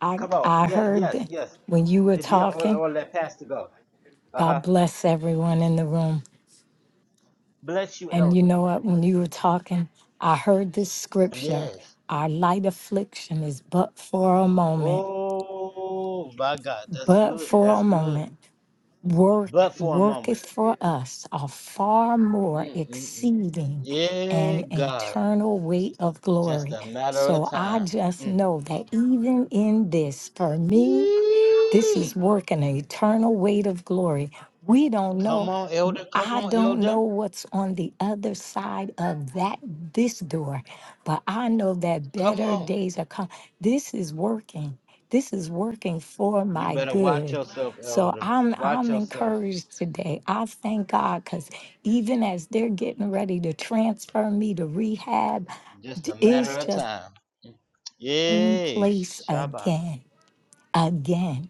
S12: I
S1: Come on.
S12: I
S1: Yes,
S12: heard
S1: yes,
S12: that
S1: yes.
S12: when you were
S1: And yeah, on,
S12: talking.
S1: on that pastor go. Uh
S12: God
S1: huh.
S12: bless everyone in the room.
S1: Bless you,
S12: And you
S1: elder.
S12: know what? When you were talking, I heard this scripture.
S1: Yes.
S12: Our light affliction is but for a moment,
S1: Oh my God, that's
S12: but
S1: good.
S12: for
S1: That's
S12: a
S1: good.
S12: moment. work
S1: But for a moment.
S12: worketh for us a far more
S1: Mm-mm-mm.
S12: exceeding
S1: Yeah,
S12: and
S1: God.
S12: eternal weight of
S1: Just
S12: glory.
S1: a matter of
S12: So I
S1: time.
S12: just
S1: Mm.
S12: know that even in this, for me, this is
S1: Yee.
S12: working an eternal weight of glory. We don't know.
S1: Come on, elder. Come
S12: I
S1: on,
S12: don't know
S1: elder.
S12: what's on the other side of that this door, but I know that
S1: Come
S12: better
S1: on.
S12: days are coming. This is working. This is working for
S1: You
S12: my
S1: better watch
S12: good.
S1: yourself,
S12: So
S1: elder.
S12: I'm
S1: Watch
S12: I'm
S1: yourself.
S12: encouraged today. I thank God because even as they're getting ready to transfer me to rehab,
S1: Just a
S12: d-
S1: matter
S12: it's
S1: of
S12: just
S1: time.
S12: in
S1: Yeah.
S12: place
S1: Shabbat.
S12: again, again.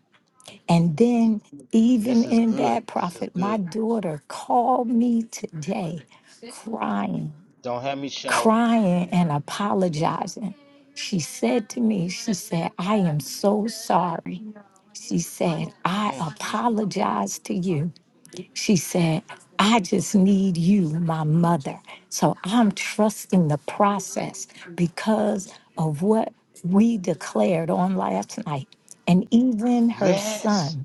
S12: And then, even
S1: This is
S12: in
S1: good.
S12: that,
S1: This is
S12: prophet, my
S1: good.
S12: daughter called me today crying,
S1: Don't have me shout.
S12: crying and apologizing. She said to me, She said, I am so sorry. She said, I
S1: Mm, mm, mm.
S12: apologize to you. She said, I just need you, my mother. So I'm trusting the process because of what we declared on last night. And even her
S1: Yes.
S12: son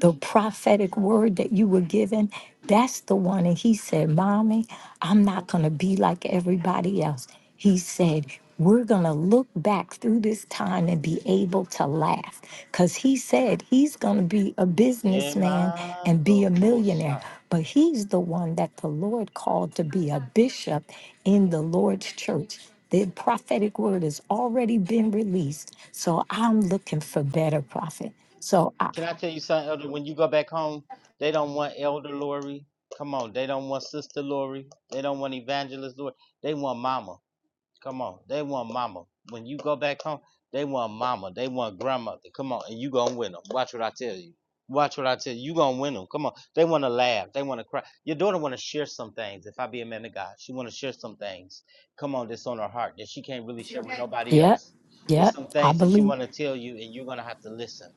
S12: the prophetic word that you were given, that's the one. And he said, Mommy, I'm not going to be like everybody else. He said, We're going to look back through this time and be able to laugh. Because he said he's going to be a businessman and be a millionaire.
S1: Yemadokosha.
S12: But he's the one that the Lord called to be a bishop in the Lord's church. The prophetic word has already been released. So I'm looking for better prophet. So I,
S1: Can I tell you something, Elder? When you go back home, they don't want Elder Lori. Come on, they don't want Sister Lori. They don't want Evangelist Lori. They want Mama. Come on, they want mama. When you go back home, they want mama. They want grandmother. Come on, and you gonna win them. Watch what I tell you. Watch what I tell you. You gonna win them. Come on. They want to laugh. They want to cry. Your daughter want to share some things. If I be a man of God, she want to share some things. Come on, that's on her heart that she can't really share with nobody
S12: Yep.
S1: else. It's
S12: Yep.
S1: some
S12: I
S1: things that she
S12: believe.
S1: want to tell you, and you're gonna have to listen.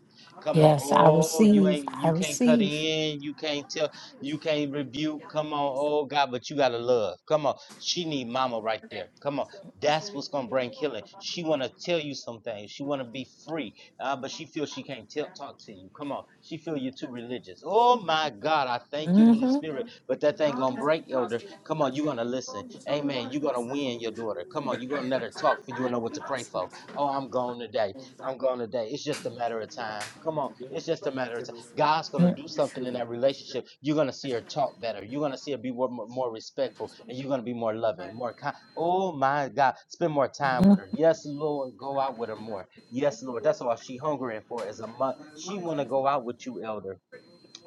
S1: Come on.
S12: Yes, I
S1: Oh, you
S12: receive.
S1: ain't.
S12: I
S1: You can't cut
S12: receive.
S1: in. You can't tell. You can't rebuke. Come on. Oh God, but you gotta love. Come on. She need mama right there. Come on. That's what's gonna bring healing. She wanna tell you some things. She wanna be free, uh, but she feels she can't tell, talk to you. Come on, she feel you're too religious. Oh my God, I thank you, Holy
S12: Mm-hmm.
S1: Spirit. But that thing gonna break, Elder. Come on, you gonna listen. Amen. You gonna win your daughter. Come on, you gonna let her talk for you and know what to pray for. Oh, I'm gone today. I'm gone today. It's just a matter of time. Come on, it's just a matter of time. God's gonna do something in that relationship. You're gonna see her talk better. You're gonna see her be more more respectful, and you're gonna be more loving, more kind. Oh my God. Spend more time
S12: Mm-hmm.
S1: with her. Yes, Lord. Go out with her more. Yes, Lord. That's all she hungering for is a month. She wanna go out with you, elder.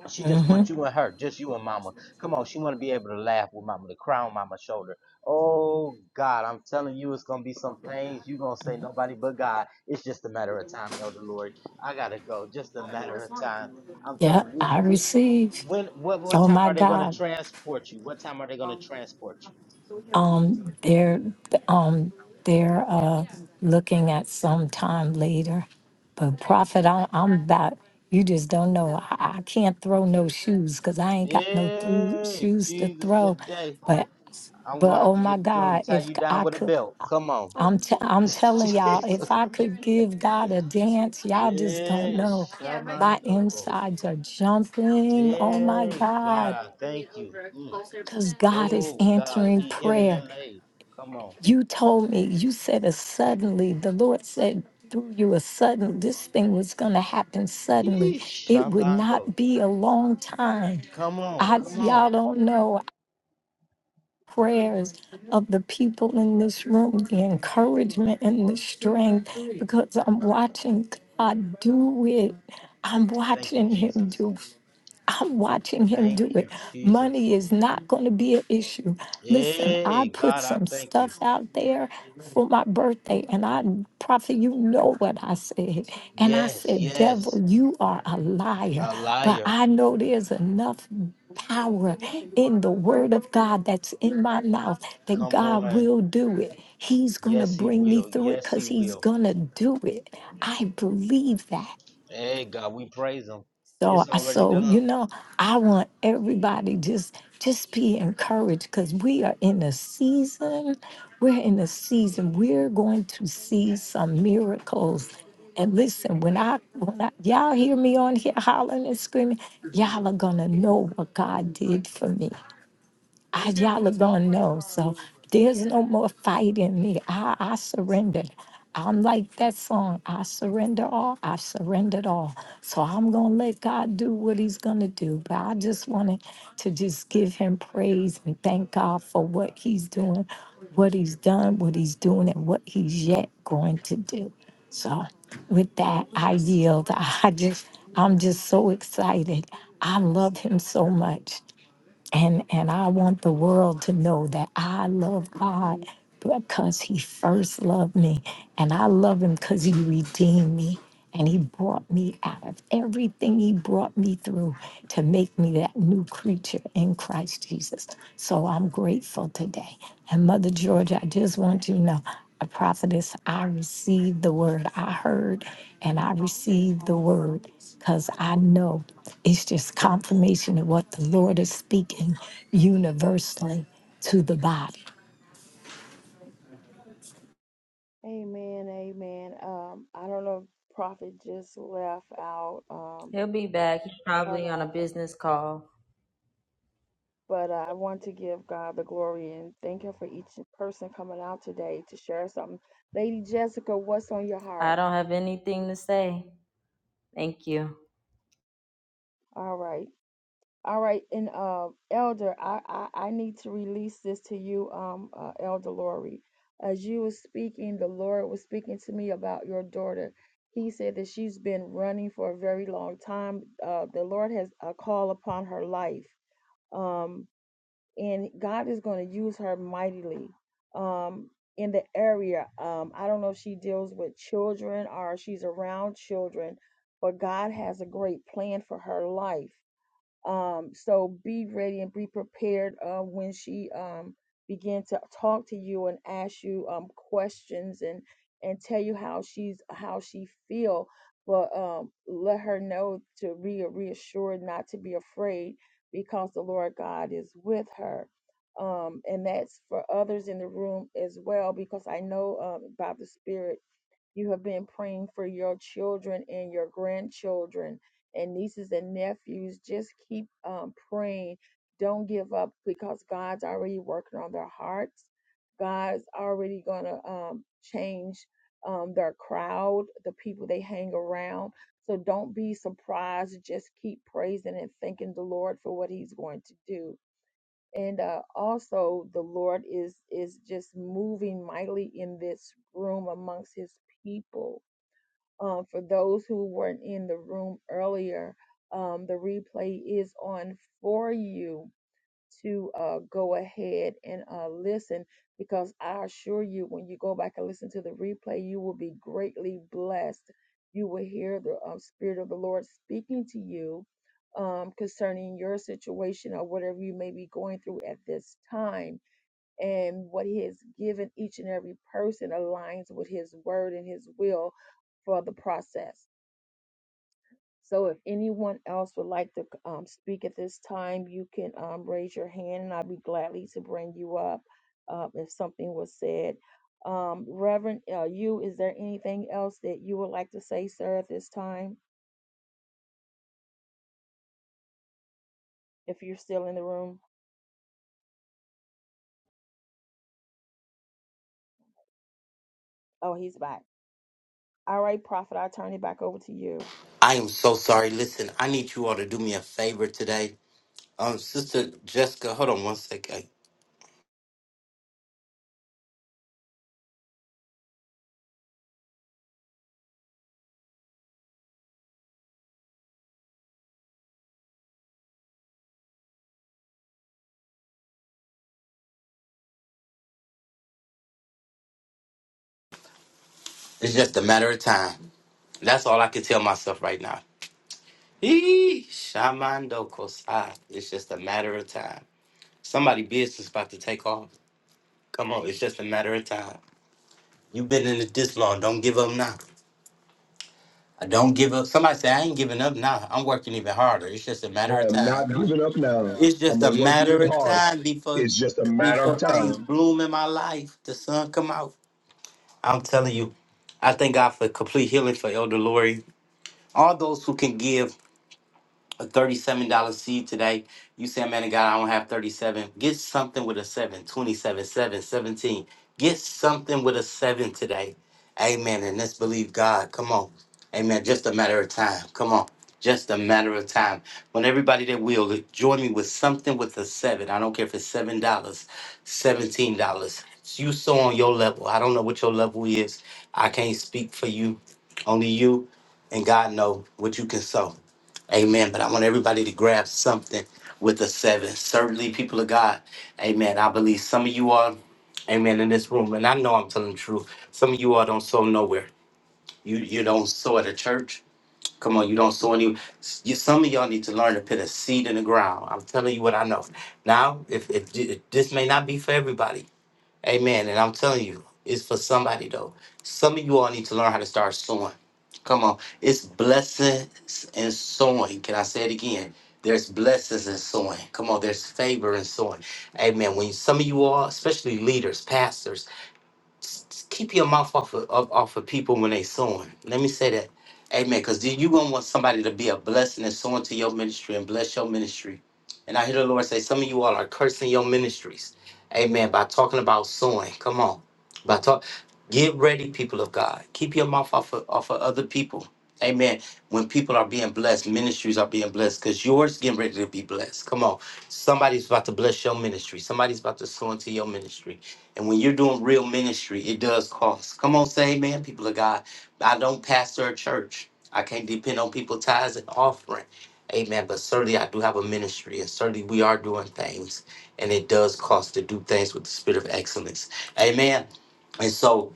S1: She just
S12: Mm-hmm.
S1: wants you and her, just you and mama. Come on, she wanna be able to laugh with mama, to cry on mama's shoulder. Oh God, I'm telling you, it's gonna be some things you gonna say nobody but God. It's just a matter of time, Elder Lord. I gotta go. Just a matter of time. I'm telling
S12: Yep.
S1: you,
S12: I
S1: we- we-
S12: receive.
S1: when what what
S12: Oh
S1: time
S12: my
S1: are they gonna
S12: God.
S1: transport you? What time are they gonna transport you?
S12: Um, they're um they're uh looking at some time later. But prophet, I, I'm about you just don't know. I, I can't throw no shoes because I ain't got no through
S1: Yeah,
S12: shoes to
S1: Jesus
S12: throw.
S1: today.
S12: But
S1: I'm
S12: but
S1: gonna have
S12: oh
S1: to
S12: my
S1: get them
S12: God,
S1: to tie
S12: if
S1: you down
S12: I
S1: with a
S12: could
S1: belt. Come on.
S12: I'm t- I'm telling y'all, if
S1: Jesus.
S12: I could give God a dance, y'all just don't
S1: Yeah,
S12: know. My
S1: Shamandoko.
S12: insides are jumping. Oh my
S1: Yeah, God,
S12: God.
S1: I thank you. Mm.
S12: Because God is
S1: Oh God,
S12: answering
S1: He healing
S12: prayer.
S1: that lady. Come on.
S12: You told me, you said a suddenly, the Lord said through you a sudden, this thing was going to happen suddenly.
S1: Yee,
S12: It would
S1: Shamando.
S12: not be a long time.
S1: Come on,
S12: I
S1: come on.
S12: y'all don't know prayers of the people in this room, the encouragement and the strength, because I'm watching God do it. I'm
S1: Thank you,
S12: watching Him
S1: Jesus.
S12: do. I'm watching him do
S1: Thank
S12: it.
S1: you, Jesus.
S12: Money is not going to be an issue. Listen, I
S1: Yeah,
S12: put
S1: God, I
S12: some
S1: thank you.
S12: stuff out there for my birthday, and I, Prophet, you know what I said. And I
S1: Yes,
S12: said,
S1: yes.
S12: Devil, you are a liar.
S1: A
S12: But
S1: liar.
S12: I know there's enough power in the word of God that's in my mouth that
S1: Come
S12: God
S1: on.
S12: will do it. He's going to
S1: Yes, he
S12: bring me
S1: will.
S12: through it
S1: Yes,
S12: because
S1: he
S12: he's
S1: will.
S12: going to do it. I believe that.
S1: Hey, God, we praise him.
S12: So,
S1: It's
S12: I-
S1: already
S12: so you
S1: done.
S12: know, I want everybody just just be encouraged because we are in a season. We're in a season. We're going to see some miracles. And listen, when I when I, y'all hear me on here hollering and screaming, y'all are gonna know what God did for me. I, y'all are gonna know. So there's no more fight in me. I, I surrendered. I'm like that song. I surrender all. I surrendered all. So I'm gonna let God do what He's gonna do. But I just wanted to just give Him praise and thank God for what He's doing, what He's done, what He's doing, and what He's yet going to do. So with that, I yield. I just, I'm just so excited. I love Him so much. And and I want the world to know that I love God because he first loved me and I love him cuz he redeemed me and he brought me out of everything he brought me through to make me that new creature in Christ Jesus. So I'm grateful today. And Mother Georgia, I just want you to know, a prophetess, I received the word. I heard and I received the word because I know it's just confirmation of what the Lord is speaking universally to the body.
S2: God. Amen, amen. Um, I don't know if Prophet just left out, um,
S5: He'll be back. He's
S2: but
S5: probably
S2: uh,
S5: on a business call.
S2: but uh, I want to give God the glory and thank Him for each person coming out today to share something. Lady Jessica, what's on your
S5: I
S2: heart?
S5: don't have anything to say. Thank you.
S2: All right. All right, and uh, Elder, I, I I need to release this to you, um, uh, Elder Lori. As you were speaking, the Lord was speaking to me about your daughter. He said that she's been running for a very long time. Uh, the Lord has a call upon her life, um, and God is going to use her mightily um, in the area. Um, I don't know if she deals with children or she's around children, but God has a great plan for her life um, so be ready and be prepared uh, when she um, begin to talk to you and ask you um, questions and and tell you how she's how she feel. But um, let her know to be reassured not to be afraid because the Lord God is with her. Um, and that's for others in the room as well because I know um, by the Spirit you have been praying for your children and your grandchildren and nieces and nephews. Just keep um, praying. Don't give up because God's already working on their hearts. God's already going to um, change um, their crowd, the people they hang around. So don't be surprised. Just keep praising and thanking the Lord for what He's going to do and uh, also the lord is is just moving mightily in this room amongst his people um, for those who weren't in the room earlier um, the replay is on for you to uh, go ahead and uh, listen because I assure you, when you go back and listen to the replay, you will be greatly blessed. You will hear the um, Spirit of the Lord speaking to you um, concerning your situation or whatever you may be going through at this time. And what He has given each and every person aligns with His word and His will for the process. So if anyone else would like to um, speak at this time, you can um, raise your hand and I'd be gladly to bring you up uh, if something was said. Um, Reverend, uh, you, is there anything else that you would like to say, sir, at this time? If you're still in the room? Oh, he's back. All right, Prophet, I'll turn it back over to you.
S1: I am so sorry. Listen, I need you all to do me a favor today. Um, Sister Jessica, hold on one second. It's just a matter of time. That's all I can tell myself right now. Eee, Shamando Kosai. It's just a matter of time. Somebody business about to take off. Come on, it's just a matter of time. You've been in it this long. Don't give up now. I don't give up. Somebody say I ain't giving up now. I'm working even harder. It's just a matter of
S6: am
S1: time.
S6: not giving up now.
S1: It's
S6: I'm
S1: just a
S6: gonna work with
S1: matter
S6: it
S1: of
S6: harder.
S1: time before
S6: It's just a matter of
S1: before things
S6: time.
S1: bloom in my life. The sun come out. I'm telling you, I thank God for complete healing for Elder Lori. All those who can give a thirty-seven dollar seed today. You say, man of God, I don't have thirty-seven. Get something with a seven, twenty-seven, seven, seventeen. Get something with a seven today. Amen. And let's believe God. Come on. Amen. Just a matter of time. Come on. Just a matter of time. When everybody that will join me with something with a seven. I don't care if it's seven dollars, seventeen dollars. You so on your level. I don't know what your level is. I can't speak for you. Only you and God know what you can sow. Amen. But I want everybody to grab something with a seven. Certainly, people of God. Amen. I believe some of you are, amen, in this room. And I know I'm telling the truth. Some of you all don't sow nowhere. You you don't sow at a church. Come on, you don't sow any. You, some of y'all need to learn to put a seed in the ground. I'm telling you what I know. Now, if, if, if this may not be for everybody, Amen. And I'm telling you, it's for somebody though. Some of you all need to learn how to start sowing. Come on. It's blessings and sowing. Can I say it again? There's blessings in sowing. Come on, there's favor in sowing. Amen. When some of you all, especially leaders, pastors, just keep your mouth off of, off, off of people when they sowing. Let me say that. Amen. Because you're going to want somebody to be a blessing and sow into your ministry and bless your ministry. And I hear the Lord say, some of you all are cursing your ministries. Amen. By talking about sowing. Come on. Get ready, people of God. Keep your mouth off of, off of other people. Amen. When people are being blessed, ministries are being blessed because yours getting ready to be blessed. Come on. Somebody's about to bless your ministry. Somebody's about to sow into your ministry. And when you're doing real ministry, it does cost. Come on, say amen, people of God. I don't pastor a church. I can't depend on people tithes and offering. Amen. But certainly I do have a ministry and certainly we are doing things. And it does cost to do things with the spirit of excellence. Amen. And so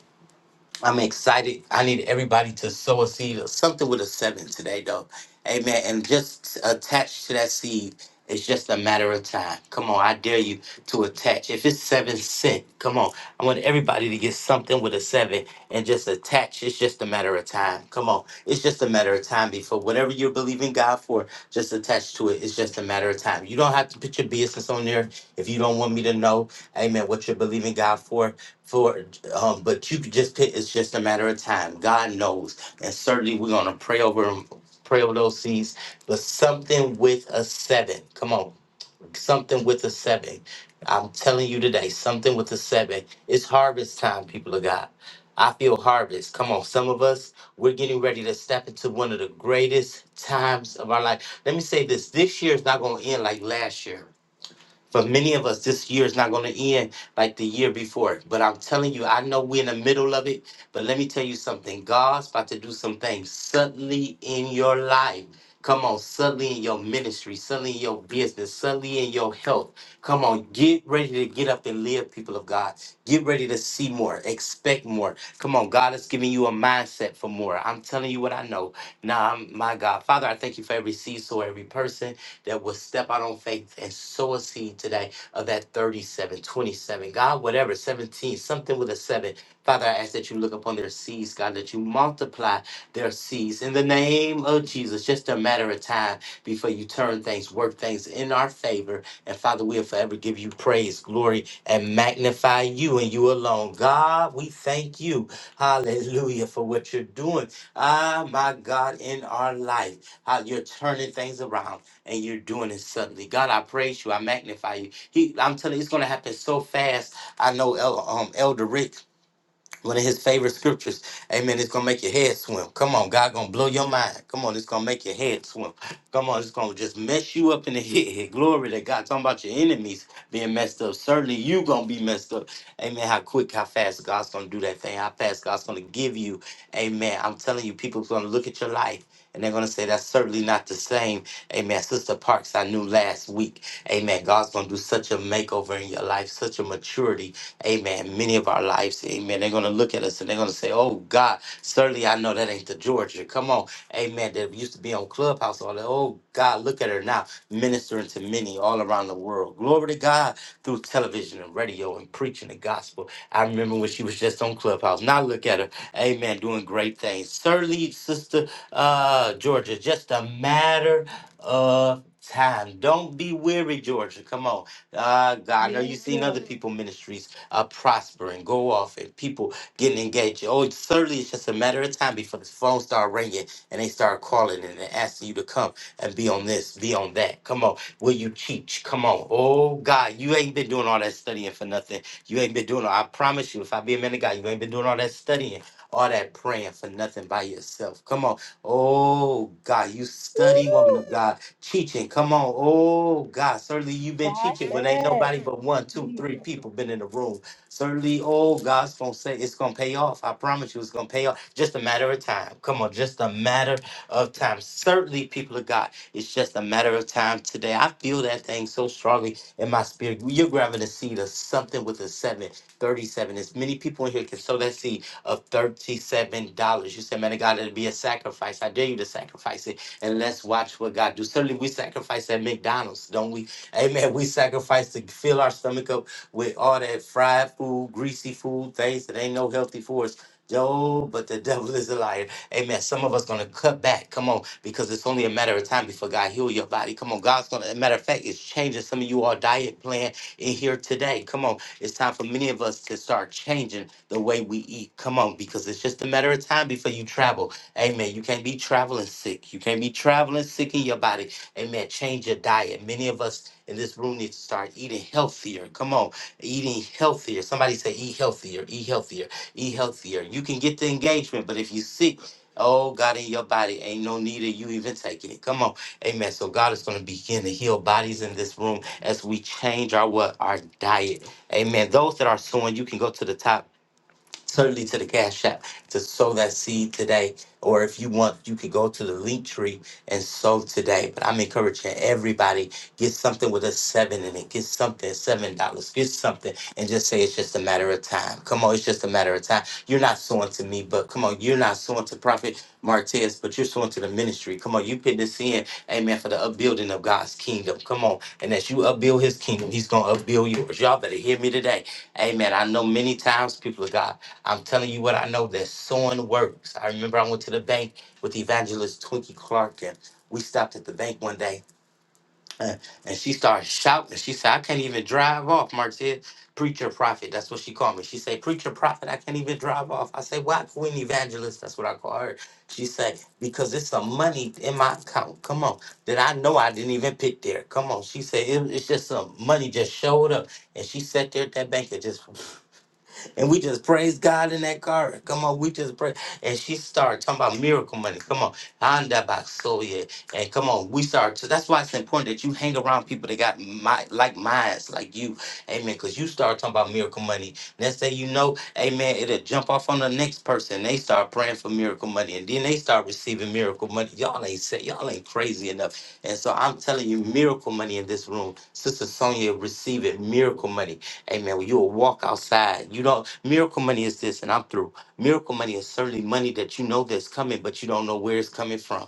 S1: I'm excited. I need everybody to sow a seed or something with a seven today, though. Amen. And just attach to that seed, it's just a matter of time. Come on, I dare you to attach. If it's seven cent, come on. I want everybody to get something with a seven and just attach. It's just a matter of time. Come on. It's just a matter of time before whatever you're believing God for, just attach to it. It's just a matter of time. You don't have to put your business on there if you don't want me to know, amen, what you're believing God for for um but you could just pick it's just a matter of time god knows and certainly we're going to pray over 'em, pray over those seeds but something with a seven come on something with a seven i'm telling you today something with a seven it's harvest time people of god i feel harvest come on some of us we're getting ready to step into one of the greatest times of our life let me say this this year is not going to end like last year for many of us, this year is not going to end like the year before. But I'm telling you, I know we're in the middle of it. But let me tell you something God's about to do some things suddenly in your life. Come on, suddenly in your ministry, suddenly in your business, suddenly in your health. Come on, get ready to get up and live, people of God. Get ready to see more, expect more. Come on, God is giving you a mindset for more. I'm telling you what I know. Now, I'm, my God, Father, I thank you for every seed, so every person that will step out on faith and sow a seed today of that 37, 27. God, whatever, 17, something with a seven. Father, I ask that you look upon their seeds, God, that you multiply their seeds in the name of Jesus. Just a matter of time before you turn things, work things in our favor. And Father, we'll forever give you praise, glory, and magnify you and you alone. God, we thank you. Hallelujah for what you're doing. Ah, my God, in our life, how you're turning things around and you're doing it suddenly. God, I praise you. I magnify you. He, I'm telling you, it's going to happen so fast. I know El, um, Elder Rick one of his favorite scriptures. Amen. It's gonna make your head swim. Come on, God gonna blow your mind. Come on, it's gonna make your head swim. Come on, it's gonna just mess you up in the head. Glory to God. Talking about your enemies being messed up. Certainly you gonna be messed up. Amen. How quick, how fast God's gonna do that thing. How fast God's gonna give you. Amen. I'm telling you, people's gonna look at your life. And they're gonna say that's certainly not the same. Amen. Sister Parks, I knew last week. Amen. God's gonna do such a makeover in your life, such a maturity amen, many of our lives, amen, they're going to look at us and they're going to say, oh, God, certainly I know that ain't the Georgia. Come on, amen, that used to be on Clubhouse all that. Oh, God, look at her now, ministering to many all around the world. Glory to God through television and radio and preaching the gospel. I remember when she was just on Clubhouse. Now look at her, amen, doing great things. Certainly, Sister uh, Georgia, just a matter of time. Don't be weary, Georgia. Come on. Uh, God, I know you've
S2: Yes,
S1: seen other
S2: Lord.
S1: people ministries uh, prosper and go off and people getting engaged. Oh, certainly it's just a matter of time before the phone start ringing and they start calling and they're asking you to come and be on this, be on that. Come on, will you teach? Come on. Oh, God, you ain't been doing all that studying for nothing. You ain't been doing all, I promise you, if I be a man of God, you ain't been doing all that studying, all that praying for nothing by yourself. Come on. Oh, God, you study, woman
S2: Woo!
S1: of God, teaching. Come on. Oh, God, certainly you've been teaching when ain't
S2: Prophet,
S1: nobody but one, two, three
S2: Jesus.
S1: people been in the room. Certainly, oh, God's gonna say it's gonna pay off. I promise you, it's gonna pay off. Just a matter of time. Come on, just a matter of time. Certainly, people of God, it's just a matter of time today. I feel that thing so strongly in my spirit. You're grabbing a seed of something with a seven, thirty-seven. As many people in here can sow that seed of $37. You said, man of God, it'll be a sacrifice. I dare you to sacrifice it. And let's watch what God do. Certainly, we sacrifice at McDonald's, don't we? Amen. We sacrifice to fill our stomach up with all that fried food, greasy food, things that ain't no healthy for us. Joe, but the devil is a liar. Amen. Some of us gonna cut back. Come on, because it's only a matter of time before God heal your body. Come on, God's gonna. As a matter of fact, it's changing some of you all diet plan in here today. Come on, it's time for many of us to start changing the way we eat. Come on, because it's just a matter of time before you travel. Amen. You can't be traveling sick. You can't be traveling sick in your body. Amen. Change your diet. Many of us in this room need to start eating healthier. Come on eating healthier. Somebody say, eat healthier, eat healthier, eat healthier. You can get the engagement, but if you sick, oh, God in your body, ain't no need of you even taking it. Come on. Amen. So God is going to begin to heal bodies in this room as we change our what? Our diet. Amen. Those that are sowing, you can go to the top Certainly to the Cash App to sow that seed today. Or if you want, you could go to the link tree and sow today. But I'm encouraging everybody get something with a seven in it. Get something, seven dollars. Get something, and just say it's just a matter of time. Come on, it's just a matter of time. You're not sowing to me, but come on, you're not sowing to Prophet Martez, but you're sowing to the ministry. Come on, you put this in, Amen, for the upbuilding of God's kingdom. Come on, and as you upbuild His kingdom, He's gonna upbuild yours. Y'all better hear me today. Amen. I know many times people of God. I'm telling you what I know that sewing works. I remember I went to the bank with evangelist Twinkie Clark, and we stopped at the bank one day, uh, and she started shouting. She said, "I can't even drive off." Mark "Preacher prophet." That's what she called me. She said, "Preacher prophet, I can't even drive off." I said, "Why Queen Evangelist?" That's what I call her. She said, "Because it's some money in my account. Come on, that I know I didn't even pick there. Come on." She said, it, "It's just some money just showed up." And she sat there at that bank and just and we just praise God in that car. Come on, we just pray. And she started talking about miracle money. Come on. Anda basoye. And come on, we start. So that's why it's important that you hang around people that got my, like minds, like you. Amen. Because you start talking about miracle money. Next thing you know, amen, it'll jump off on the next person. They start praying for miracle money. And then they start receiving miracle money. Y'all ain't say, y'all ain't crazy enough. And so I'm telling you, miracle money in this room. Sister Sonia receiving miracle money. Amen. When you will walk outside, you don't. miracle money is this, and I'm through. Miracle money is certainly money that you know that's coming, but you don't know where it's coming from.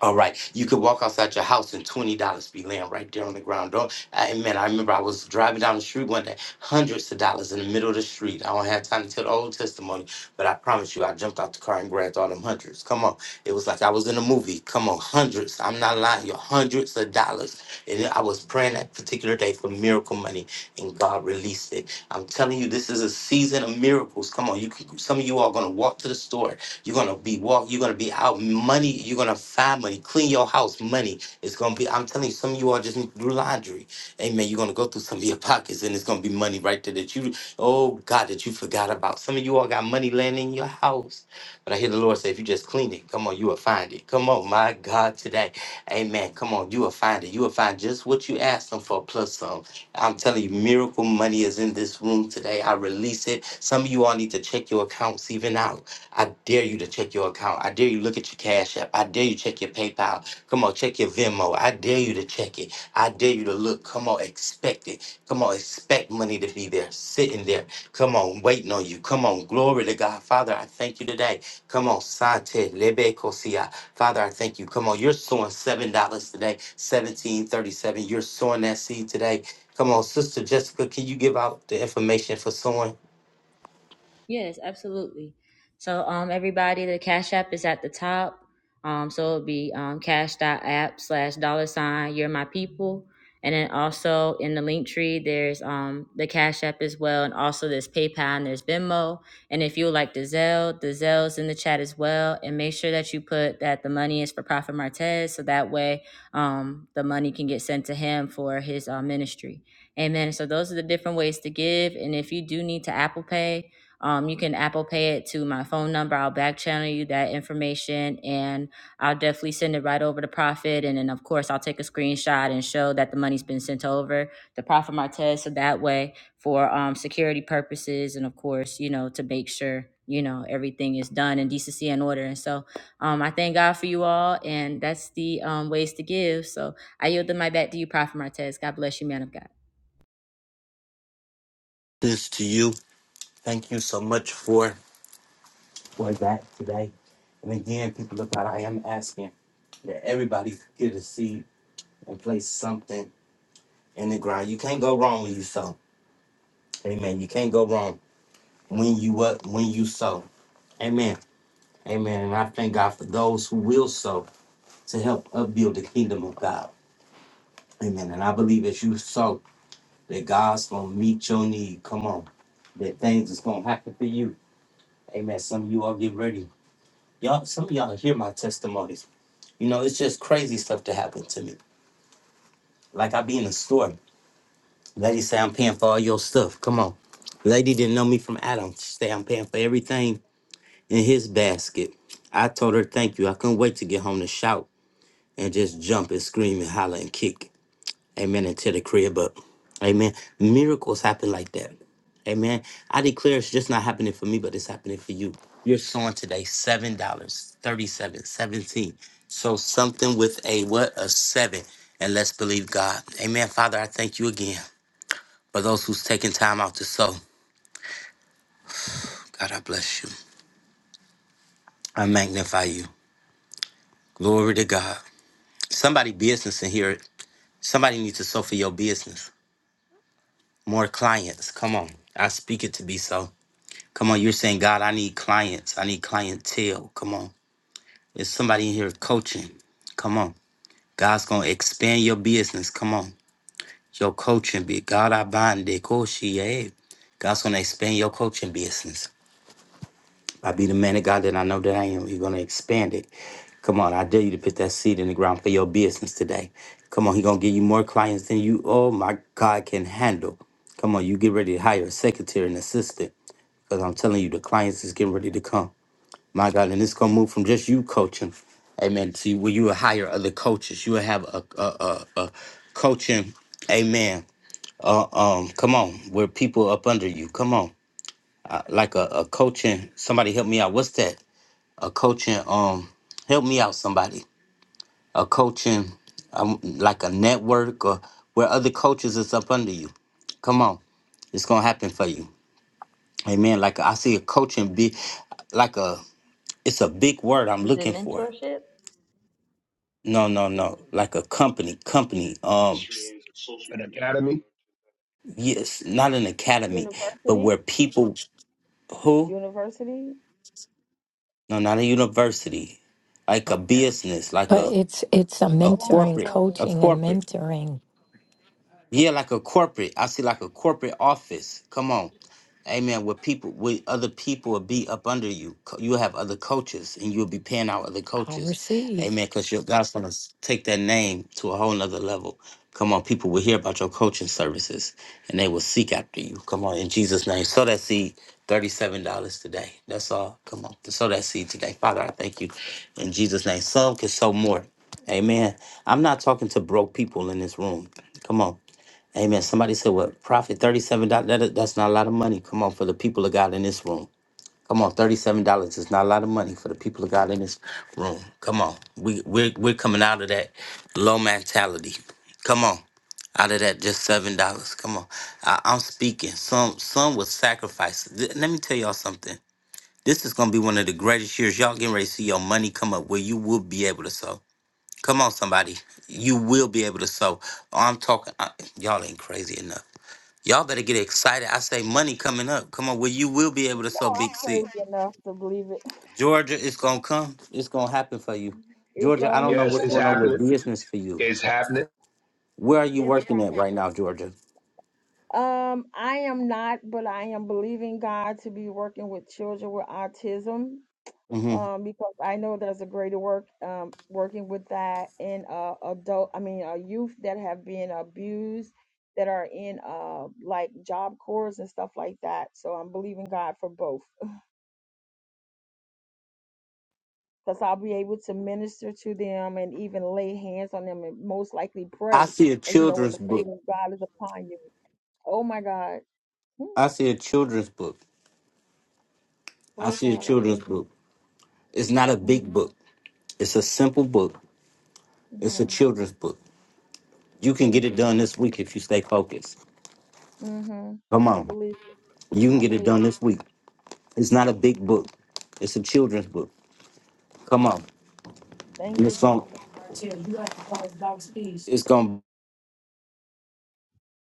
S1: All right, you could walk outside your house and twenty dollars be laying right there on the ground. Don't, I, man, I remember I was driving down the street one day, hundreds of dollars in the middle of the street. I don't have time to tell the old testimony, but I promise you, I jumped out the car and grabbed all them hundreds. Come on, it was like I was in a movie. Come on, hundreds. I'm not lying, you hundreds of dollars. And I was praying that particular day for miracle money, and God released it. I'm telling you, this is a season of miracles. Come on, you, can- some of you are gonna walk to the store you're gonna be walk. You're gonna be out money. You're gonna find money. Clean your house. Money. It's gonna be. I'm telling you, some of you all just need to do laundry. Amen. You're gonna go through some of your pockets, and it's gonna be money right there that you. Oh God, that you forgot about. Some of you all got money laying in your house, but I hear the Lord say, if you just clean it, come on, you will find it. Come on, my God, today, Amen. Come on, you will find it. You will find just what you asked them for plus some. I'm telling you, miracle money is in this room today. I release it. Some of you all need to check your accounts even out. I dare you to check your account. I dare you look at your Cash App. I dare you check your PayPal. Come on, check your Venmo. I dare you to check it. I dare you to look. Come on, expect it. Come on, expect money to be there, sitting there. Come on, waiting on you. Come on, glory to God. Father, I thank you today. Come on, Sante, Lebe Kosia. Father, I thank you. Come on, you're sowing seven dollars today, seventeen thirty-seven. You're sowing that seed today. Come on, Sister Jessica, can you give out the information for sowing
S5: Yes, absolutely. So um everybody, the Cash App is at the top. Um so it'll be um cash.app slash dollar sign you're my people. And then also in the link tree there's um the Cash App as well and also there's PayPal and there's Venmo. And if you would like the Zelle, the Zelle's in the chat as well. And make sure that you put that the money is for Prophet Martez so that way um the money can get sent to him for his uh, ministry. Amen. So those are the different ways to give. And if you do need to Apple Pay um, you can Apple Pay it to my phone number. I'll back channel you that information and I'll definitely send it right over to Profit. And then, of course, I'll take a screenshot and show that the money's been sent over to Profit Martez. So that way, for um, security purposes, and of course, you know, to make sure, you know, everything is done in decency and order. And so um, I thank God for you all. And that's the um, ways to give. So I yield the mic back to you, Prophet Martez. God bless you, man of God.
S1: this to you? Thank you so much for. was that today. And again, people of God, I am asking that everybody get a seed and place something in the ground. You can't go wrong when you sow. Amen. You can't go wrong when you what when you sow. Amen. Amen. And I thank God for those who will sow to help upbuild the kingdom of God. Amen. And I believe as you sow, that God's gonna meet your need. Come on. That things is gonna happen for you. Amen. Some of you all get ready. Y'all, some of y'all hear my testimonies. You know, it's just crazy stuff to happen to me. Like I be in the store, lady say I'm paying for all your stuff. Come on, lady didn't know me from Adam. She say I'm paying for everything in his basket. I told her thank you. I couldn't wait to get home to shout and just jump and scream and holler and kick. Amen. Into the crib, but amen. Miracles happen like that. Amen. I declare it's just not happening for me, but it's happening for you. You're sowing today seven dollars, thirty-seven, seventeen. So something with a what a seven, and let's believe God. Amen. Father, I thank you again for those who's taking time out to sow. God, I bless you. I magnify you. Glory to God. Somebody business in here. Somebody needs to sow for your business. More clients. Come on. I speak it to be so. Come on, you're saying, God, I need clients. I need clientele. Come on. There's somebody in here coaching. Come on. God's going to expand your business. Come on. Your coaching be God, I bind it. Cool, she, yeah. God's going to expand your coaching business. I be the man of God that I know that I am. He's going to expand it. Come on. I dare you to put that seed in the ground for your business today. Come on. He's going to give you more clients than you, oh my God, can handle. Come on. You get ready to hire a secretary and assistant because I'm telling you, the clients is getting ready to come. My God, and it's gonna move from just you coaching, amen, to where you will hire other coaches. You will have a a, a, a coaching, amen. Uh, um, come on, where people up under you. Come on, uh, like a, a coaching. Somebody help me out. What's that? A coaching. Um, help me out, somebody. A coaching, um, like a network or where other coaches is up under you. Come on, it's gonna happen for you. Amen. Like I see a coaching be like a it's a big word I'm looking for. No, no, no. Like a company, company. Um,
S6: An academy.
S1: yes, not an academy, but
S2: University,
S1: where people who
S2: university.
S1: no, not a university, like a business, like
S12: But
S1: a
S12: it's it's a
S1: a
S12: mentoring,
S1: corporate,
S2: Oh,
S1: a
S12: coaching, and
S1: corporate.
S12: mentoring
S1: Yeah, like a corporate. I see like a corporate office. Come on. Amen. Where people where other people will be up under you. Co- You'll have other coaches and you'll be paying out other
S12: I
S1: coaches.
S12: receive.
S1: Amen. Because your God's gonna take that name to a whole nother level. Come on, people will hear about your coaching services and they will seek after you. Come on, in Jesus' name. sow that seed $37 today. That's all. Come on. sow that seed today. Father, I thank you. In Jesus' name. Some can sow more. Amen. I'm not talking to broke people in this room. Come on. Amen. Somebody said, "What profit? Thirty-seven dollars? That, that's not a lot of money. Come on, for the people of God in this room. Come on, thirty-seven dollars is not a lot of money for the people of God in this room. Come on, we we're we're coming out of that low mentality. Come on, out of that just seven dollars. Come on, I, I'm speaking. Some some with sacrifices. Th- let me tell y'all something. This is gonna be one of the greatest years. Y'all getting ready to see your money come up where you will be able to sow. Come on, somebody, you will be able to sow. I'm talking. I, y'all ain't crazy enough. Y'all better get excited. I say money coming up. Come on, well, you will be
S2: you
S1: able to sow
S2: know, I'm
S1: big seed.
S2: crazy enough to believe it.
S1: Georgia, it's gonna come. It's gonna happen for you.
S2: It's
S1: Georgia, I
S2: on
S1: don't
S2: its
S1: know
S6: Yes,
S1: what's
S6: it's
S2: way.
S1: going on with
S6: happening.
S1: business for you.
S6: It's happening.
S1: Where are you
S2: Yes,
S1: working at
S2: prophet.
S1: right now, Georgia?
S2: Um, I am not, but I am believing God to be working with children with autism.
S1: hmm
S2: Um, because I know there's a greater work um working with that in uh adult I mean uh youth that have been abused that are in uh like job corps and stuff like that. So I'm believing God for both. Because I'll be able to minister to them and even lay hands on them and most likely
S1: I
S2: pray.
S1: see a
S2: Because you know when
S1: children's
S2: the
S1: book.
S2: favor of God is upon you. Oh my God. Hmm.
S1: I see a children's book. I
S2: Oh
S1: see a
S2: God, I
S1: children's
S2: thank you.
S1: book. It's not a
S2: Mm,
S1: big book. It's a simple book. It's a
S2: Mm-hmm.
S1: children's book. You can
S2: Thank
S1: get
S2: you,
S1: it done
S2: Lord.
S1: this week if you stay focused.
S2: Mm-hmm.
S1: Come
S2: I
S1: on,
S2: believe it.
S1: you can
S2: I
S1: get it
S2: believe
S1: done this week. It's not a big book. It's a children's book. Come on.
S2: it. Thank
S1: And it's
S2: you,
S1: going
S2: Father.
S1: it's going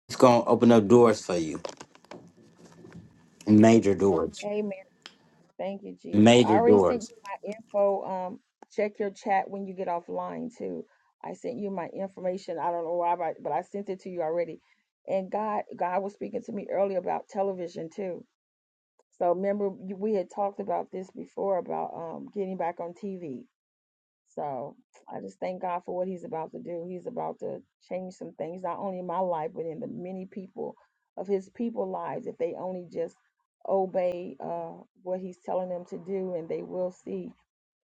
S1: it's going to open up doors for you. Major doors.
S2: Amen. Thank you, Jesus. I
S1: Major
S2: already sent you
S1: doors.
S2: my info. Um, check your chat when you get offline too. I sent you my information. I don't know why, but but I sent it to you already. And God, God was speaking to me earlier about television too. So remember, you- we had talked about this before about um getting back on TV So I just thank God for what He's about to do. He's about to change some things, not only in my life, but in the many people of His people lives. If they only just obey uh, what He's telling them to do, and they will see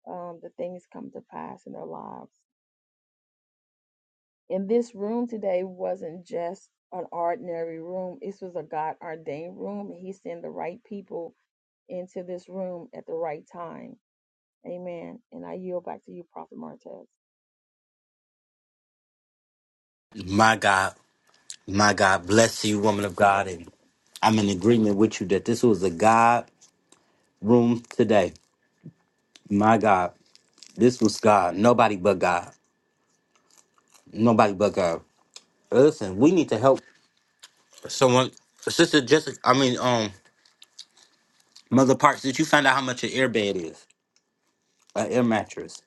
S2: um, the things come to pass in their lives. And this room today wasn't just an ordinary room. This was a God ordained room. He sent the right people into this room at the right time. Amen. And I yield back to you, Prophet Martez.
S1: My God. My God bless you, woman of God. And I'm in agreement with you that this was a God room today. My God, this was God. Nobody but God. Nobody but God. Listen, we need to help someone. Sister Jessica, I mean, um, Mother Parks, did you find out how much an air bed is? An air mattress.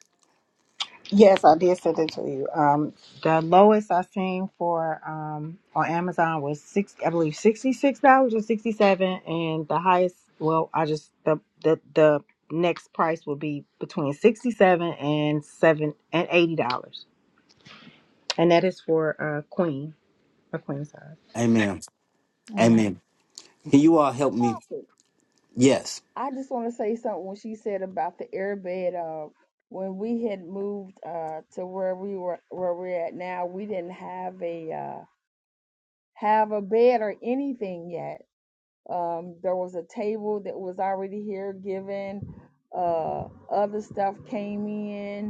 S11: Yes, I did send it to you. Um, the lowest I seen for um on Amazon was six, I believe sixty six dollars or sixty seven, and the highest. Well, I just the the the next price would be between sixty seven and seven and eighty dollars, and that is for a queen a queen size.
S1: Amen.
S11: Amen.
S1: Amen. Can you all help me? Yes.
S2: I just want to say something when she said about the airbed. Uh, when we had moved uh, to where we were, where we're at now, we didn't have a uh, have a bed or anything yet. Um, there was a table that was already here given. Uh, other stuff came in.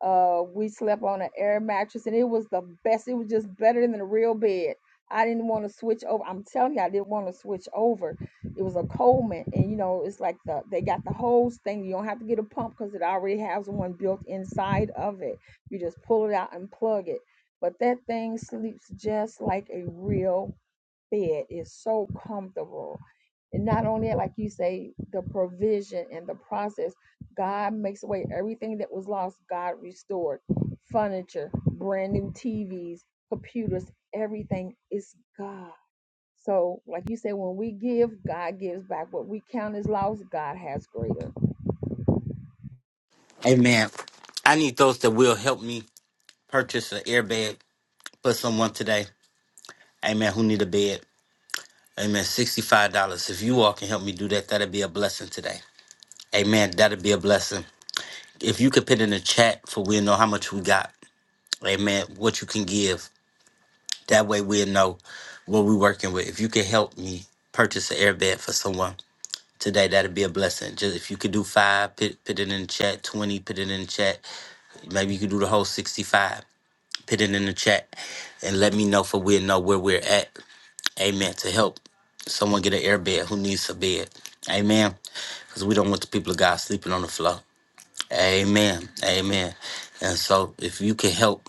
S2: Uh, we slept on an air mattress, and it was the best. It was just better than a real bed. I didn't want to switch over. I'm telling you, I didn't want to switch over. It was a Coleman, and you know, it's like the they got the hose thing. You don't have to get a pump because it already has one built inside of it. You just pull it out and plug it. But that thing sleeps just like a real fed is so comfortable. And not only that, like you say, the provision and the process, God makes away everything that was lost, God restored. Furniture, brand new TVs, computers, everything is God. So, like you said, when we give, God gives back. What we count as loss, God has greater.
S1: Amen. I need those that will help me purchase an airbag for someone today. Amen. Who need a bed? Amen. $65. If you all can help me do that, that'll be a blessing today. Amen. That'll be a blessing. If you could put in the chat for we'll know how much we got. Amen. What you can give. That way we'll know what we're working with. If you could help me purchase an airbag for someone today, that'd be a blessing. Just if you could do five, put, put it in the chat, 20, put it in the chat. Maybe you could do the whole 65. Put it in the chat and let me know for we know where we're at. Amen. To help someone get an airbed who needs a bed. Amen. Because we don't want the people of God sleeping on the floor. Amen. Amen. And so if you can help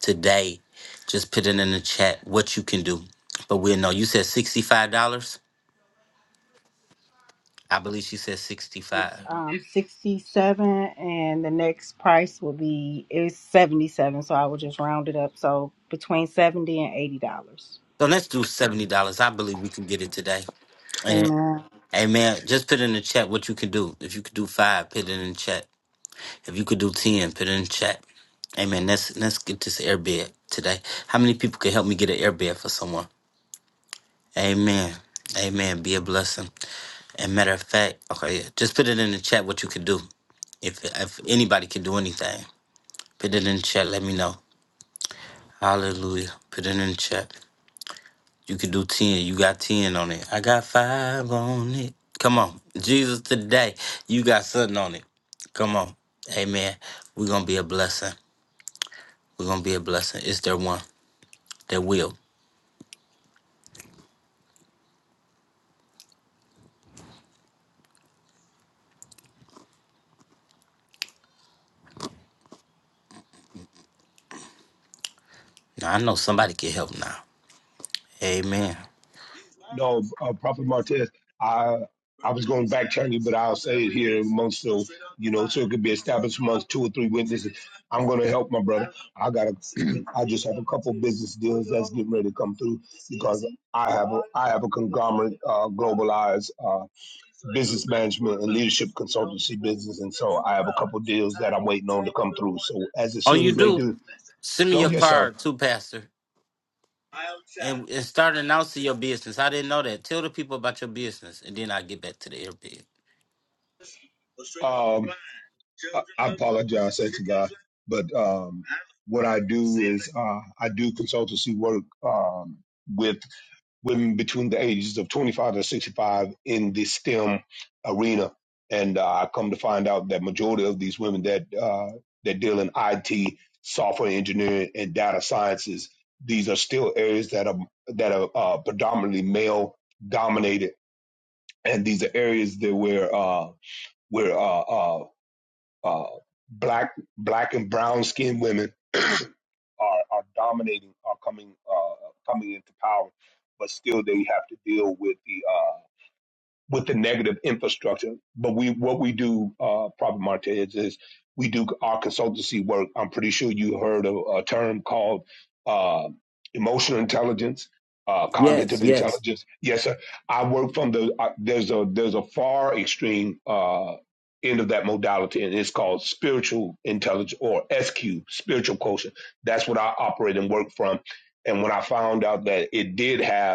S1: today, just put it in the chat what you can do. But we'll know. You said $65. I believe she said
S11: It's
S1: 65
S11: um sixty seven, and the next price will be is seventy seven. So I will just round it up. So between seventy and eighty dollars.
S1: so let's do seventy dollars. I believe we can get it today. And
S11: Amen.
S1: hey just put in the chat what you can do. If you could do five, put it in the chat. If you could do 10, put it in the chat. Amen. Let's let's get this airbed today. How many people can help me get an airbed for someone? Amen. Amen. Be a blessing. And matter of fact, okay, yeah, just put it in the chat what you could do. If if anybody could do anything, put it in the chat. Let me know. Hallelujah. Put it in the chat. You could do 10. You got 10 on it. I got five on it. Come on. Jesus today. You got something on it. Come on. Amen. We're gonna be a blessing. We're gonna be a blessing. Is there one. that will. Now I know somebody can help now. Amen.
S6: No, uh, Prophet Martez, I I was going back to backtrack you, but I'll say it here amongst so you know, so it could be established amongst two or three witnesses. I'm going to help my brother. I got a, I just have a couple business deals that's getting ready to come through because I have a, I have a conglomerate, uh, globalized uh, business management and leadership consultancy business, and so I have a couple deals that I'm waiting on to come through. So as as
S1: All
S6: soon
S1: you
S6: as they
S1: do,
S6: do,
S1: send me
S6: no,
S1: your
S6: yes, sir.
S1: card too, Pastor. And, and start announcing your business. I didn't know that. Tell the people about your business, and then I get back to the airbed.
S6: Um, I, I apologize, say to God, but. Um, what I do is uh, I do consultancy work um, with women between the ages of 25 and 65 in the STEM arena, and uh, I come to find out that majority of these women that uh, that deal in IT, software engineering, and data sciences, these are still areas that are that are uh, predominantly male dominated, and these are areas that where uh, where uh, uh, uh, black black and brown skinned women are are dominating, are coming uh, coming into power, but still they have to deal with the uh, with the negative infrastructure. But we what we do, uh, Prophet Marta, is, is we do our consultancy work. I'm pretty sure you heard of a term called uh, emotional intelligence, uh,
S1: Yes,
S6: cognitive
S1: yes.
S6: intelligence. Yes, sir. I work from the uh, there's a there's a far extreme uh, end of that modality, and it's called spiritual intelligence or SQ, spiritual quotient. That's what I operate and work from. And when I found out that it did have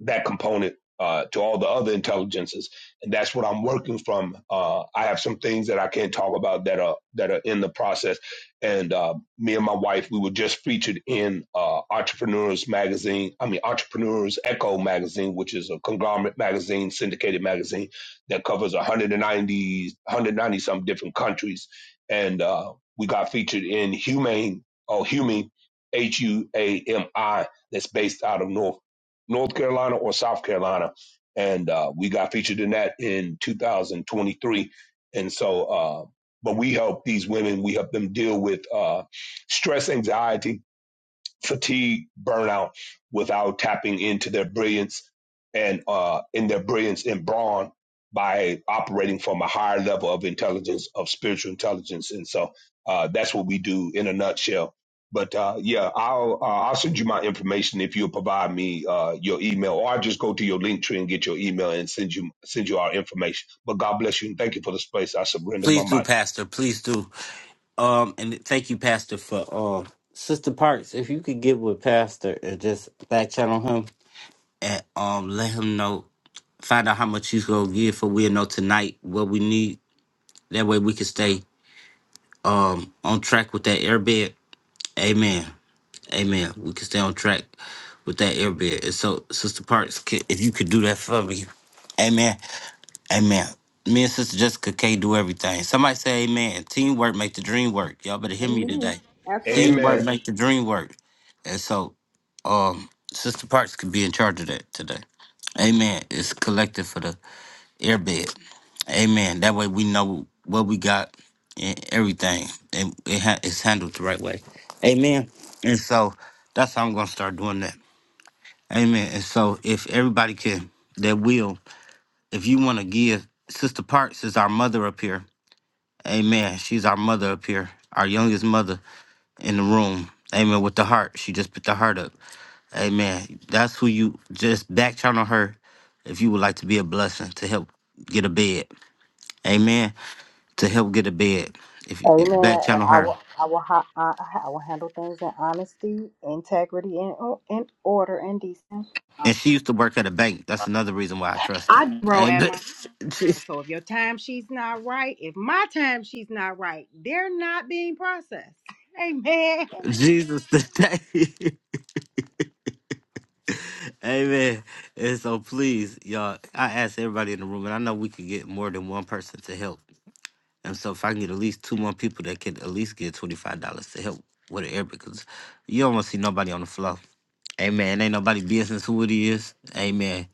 S6: that component uh, to all the other intelligences, and that's what I'm working from. Uh, I have some things that I can't talk about that are that are in the process, and uh, me and my wife we were just featured in uh, Entrepreneurs Magazine. I mean Entrepreneurs Echo Magazine, which is a conglomerate magazine, syndicated magazine that covers 190 190 some different countries, and uh, we got featured in Humane or Humane H U A M I that's based out of North. North Carolina or South Carolina. And uh, we got featured in that in 2023. And so, uh, but we help these women, we help them deal with uh, stress, anxiety, fatigue, burnout without tapping into their brilliance and uh, in their brilliance and brawn by operating from a higher level of intelligence, of spiritual intelligence. And so uh, that's what we do in a nutshell. But uh, yeah, I'll uh, I'll send you my information if you'll provide me uh, your email, or I'll just go to your link tree and get your email and send you send you our information. But God bless you and thank you for the space. I surrender my
S1: Please do,
S6: mic.
S1: Pastor. Please do. Um, and thank you, Pastor, for um, Sister Parks. If you could get with Pastor and just back channel him and um, let him know, find out how much he's gonna give for we'll know tonight what we need. That way we can stay um on track with that airbed Amen. Amen. We can stay on track with that air bed. And so, Sister Parks, ca- if you could do that for me. Amen. Amen. Me and Sister Jessica can't do everything. Somebody say amen. Teamwork make the dream work. Y'all better hear me today.
S6: Amen.
S1: Teamwork make the dream work. And so, um, Sister Parks could be in charge of that today. Amen. It's collected for the airbed. Amen. That way we know what we got and everything, and it ha- it's handled the right way. Amen. And so that's how I'm gonna start doing that. Amen. And so if everybody can, that will. If you want to give, Sister Parks is our mother up here. Amen. She's our mother up here, our youngest mother in the room. Amen. With the heart, she just put the heart up. Amen. That's who you just back channel her if you would like to be a blessing to help get a bed. Amen. to help get a bed. If, you- if
S11: Amen.
S1: back
S11: And
S1: channel
S11: I
S1: her,
S11: will, I will, ha- I, I will handle things in honesty, integrity, and o- in order and decency.
S1: and she used to work at a bank. That's another reason why I trust her.
S11: I grow at
S1: Amen.
S11: my so if your time she's not right, if my time she's not right, they're not being processed. Amen.
S1: Jesus today. Amen. And so please, y'all, I ask everybody in the room, and I know we could get more than one person to help. And so if I can get at least two more people that can at least get twenty five dollars to help with the air because you don't want to see nobody on the floor. Amen. Ain't nobody business who it is. Amen.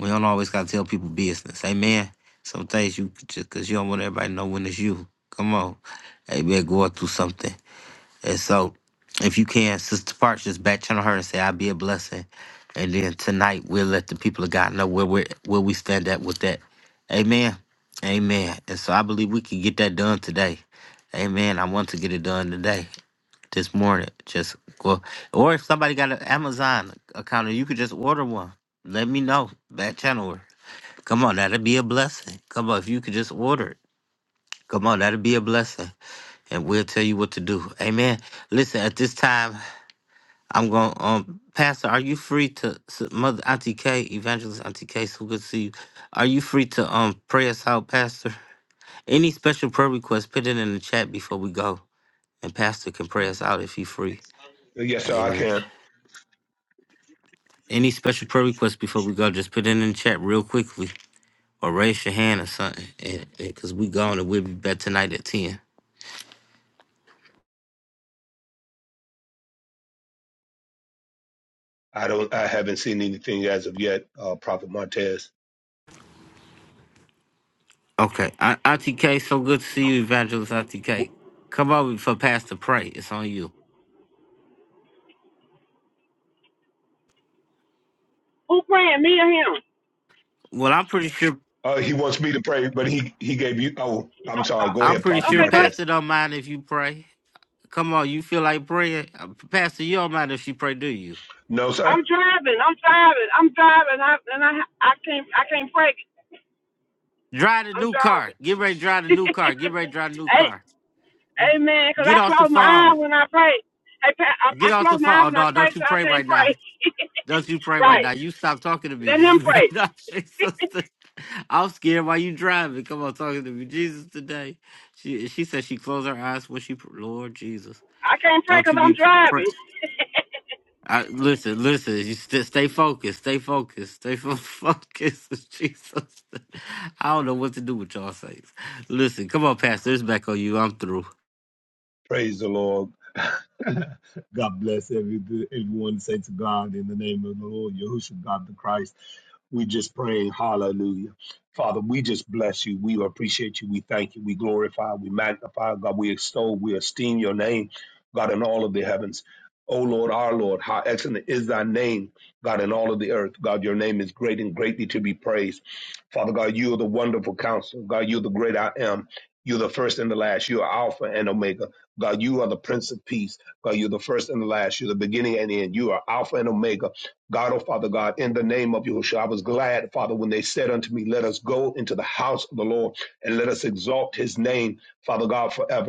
S1: We don't always gotta tell people business. Amen. Some things you could just cause you don't want everybody to know when it's you. Come on. Amen. Going through something. And so if you can, Sister Parks, just back channel her and say, I'll be a blessing. And then tonight we'll let the people of God know where we where we stand at with that. Amen. Amen. And so I believe we can get that done today. Amen. I want to get it done today this morning. Just go, or if somebody got an Amazon account, you could just order one. Let me know that channel. work. Come on, that'd be a blessing. Come on, if you could just order it. Come on, that'd be a blessing, and we'll tell you what to do. Amen. Listen, at this time, I'm going. to, Um, Pastor, are you free to s- Mother Auntie K, Evangelist Auntie K, so good to see you. Are you free to um pray us out, Pastor? Any special prayer requests, put it in the chat before we go, and Pastor can pray us out if he's free.
S6: Yes, sir, I
S1: Amen.
S6: can.
S1: Any special prayer requests before we go? Just put it in the chat real quickly, or raise your hand or something, and, and, cause we gone and we'll be back tonight at ten.
S6: I don't. I haven't seen anything as of yet. Uh, Prophet Martez.
S1: Okay, I, ITK, so good to see you, Evangelist ITK. Come over for Pastor pray. It's on you.
S13: Who praying? Me or him?
S1: Well, I'm pretty sure.
S6: Uh, he wants me to pray, but he he gave you. Oh, I'm sorry. Go
S1: I'm
S6: ahead,
S1: pretty
S6: Prophet
S1: sure
S13: Okay, go ahead.
S6: Martez.
S1: Pastor don't mind if you pray. Come on, you feel like praying, Uh, Pastor? You don't mind if she pray, do you?
S6: No,
S13: I'm
S6: sir.
S13: driving. I'm driving. I'm driving. I, and I, I can't, I can't pray.
S1: Drive the
S13: I'm
S1: new car.
S13: driving.
S1: Get ready to drive the new car. Get ready to drive the new
S13: hey,
S1: car.
S13: amen. Cause
S1: Get
S13: I
S1: off the
S13: close my
S1: phone.
S13: eyes when I pray. Hey, Pat, I, I
S1: Get off
S13: close
S1: the
S13: my
S1: phone.
S13: eyes
S1: Oh
S13: when I
S1: no,
S13: pray,
S1: don't
S13: so
S1: you
S13: I
S1: pray
S13: can't
S1: right now.
S13: pray.
S1: Don't you pray right
S13: right.
S1: now. You stop talking to
S13: Let
S1: me
S13: him
S1: right
S13: pray.
S1: now, Jesus. I'm scared while you driving. Come on, talking to me, Jesus. Today, she she said she closed her eyes when she pr- Lord Jesus.
S13: I can't pray
S1: Don't
S13: cause
S1: you
S13: I'm
S1: be pr- pray.
S13: driving.
S1: I, listen, listen. You st- stay focused. Stay focused. Stay fo- focused, Jesus. I don't know what to do with y'all saints. Listen, come on, Pastor. It's back on you. I'm through.
S6: Praise the Lord. God bless every, everyone. Say to God in the name of the Lord, Yahushua, God the Christ. We just pray, hallelujah. Father, we just bless you. We appreciate you. We thank you. We glorify, we magnify, God. We extol, we esteem your name, God, in all of the heavens. O Lord, our Lord, how excellent is thy name, God, in all of the earth. God, your name is great and greatly to be praised. Father God, you are the wonderful counselor. God, you're the great I am. You're the first and the last. You are Alpha and Omega. God, you are the Prince of Peace. God, you're the first and the last. You're the beginning and the end. You are Alpha and Omega. God, oh Father God, in the name of Yahushua, I was glad, Father, when they said unto me, Let us go into the house of the Lord and let us exalt his name, Father God, forever.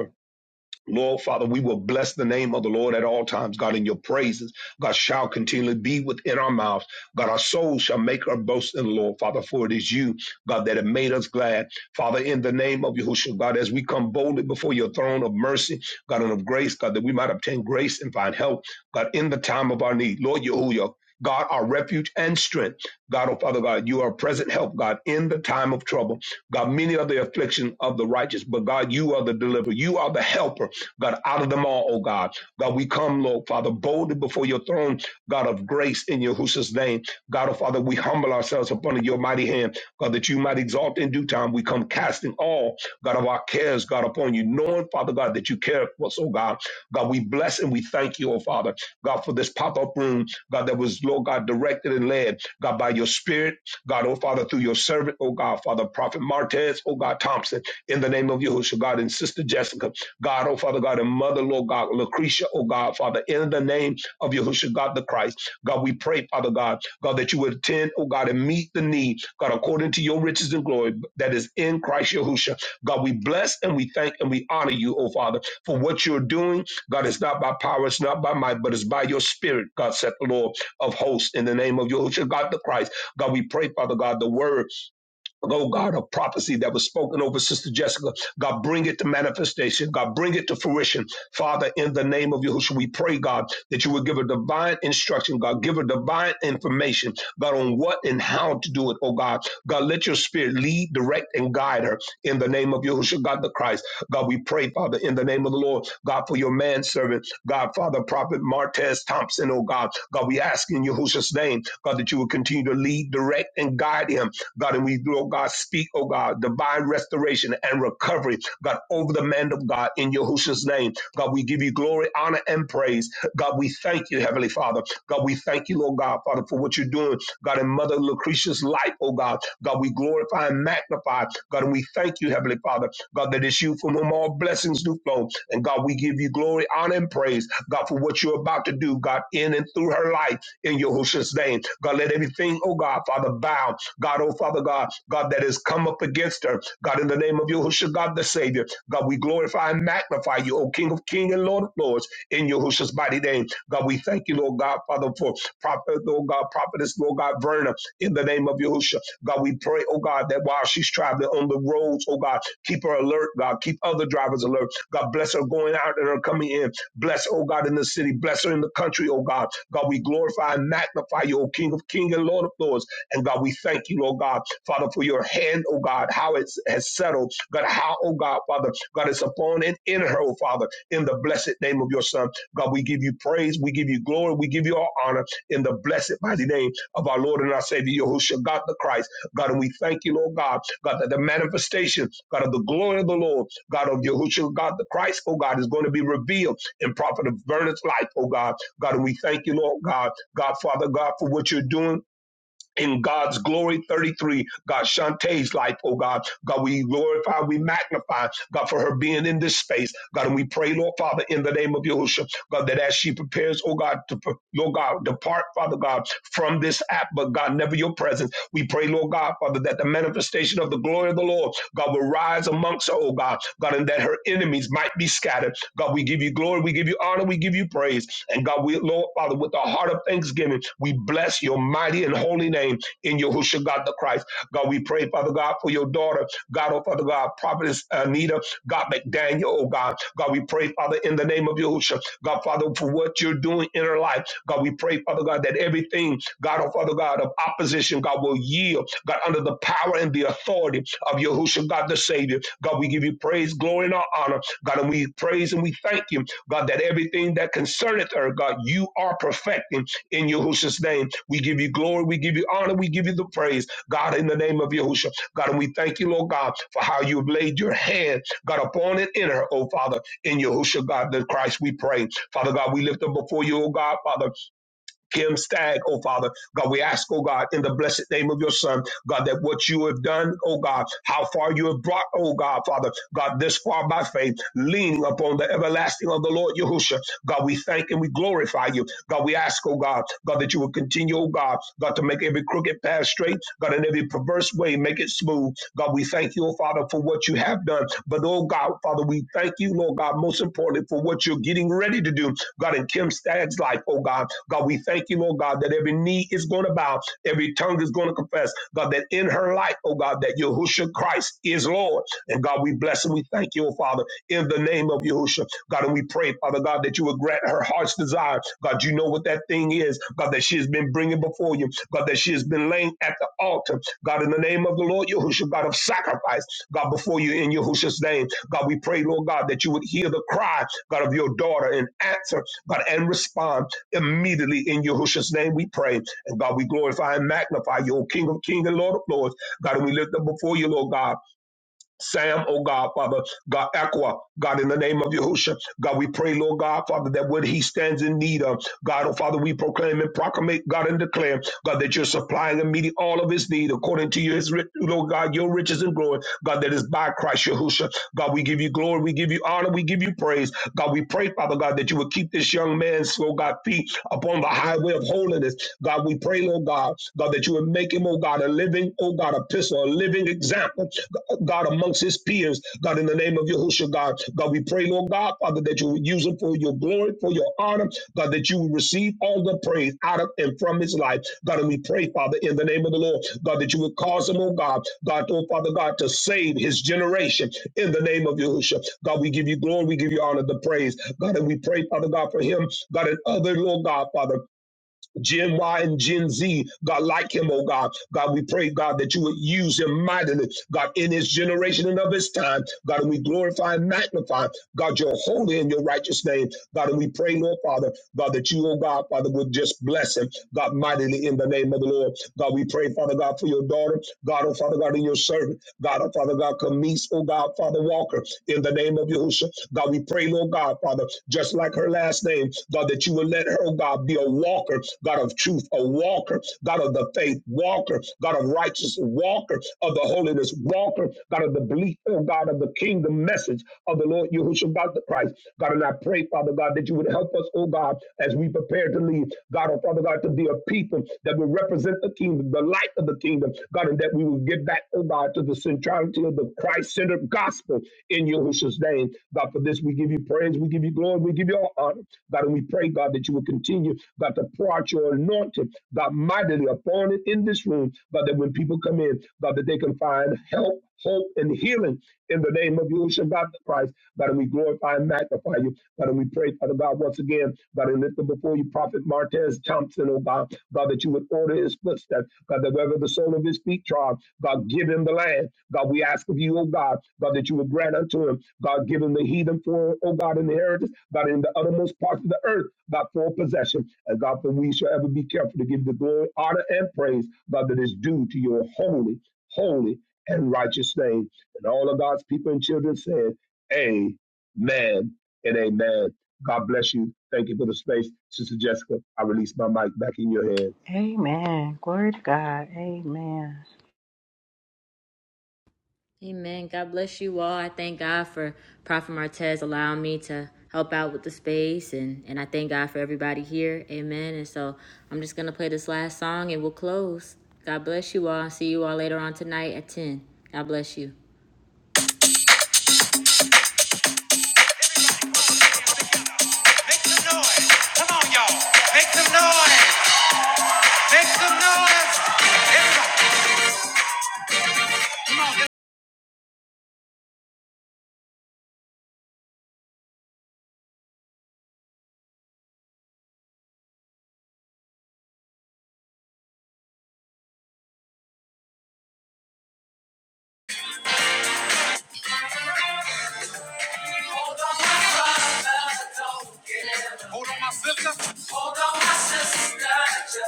S6: Lord Father, we will bless the name of the Lord at all times. God, in your praises, God shall continually be within our mouths. God, our soul shall make our boast in the Lord, Father, for it is you, God, that have made us glad. Father, in the name of Yahushua, God, as we come boldly before your throne of mercy, God, and of grace, God, that we might obtain grace and find help, God, in the time of our need. Lord Yahushua, God, our refuge and strength. God, oh Father God, you are present help, God, in the time of trouble. God, many are the affliction of the righteous, but God, you are the deliverer. You are the helper. God, out of them all, oh God. God, we come, Lord Father, boldly before your throne, God of grace in Yahushua's name. God, oh Father, we humble ourselves upon your mighty hand, God, that you might exalt in due time. We come casting all, God, of our cares, God, upon you, knowing, Father God, that you care for us, oh God. God, we bless and we thank you, oh Father, God, for this pop up room, God, that was, Lord God, directed and led, God, by your spirit, God, oh Father, through your servant, oh God, Father, Prophet Martez, oh God, Thompson, in the name of Yahushua, God, and Sister Jessica. God, oh Father God, and Mother, Lord God, Lucretia, oh God, Father, in the name of Yahushua, God the Christ. God, we pray, Father God, God, that you would attend, oh God, and meet the need, God, according to your riches and glory that is in Christ Yahushua. God, we bless and we thank and we honor you, oh Father, for what you're doing. God, it's not by power, it's not by might, but it's by your spirit, God, said the Lord of hosts, in the name of Yahushua, God the Christ. God, we pray, Father God, the word. Oh God, a prophecy that was spoken over Sister Jessica. God, bring it to manifestation. God, bring it to fruition. Father, in the name of Yahushua, we pray, God, that you would give a divine instruction. God, give a divine information, God, on what and how to do it. Oh God, God, let your spirit lead, direct, and guide her in the name of Yahushua, God the Christ. God, we pray, Father, in the name of the Lord, God, for your manservant, God, Father, Prophet Martez Thompson, oh God. God, we ask in Yahushua's name, God, that you would continue to lead, direct, and guide him God, and we do, oh God, speak, oh God, divine restoration and recovery, God, over the man of God in Yahushua's name. God, we give you glory, honor, and praise. God, we thank you, Heavenly Father. God, we thank you, Lord God, Father, for what you're doing. God, in Mother Lucretia's life, oh God. God, we glorify and magnify. God, and we thank you, Heavenly Father. God, that it's you from whom all blessings do flow. And God, we give you glory, honor, and praise, God, for what you're about to do, God, in and through her life in Yahushua's name. God, let everything, oh God, Father, bow. God, oh Father God, God, that has come up against her. God, in the name of Yahushua, God the Savior, God, we glorify and magnify you, O King of King and Lord of Lords, in Yahushua's mighty name. God, we thank you, Lord God, Father, for prophet, Lord God, prophetess, Lord God, Verna, in the name of Yahushua. God, we pray, oh God, that while she's traveling on the roads, oh God, keep her alert, God, keep other drivers alert. God, bless her going out and her coming in. Bless, oh God, in the city. Bless her in the country, oh God. God, we glorify and magnify you, O King of King and Lord of Lords and God, we thank you, Lord God, Father, for your hand, oh God, how it has settled. God, how, oh God, Father, God, it's upon and in her, oh Father, in the blessed name of your Son. God, we give you praise, we give you glory, we give you all honor in the blessed mighty name of our Lord and our Savior, Yahushua, God the Christ. God, and we thank you, Lord God, God, that the manifestation, God, of the glory of the Lord, God of Yahushua, God the Christ, oh God, is going to be revealed in Prophet Vernon's life, oh God. God, and we thank you, Lord God, God, Father, God, for what you're doing in God's glory 33. God, Shantae's life, oh God. God, we glorify, we magnify, God, for her being in this space. God, and we pray, Lord Father, in the name of Yahushua, God, that as she prepares, oh God, to, pre- Lord God, depart, Father God, from this app, but God, never your presence. We pray, Lord God, Father, that the manifestation of the glory of the Lord, God, will rise amongst her, oh God, God, and that her enemies might be scattered. God, we give you glory, we give you honor, we give you praise. And God, we, Lord, Father, with a heart of thanksgiving, we bless your mighty and holy name in Yahushua, God the Christ. God, we pray, Father God, for your daughter, God, oh Father God, Prophetess Anita, God, McDaniel, oh God. God, we pray, Father, in the name of Yahushua, God, Father, for what you're doing in her life. God, we pray, Father God, that everything God, oh Father God, of opposition, God will yield, God, under the power and the authority of Yahushua, God the Savior. God, we give you praise, glory, and honor. God, and we praise and we thank you, God, that everything that concerneth her, God, you are perfecting in Yahushua's name. We give you glory, we give you honor, we give you the praise, God, in the name of Yahushua. God, and we thank you, Lord God, for how you have laid your hand, God, upon it in her, oh Father, in Yahushua, God, the Christ, we pray. Father God, we lift up before you, oh God, Father. Kim Stag, oh Father. God, we ask, oh God, in the blessed name of your Son, God, that what you have done, oh God, how far you have brought, oh God, Father, God, this far by faith, leaning upon the everlasting of the Lord Yahushua. God, we thank and we glorify you. God, we ask, oh God, God, that you will continue, oh God, God, to make every crooked path straight, God, in every perverse way, make it smooth. God, we thank you, oh Father, for what you have done. But, oh God, Father, we thank you, Lord God, most importantly, for what you're getting ready to do God, in Kim Staggs' life, oh God. God, we thank you, oh God, that every knee is going to bow, every tongue is going to confess, God, that in her life, oh God, that Yahushua Christ is Lord. And God, we bless and we thank you, oh Father, in the name of Yahushua. God, and we pray, Father God, that you would grant her heart's desire. God, you know what that thing is, God, that she has been bringing before you, God, that she has been laying at the altar, God, in the name of the Lord Yahushua, God of sacrifice, God, before you in Yahushua's name. God, we pray, Lord God, that you would hear the cry, God, of your daughter and answer God, and respond immediately in Yahushua's name. We pray. And God, we glorify and magnify you, O King of Kings and Lord of Lords. God, and we lift up before you, Lord God Sam, oh God, Father, God, Aqua, God, in the name of Yahusha, God, we pray, Lord God, Father, that what he stands in need of, God, oh Father, we proclaim and proclamate, God, and declare, God, that you're supplying immediately all of his need according to your, his, ri- Lord God, your riches and glory, God, that is by Christ Yahusha. God, we give you glory, we give you honor, we give you praise. God, we pray, Father God, that you would keep this young man's, oh God, feet upon the highway of holiness. God, we pray, Lord God, God, that you would make him, oh God, a living, oh God, a epistle, a living example, God, amongst his peers. God, in the name of Yahushua, God, God, we pray, Lord God, Father, that you would use him for your glory, for your honor, God, that you would receive all the praise out of and from his life. God, and we pray, Father, in the name of the Lord, God, that you would cause him, oh God, God, oh Father God, to save his generation in the name of Yahushua. God, we give you glory, we give you honor, the praise. God, and we pray, Father God, for him, God, and other, Lord God, Father. Gen Y and Gen Z, God, like him, oh God. God, we pray, God, that you would use him mightily, God, in his generation and of his time. God, and we glorify and magnify, God, your holy and your righteous name. God, and we pray, Lord Father, God, that you, oh God, Father, would just bless him, God, mightily in the name of the Lord. God, we pray, Father God, for your daughter, God, oh Father God, and your servant, God, oh Father God, Camise, oh God, Father Walker, in the the name of Yahushua. God, we pray, Lord God, Father, just like her last name, God, that you will let her, oh God, be a walker, God of truth, a walker, God of the faith, walker, God of righteousness, walker of the holiness, walker, God of the belief, oh God, of the kingdom message of the Lord Yahushua, God the Christ. God, and I pray, Father God, that you would help us, oh God, as we prepare to leave, God, oh Father God, to be a people that will represent the kingdom kingdom, the light of the kingdom, God, and that we will get back, oh God, to the centrality of the Christ centered gospel in Yahushua's name. God, for this we give you praise, we give you glory, we give you all honor. God, and we pray, God, that you will continue, God, to pour out your anointing, God, mightily upon it in this room, God, that when people come in, God, that they can find help, hope, and healing in the name of Yahushua, God the Christ. God, and we glorify and magnify you you. God, and we pray, Father God, once again, God, and lift up before you Prophet Martez Thompson, oh God, God, that you would order his footsteps, God, that wherever the sole of his feet trod, God, give him the land. God, we ask of you, oh God, God, that you would grant unto him, God, give him the heathen for, oh God, in the heritage, God, in the uttermost parts of the earth, God, for possession. And God, that we shall ever be careful to give the glory, honor, and praise, God, that is due to your holy, holy, and righteous name. And all of God's people and children said, Amen and amen. God bless you. Thank you for the space. Sister Jessica, I release my mic back in your hands.
S11: Amen. Glory to God. Amen.
S5: Amen. God bless you all. I thank God for Prophet Martez allowing me to help out with the space and, and I thank God for everybody here. Amen. And so I'm just gonna play this last song and we'll close. God bless you all. See you all later on tonight at ten. God bless you. Make some noise. Come on, y'all. Make some noise. Make some noise. Everybody. Hold on, my sister. And guess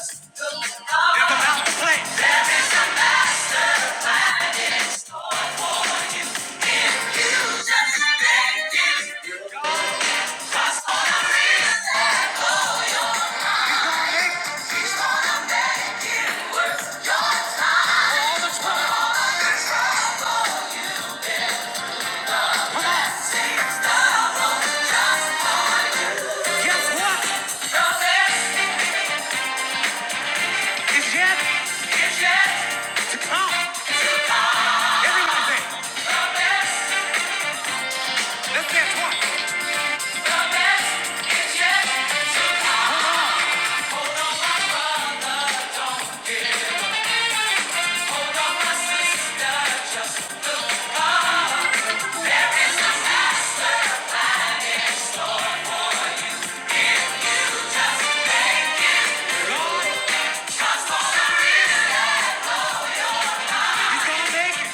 S5: what? It's yet It's yet. to come. Everyone's in. Let's get one. He's gonna make it.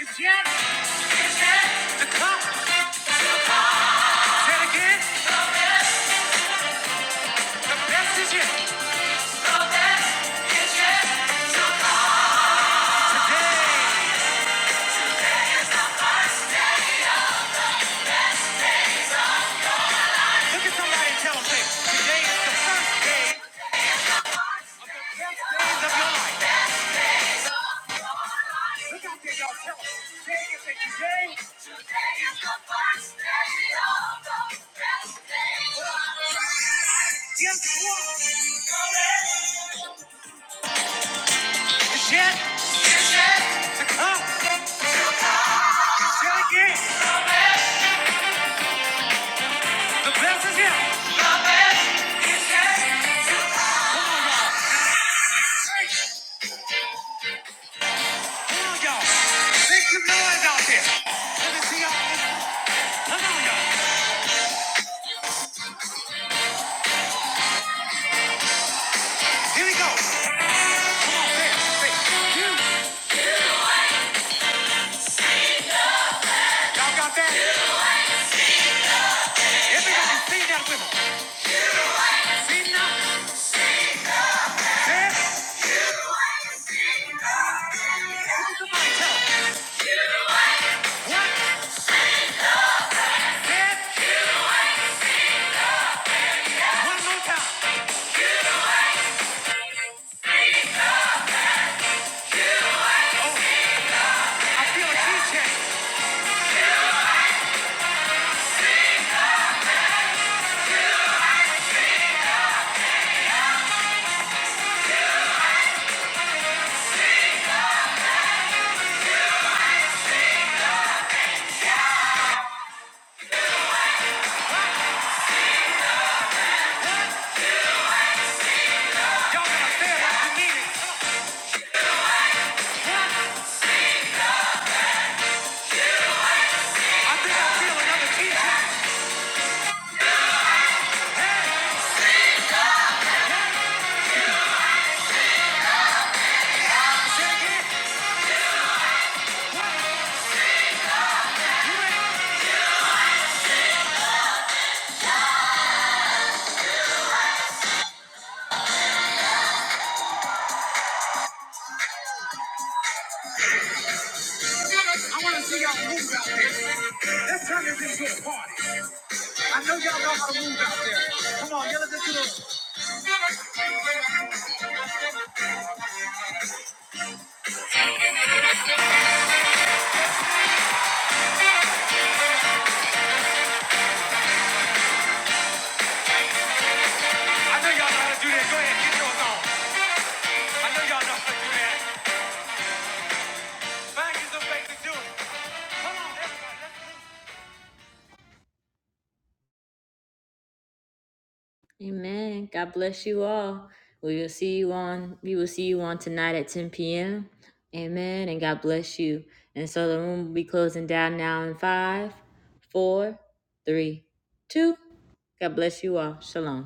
S5: It's yet. It's yet. The cup. Say it again. The best is yet. The best. Today. Look at somebody and tell them, say, today is the first day days of your life. Look out there, y'all. Tell them. Say it say, today. Today is the first day of the best days of your life. Guess what? It's yet. Huh? Say it again. The best is yet. The best is yet. Come on, y'all. Make some noise out there. Let me see y'all. Come on, y'all. Here we go. Come on, dance. Say, you. Y'all got that? Yeah. Everybody sing that with us. Sing now. Dance. Somebody tell 'em. One. One more I feel a key Y'all gotta say it like mean it. One. I think I feel another key I know y'all know how to do that. Go ahead, get yours on. I know y'all know how to do that. Amen. God bless you all. We will see you on we will see you on tonight at 10 p.m. Amen. And God bless you. And so the room will be closing down now in five, four, three, two. God bless you all. Shalom.